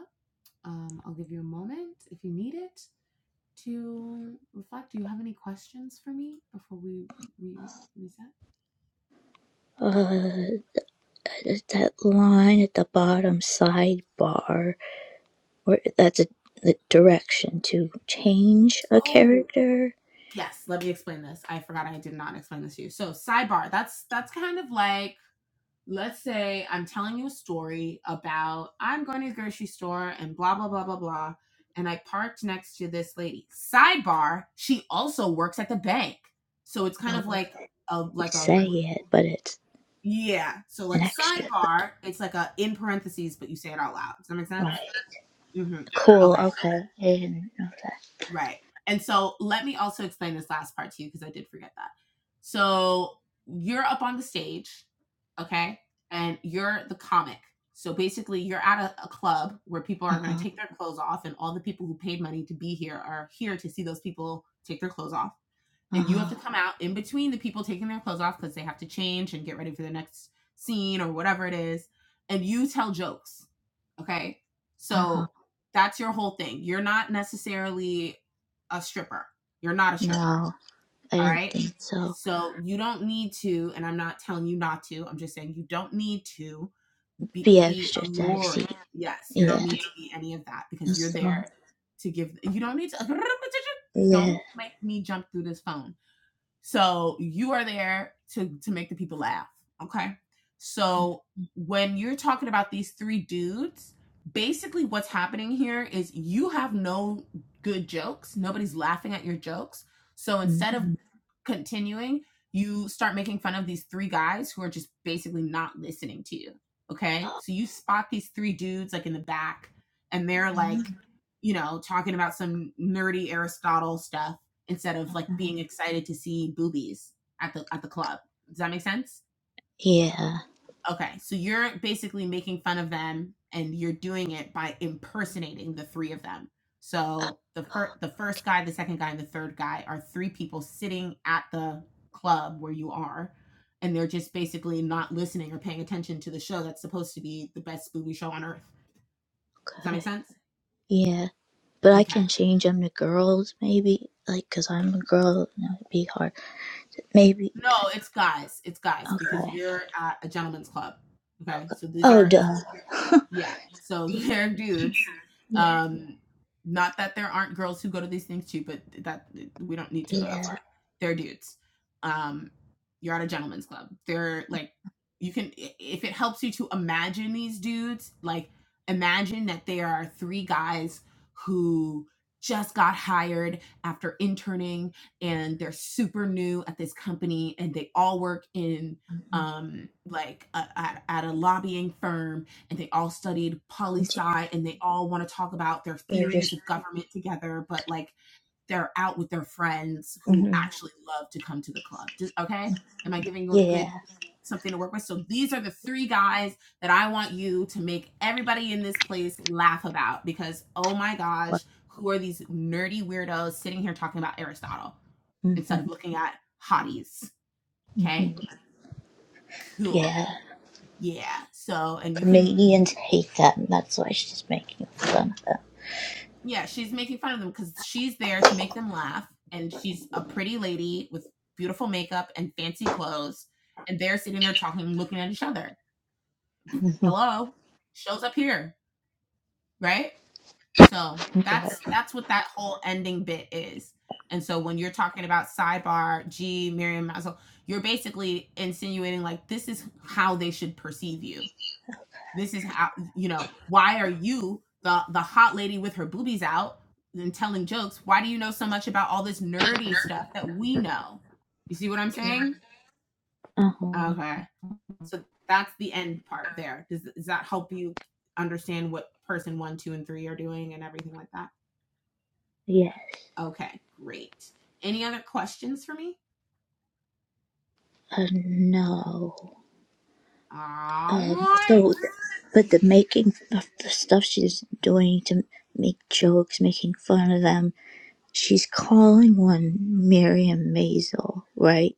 Speaker 4: um, I'll give you a moment if you need it to reflect. Do you have any questions for me before we we reset?
Speaker 7: Uh, that, that line at the bottom sidebar, where that's a, the direction to change a
Speaker 4: Oh
Speaker 7: character.
Speaker 4: yes, let me explain this. I forgot I did not explain this to you. So sidebar. That's that's kind of like let's say I'm telling you a story about I'm going to the grocery store and blah blah blah blah blah, and I parked next to this lady. Sidebar: She also works at the bank, so it's kind of
Speaker 7: Oh,
Speaker 4: like a
Speaker 7: you
Speaker 4: like a
Speaker 7: say it, but it's
Speaker 4: yeah. So
Speaker 7: an
Speaker 4: like
Speaker 7: extra.
Speaker 4: sidebar, it's like a in parentheses, but you say it out loud. Does that make sense?
Speaker 7: Right.
Speaker 4: Mm-hmm.
Speaker 7: Cool.
Speaker 4: Okay.
Speaker 7: Okay. I didn't know that.
Speaker 4: Right. And so let me also explain this last part to you because I did forget that. So you're up on the stage, okay? And you're the comic. So basically, you're at a, a club where people
Speaker 7: Uh
Speaker 4: are going to
Speaker 7: huh.
Speaker 4: take their clothes off, and all the people who paid money to be here are here to see those people take their clothes off.
Speaker 7: Uh
Speaker 4: And you have
Speaker 7: huh.
Speaker 4: to come out in between the people taking their clothes off because they have to change and get ready for the next scene or whatever it is. And you tell jokes Okay.
Speaker 7: Uh huh.
Speaker 4: So that's your whole thing. You're not necessarily a stripper. You're not a stripper.
Speaker 7: No, I
Speaker 4: All
Speaker 7: didn't
Speaker 4: right.
Speaker 7: think so.
Speaker 4: So you don't need to, and I'm not telling you not to, I'm just saying you don't need to be,
Speaker 7: Be
Speaker 4: be
Speaker 7: extra
Speaker 4: alluring.
Speaker 7: sexy.
Speaker 4: Yes, you
Speaker 7: Yeah.
Speaker 4: don't need to be any of that because you're
Speaker 7: That's all.
Speaker 4: there to give, you don't need to, [LAUGHS]
Speaker 7: Yeah.
Speaker 4: don't make me jump through this phone. So you are there to to make the people laugh. Okay. So when you're talking about these three dudes, basically what's happening here is you have no good jokes. Nobody's laughing at your jokes. So
Speaker 7: Mm-hmm.
Speaker 4: instead of continuing, you start making fun of these three guys who are just basically not listening to you. Okay. So you spot these three dudes like in the back and they're
Speaker 7: mm-hmm,
Speaker 4: like, you know, talking about some nerdy Aristotle stuff instead of like
Speaker 7: mm-hmm.
Speaker 4: being excited to see boobies at the at the club. Does that make sense?
Speaker 7: Yeah.
Speaker 4: Okay, so you're basically making fun of them and you're doing it by impersonating the three of them. So the first the first guy, the second guy, and the third guy are three people sitting at the club where you are and they're just basically not listening or paying attention to the show that's supposed to be the best booby show on earth. Does that
Speaker 7: Okay.
Speaker 4: make sense?
Speaker 7: Yeah. But I
Speaker 4: Okay.
Speaker 7: can change them to girls, maybe. Like, cause I'm a girl, and it'd be hard. Maybe.
Speaker 4: No, it's guys. It's guys because
Speaker 7: Okay.
Speaker 4: you're at a gentleman's club. Okay, so these
Speaker 7: Oh,
Speaker 4: are so
Speaker 7: duh.
Speaker 4: you're-
Speaker 7: [LAUGHS]
Speaker 4: yeah. So [LAUGHS]
Speaker 7: See,
Speaker 4: they're dudes.
Speaker 7: yeah.
Speaker 4: Um, not that there aren't girls who go to these things too, but that we don't need to go
Speaker 7: Yeah.
Speaker 4: that far. They're dudes. Um, you're at a gentleman's club. They're like you can i- if it helps you to imagine these dudes, like imagine that they are three guys who just got hired after interning and they're super new at this company and they all work in
Speaker 7: Mm-hmm.
Speaker 4: um like a, at, at a lobbying firm and they all studied poli
Speaker 7: yeah.
Speaker 4: sci and they all want to talk about their
Speaker 7: They're
Speaker 4: theories
Speaker 7: just.
Speaker 4: of government together but like they're out with their friends who
Speaker 7: hmm
Speaker 4: actually love to come to the club okay am i giving you a
Speaker 7: Yeah.
Speaker 4: good something to work with so these are the three guys that i want you to make everybody in this place laugh about because oh my
Speaker 7: Right.
Speaker 4: gosh who are these nerdy weirdos sitting here talking about aristotle
Speaker 7: Mhm.
Speaker 4: instead of looking at hotties.
Speaker 7: hmm
Speaker 4: Okay. Cool.
Speaker 7: Yeah.
Speaker 4: Yeah. So, and you can,
Speaker 7: Comedians hate that, and that's why she's making fun
Speaker 4: yeah, she's making fun of them because she's there to make them laugh. And she's a pretty lady with beautiful makeup and fancy clothes. And they're sitting there talking, looking at each other.
Speaker 7: of it. [LAUGHS]
Speaker 4: Hello. Shows up here. Right. So
Speaker 7: Right.
Speaker 4: that's, that's what that whole ending bit is. And so when you're talking about sidebar, G, Miriam Mazel, you're basically insinuating like this is how they should perceive you. This is how you know. Why are you the the hot lady with her boobies out and telling jokes? Why do you know so much about all this nerdy stuff that we know? You see what I'm saying?
Speaker 7: Uh-huh.
Speaker 4: Okay. So that's the end part there. Does does that help you understand what person one, two, and three are doing and everything like that?
Speaker 7: Yeah.
Speaker 4: Okay, great. Any other questions for me?
Speaker 7: Uh, no.
Speaker 4: All
Speaker 7: Um,
Speaker 4: right.
Speaker 7: so, but the making of the stuff she's doing to make jokes, making fun of them, she's calling one Miriam Maisel, right?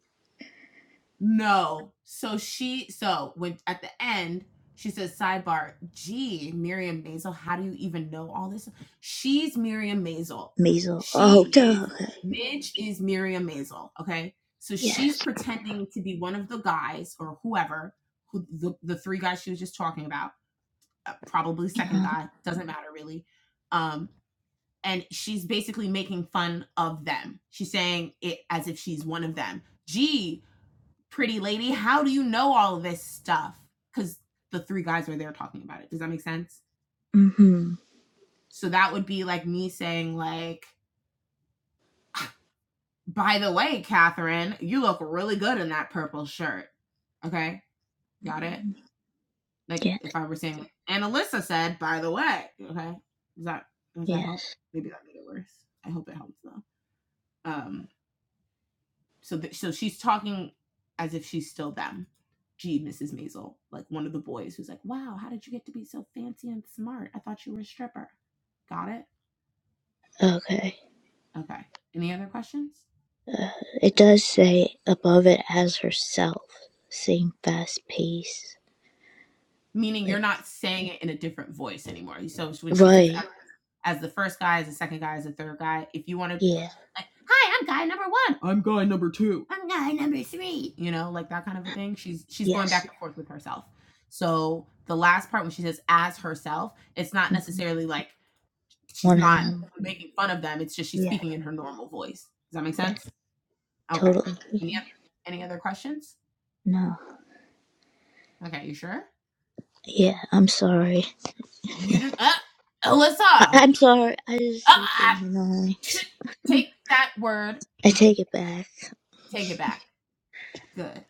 Speaker 4: No. So she so when at the end she says sidebar, gee, Miriam Maisel, how do you even know all this? She's Miriam Maisel.
Speaker 7: Maisel. Oh,
Speaker 4: She is
Speaker 7: duh. Okay.
Speaker 4: Midge is Miriam Maisel. Okay. So she's
Speaker 7: Yes.
Speaker 4: pretending to be one of the guys or whoever, who the, the three guys she was just talking about, uh, probably second
Speaker 7: Uh,
Speaker 4: guy, doesn't matter really. Um, and she's basically making fun of them. She's saying it as if she's one of them. Gee, pretty lady, how do you know all of this stuff? Because the three guys were there talking about it. Does that make sense?
Speaker 7: mm-hmm.
Speaker 4: So that would be like me saying, like, by the way, Catherine, you look really good in that purple shirt. Okay, got it. Like
Speaker 7: Yes.
Speaker 4: if I were saying, and Alyssa said, by the way, okay, does that does that help?
Speaker 7: Yes.
Speaker 4: Maybe that made it worse. I hope it helps though. Um, So that so she's talking as if she's still them. Gee, Mrs. Maisel, like one of the boys who's like, "Wow, how did you get to be so fancy and smart? I thought you were a stripper." Got it?
Speaker 7: Okay.
Speaker 4: Okay. Any other questions?
Speaker 7: Uh, It does say above it as herself, sing fast pace.
Speaker 4: Meaning you're
Speaker 7: Like,
Speaker 4: not saying it in a different voice anymore. So when she says
Speaker 7: right.
Speaker 4: as, as the first guy, as the second guy, as the third guy, if you want to
Speaker 7: Yeah.
Speaker 4: like, "Hi, I'm guy number 1." I'm guy number 3. You know, like that kind of a thing. She's she's going back
Speaker 7: Yes.
Speaker 4: and forth with herself. So the last part when she says as herself, it's not
Speaker 7: hmm
Speaker 4: necessarily like she's
Speaker 7: One of
Speaker 4: not
Speaker 7: them.
Speaker 4: making fun of them. It's just she's
Speaker 7: Yeah.
Speaker 4: speaking in her normal voice. Does that make
Speaker 7: Yes.
Speaker 4: sense? Okay. Any
Speaker 7: Totally.
Speaker 4: other, any other questions?
Speaker 7: No.
Speaker 4: Okay, you sure?
Speaker 7: Yeah. I'm sorry.
Speaker 4: You didn't. Uh,
Speaker 7: I-
Speaker 4: Alyssa,
Speaker 7: I'm sorry. I
Speaker 4: uh,
Speaker 7: just hate
Speaker 4: uh,
Speaker 7: being annoying.
Speaker 4: take that word,
Speaker 7: I take it back.
Speaker 4: take it back. Good.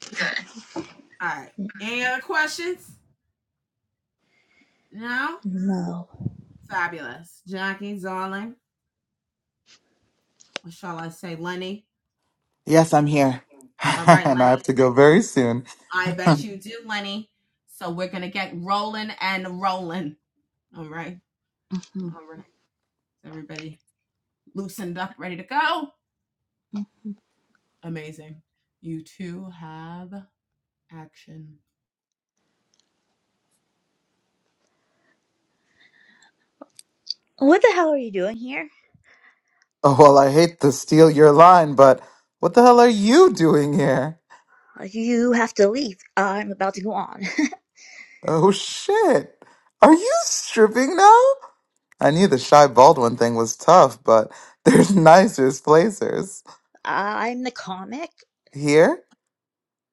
Speaker 4: All right. Any other questions? No?
Speaker 7: No.
Speaker 4: Fabulous. Jackie, Zarling, what shall I say? Lenny.
Speaker 1: Yes, I'm here. [LAUGHS]
Speaker 4: All right,
Speaker 1: and I have to go very soon. [LAUGHS] oh,
Speaker 4: Lenny. So we're going to get rolling and rolling. All right.
Speaker 7: Mhm.
Speaker 4: All right. Everybody loosened up, ready to go. Amazing. You two have action.
Speaker 7: What the hell are you doing here?
Speaker 1: well, I hate to steal your line, but what the hell are you doing here?
Speaker 7: You have to leave. I'm about to go on.
Speaker 1: Oh, shit. Are you stripping now? I knew the Shy Baldwin thing was tough, but [LAUGHS] there's nicer places.
Speaker 7: [LAUGHS] I'm the comic.
Speaker 1: Here?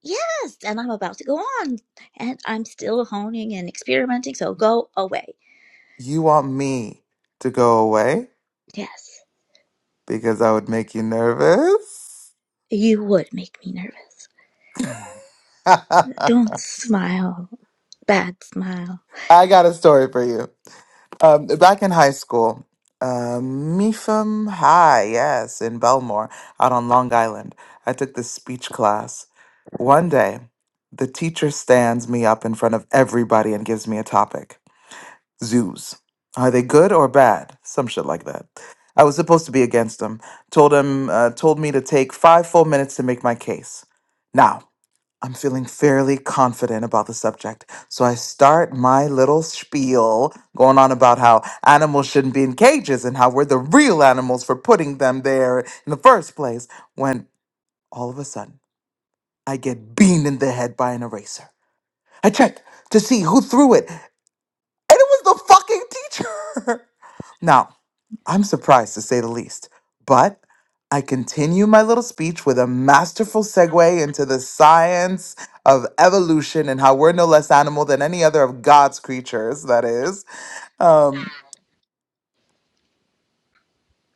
Speaker 7: Yes, and I'm about to go on, and I'm still honing and experimenting, so go away.
Speaker 1: You want me to go away?
Speaker 7: Yes,
Speaker 1: because I would make you nervous.
Speaker 7: you would make me nervous.
Speaker 1: [LAUGHS] I
Speaker 7: Don't smile. Bad smile.
Speaker 1: got a story for you. Um, back in high school, um, Mifam High, yes, in Belmore, out on Long Island, I took this speech class. One day, the teacher stands me up in front of everybody and gives me a topic zoos. Are they good or bad? Some shit like that. I was supposed to be against him. Told him, uh, told me to take five full minutes to make my case. Now, I'm feeling fairly confident about the subject. So I start my little spiel going on about how animals shouldn't be in cages and how we're the real animals for putting them there in the first place when all of a sudden I get beamed in the head by an eraser. I check to see who threw it, and it was the fucking teacher. [LAUGHS] now, I'm surprised to say the least. But I continue my little speech with a masterful segue into the science of evolution and how we're no less animal than any other of God's creatures, that is. Um,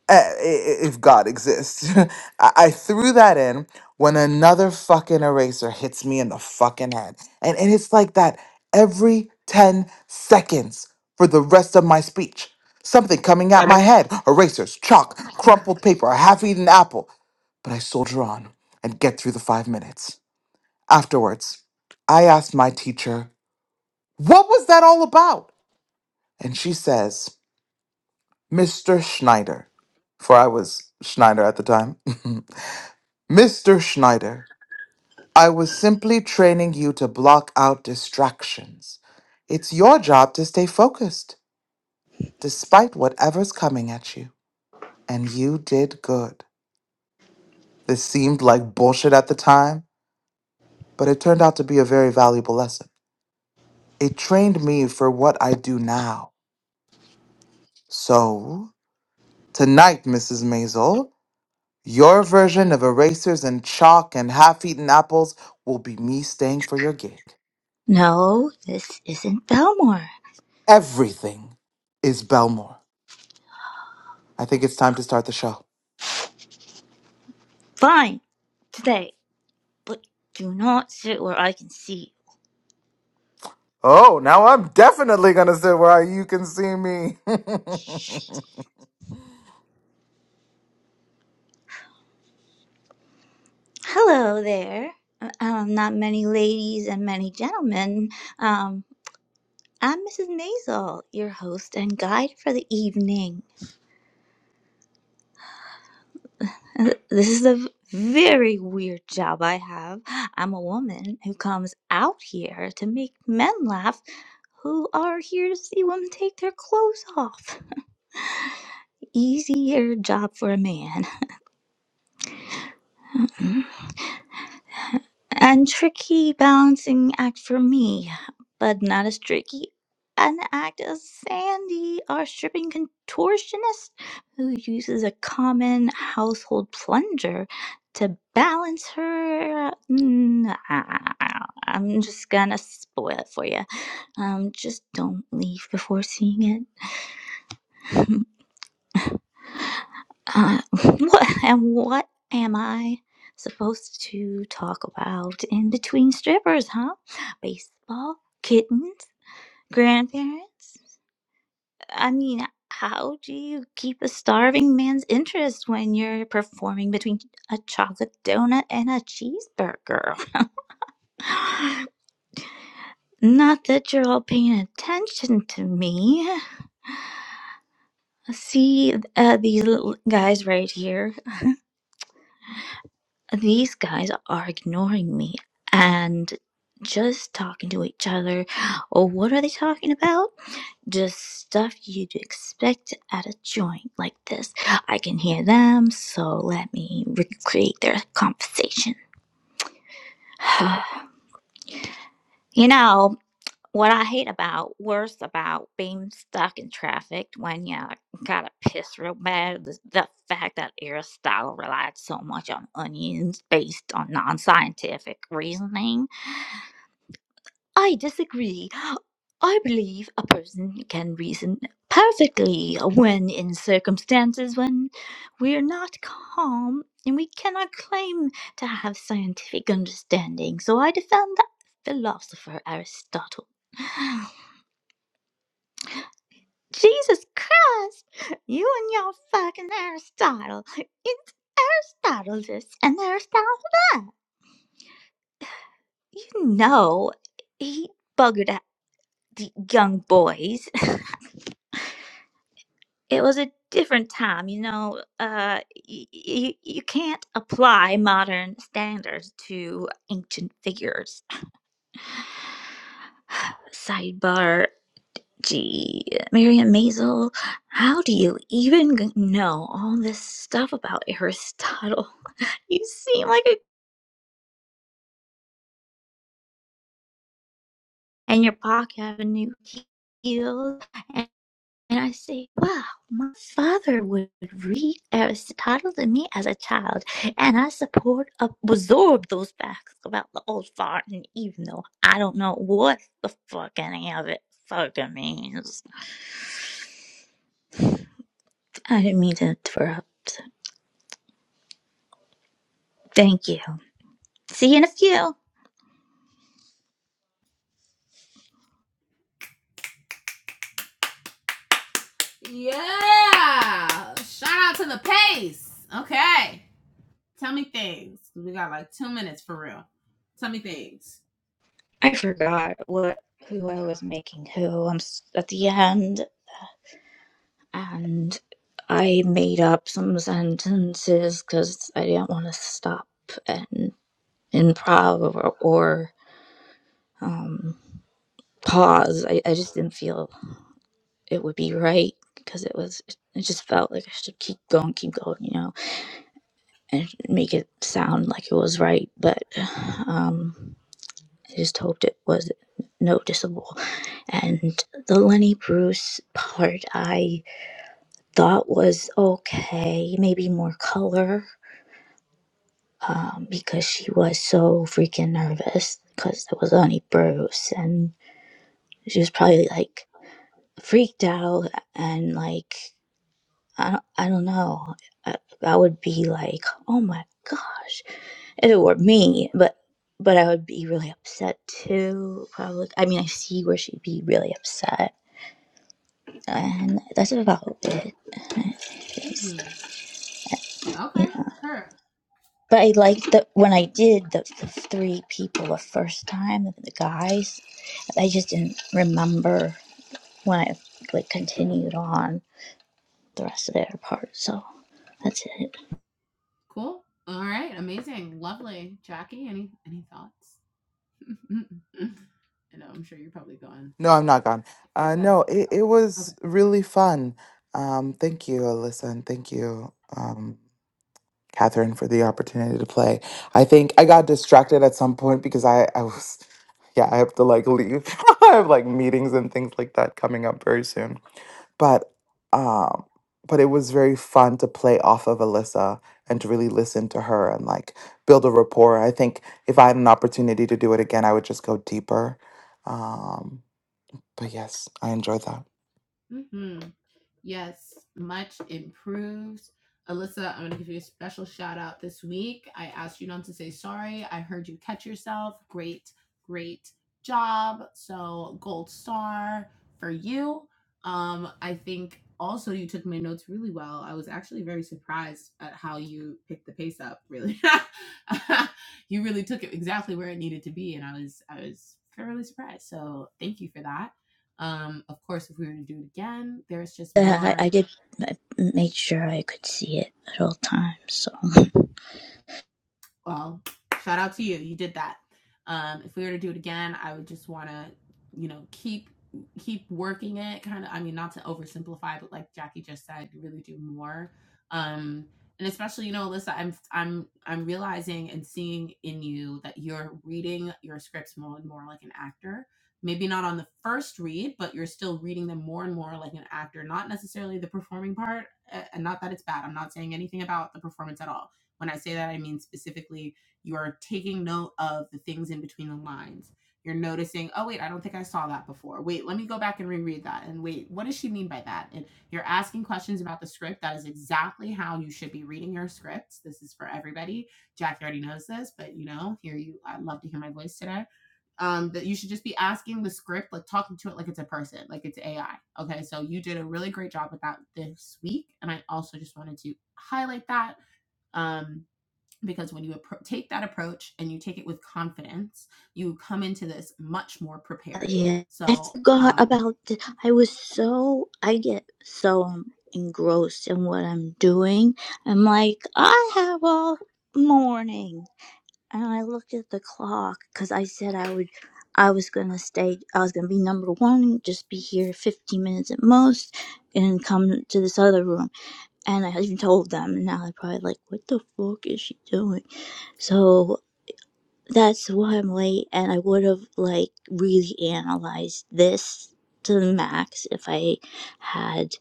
Speaker 1: eh, i- i- if God exists. [LAUGHS] I I threw that in when another fucking eraser hits me in the fucking head. And, and it's like that every 10 seconds for the rest of my speech. Something coming at my head erasers, chalk, crumpled paper, a half eaten apple. But I soldier on and get through the five minutes. Afterwards, I asked my teacher, What was that all about? And she says, Mr. Schneider, for I was Schneider at the time. [LAUGHS] Mr. Schneider, I was simply training you to block out distractions. It's your job to stay focused, despite whatever's coming at you. And you did good. This seemed like bullshit at the time, but it turned out to be a very valuable lesson. It trained me for what I do now. So, tonight, Mrs. Maisel, your version of erasers and chalk and half eaten apples will be me staying for your gig.
Speaker 7: No, this isn't Belmore.
Speaker 1: Everything is Belmore. I think it's time to start the show.
Speaker 7: Fine, today, but do not sit where I can see
Speaker 1: Oh, now I'm definitely gonna sit where you can see me. [LAUGHS]
Speaker 7: Hello there. Uh, Um, not many ladies and many gentlemen. Um, I'm Mrs. Maisel, your host and guide for the evening. Uh, This is a v- very weird job I have. I'm a woman who comes out here to make men laugh who are here to see women take their clothes off. Easier job for a man. [LAUGHS] and tricky balancing act for me, but not as tricky an act as Sandy, our stripping contortionist, who uses a common household plunger to balance her. Mm, ah, I'm just gonna spoil it for you. Um, just don't leave before seeing it. [LAUGHS] Uh, [LAUGHS] what and what am I supposed to talk about in between strippers, huh? Baseball, kittens, grandparents? I mean, how do you keep a starving man's interest when you're performing between a chocolate donut and a cheeseburger? [LAUGHS] [SIGHS] Not that you're all paying attention to me. See uh, these little guys right here. these guys are ignoring me and just talking to each other. Oh, what are they talking about? Just stuff you'd expect at a joint like this. I can hear them, so let me recreate their conversation. [SIGHS] you know, what I hate about, worse about being stuck in traffic when you gotta piss real bad, is the fact that Aristotle relied so much on onions based on non scientific reasoning I disagree. I believe a person can reason perfectly when in circumstances when we're not calm and we cannot claim to have scientific understanding. So I defend that philosopher Aristotle. [SIGHS] Jesus Christ! You and your fucking Aristotle. It's Aristotle this and Aristotle that. You know, he buggered at the young boys. [LAUGHS] it was a different time you know uh y- y- you can't apply modern standards to ancient figures sidebar gee miriam mazel how do you even g- know all this stuff about aristotle [LAUGHS] you seem like a and your pocket have a new heel And I say, wow, my father would read Aristotle to me as a child, and I support, uh, absorb those facts about the old farting, even though I don't know what the fuck any of it fucking means. I didn't mean to interrupt. Thank you. See you in a few.
Speaker 4: Yeah. Shout out to the pace. Okay. Tell me things. We got like two minutes for real. Tell me things.
Speaker 7: I forgot what who I was making who. I'm s- at the end, and I made up some sentences because I didn't want to stop. and. improv or, or um, pause. I, I just didn't feel it would be right because it was, it just felt like I should keep going, keep going, you know, and make it sound like it was right. But um, I just hoped it was noticeable. And the Lenny Bruce part I thought was okay, maybe more color. Um, because she was so freaking nervous because it was Lenny Bruce and she was probably like freaked out and like I don't, I don't know. I, I would be like, "Oh my gosh." If it were me, but but I would be really upset too, probably. I mean, I see where she'd be really upset, and that's about it. It's-
Speaker 4: Mm-hmm. Okay.
Speaker 7: you know.
Speaker 4: Her.
Speaker 7: But I like that when I did the, the three people the first time, the guys, I just didn't remember when I like continued on the rest of their part. So that's it.
Speaker 4: Cool. All right. Amazing. Lovely. Jackie, any any thoughts? [LAUGHS] I know. I'm sure you're probably gone.
Speaker 1: No, I'm not gone.
Speaker 4: If you
Speaker 1: Uh,
Speaker 4: that.
Speaker 1: no, it, it
Speaker 4: Okay.
Speaker 1: was really fun. Um, thank you, Alyssa, and thank you, um, Catherine, for the opportunity to play. I think I got distracted at some point because I, I was, [LAUGHS] yeah, I have to like leave. [LAUGHS] I have like meetings and things like that coming up very soon. but um but it was very fun to play off of Alyssa and to really listen to her and like build a rapport. I think if I had an opportunity to do it again, I would just go deeper. Um, but yes, I enjoyed that.
Speaker 4: Mm-hmm. Yes, much improved. Alyssa, I'm going to give you a special shout out this week. I asked you not to say sorry. I heard you catch yourself. Great, great job. So, gold star for you. Um, I think also you took my notes really well. I was actually very surprised at how you picked the pace up, really. [LAUGHS] you really took it exactly where it needed to be and I was I was fairly surprised. So, thank you for that. Um, of course, if we were to do it again, there's just
Speaker 7: Uh, I,
Speaker 4: more
Speaker 7: I did I made sure I could see it at all times. So [LAUGHS]
Speaker 4: well, shout out to you. You did that. Um, if we were to do it again, I would just want to, you know, keep keep working it. Kind of, I mean, not to oversimplify, but like Jackie just said, really do more. Um, and especially, you know, Alyssa, I'm I'm I'm realizing and seeing in you that you're reading your scripts more and more like an actor. Maybe not on the first read, but you're still reading them more and more like an actor. Not necessarily the performing part, and not that it's bad. I'm not saying anything about the performance at all when I say that, I mean specifically you are taking note of the things in between the lines. You're noticing, oh, wait, I don't think I saw that before. Wait, let me go back and reread that. And wait, what does she mean by that? And you're asking questions about the script. That is exactly how you should be reading your scripts. This is for everybody. Jackie already knows this, but you know, here you, I'd love to hear my voice today um, that you should just be asking the script, like talking to it like it's a person, like it's AI. Okay, so you did a really great job with that this week, and I also just wanted to highlight that. Um, because when you appro- take that approach and you take it with confidence you come into this much more prepared
Speaker 7: yeah, I
Speaker 4: so
Speaker 7: forgot
Speaker 4: um,
Speaker 7: about. The, I was so I get so um, engrossed in what I'm doing. I'm like, I have all morning, and I looked at the clock because I said I would. I was gonna stay. I was gonna be number one, just be here 15 minutes at most, and come to this other room. And I even told them. And now they're probably like, "What the fuck is she doing?" So that's why I'm late, and I would have like really analyzed this to the max if I had,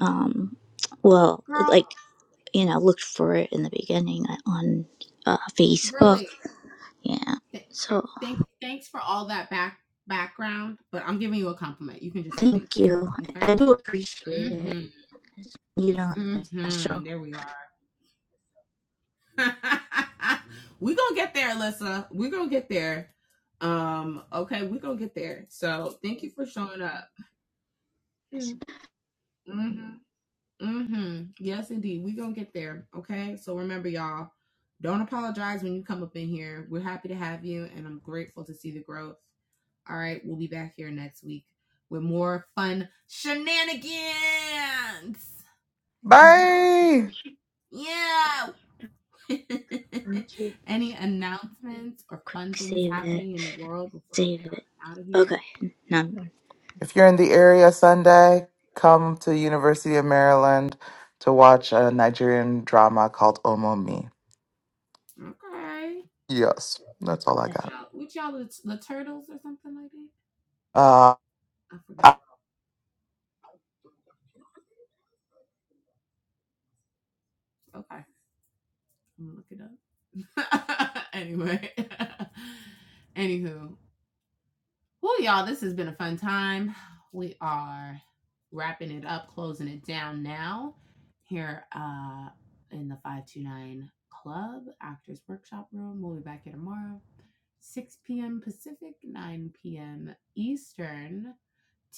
Speaker 7: um, well,
Speaker 4: girl
Speaker 7: like you know, looked for it in the beginning on uh, Facebook.
Speaker 4: girly
Speaker 7: Yeah.
Speaker 4: th-
Speaker 7: So
Speaker 4: thank thanks for all that back background but i'm giving you a compliment you can just say thank
Speaker 7: thank
Speaker 4: you
Speaker 7: you.
Speaker 4: okay
Speaker 7: I, I do appreciate it.
Speaker 4: mm-hmm
Speaker 7: You know, it's special.
Speaker 4: mm-hmm there we are [LAUGHS] we gonna get there alyssa we gonna get there um okay we gonna get there so thank you for showing up mm-hmm Mm-hmm. Yes, indeed. We're gonna get there. Okay. So remember, y'all, don't apologize when you come up in here. We're happy to have you, and I'm grateful to see the growth. All right, we'll be back here next week with more fun shenanigans. Yeah.
Speaker 1: Bye.
Speaker 4: Yeah. [LAUGHS]
Speaker 7: Thank you.
Speaker 4: Any announcements or
Speaker 7: Quick,
Speaker 4: fun things
Speaker 7: save it.
Speaker 4: happening in the world before we
Speaker 7: Save
Speaker 4: get
Speaker 7: it.
Speaker 4: on out of here?
Speaker 7: Okay. Now I'm
Speaker 1: If you're in the area Sunday, come to University of Maryland to watch a Nigerian drama called Omomi.
Speaker 4: Okay.
Speaker 1: Yes, that's all I
Speaker 7: okay.
Speaker 4: Which
Speaker 1: got.
Speaker 4: y'all, which y'all, the, the turtles or something like that?
Speaker 1: Uh,
Speaker 4: I forgot. Okay, I'm gonna look it up. [LAUGHS] anyway, [LAUGHS] anywho, well, y'all, this has been a fun time. [SIGHS] We are wrapping it up, closing it down now here uh, in the 529 Club Actors Workshop Room. We'll be back here tomorrow, 6 p.m. Pacific, 9 p.m. Eastern,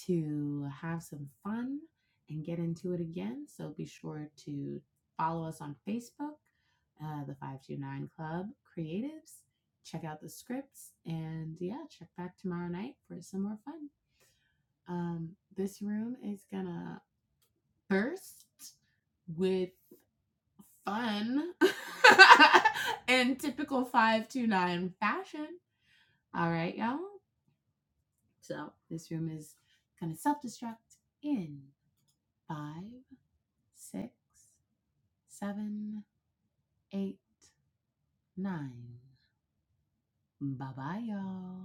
Speaker 4: to have some fun and get into it again. So be sure to follow us on Facebook, uh, the 529 Club Creatives check out the scripts and yeah, check back tomorrow night for some more fun. Um, this room is gonna burst with fun [LAUGHS] in typical 529 fashion. All right, y'all. So this room is gonna self destruct in five, six, seven, eight, nine. Bye bye, y'all.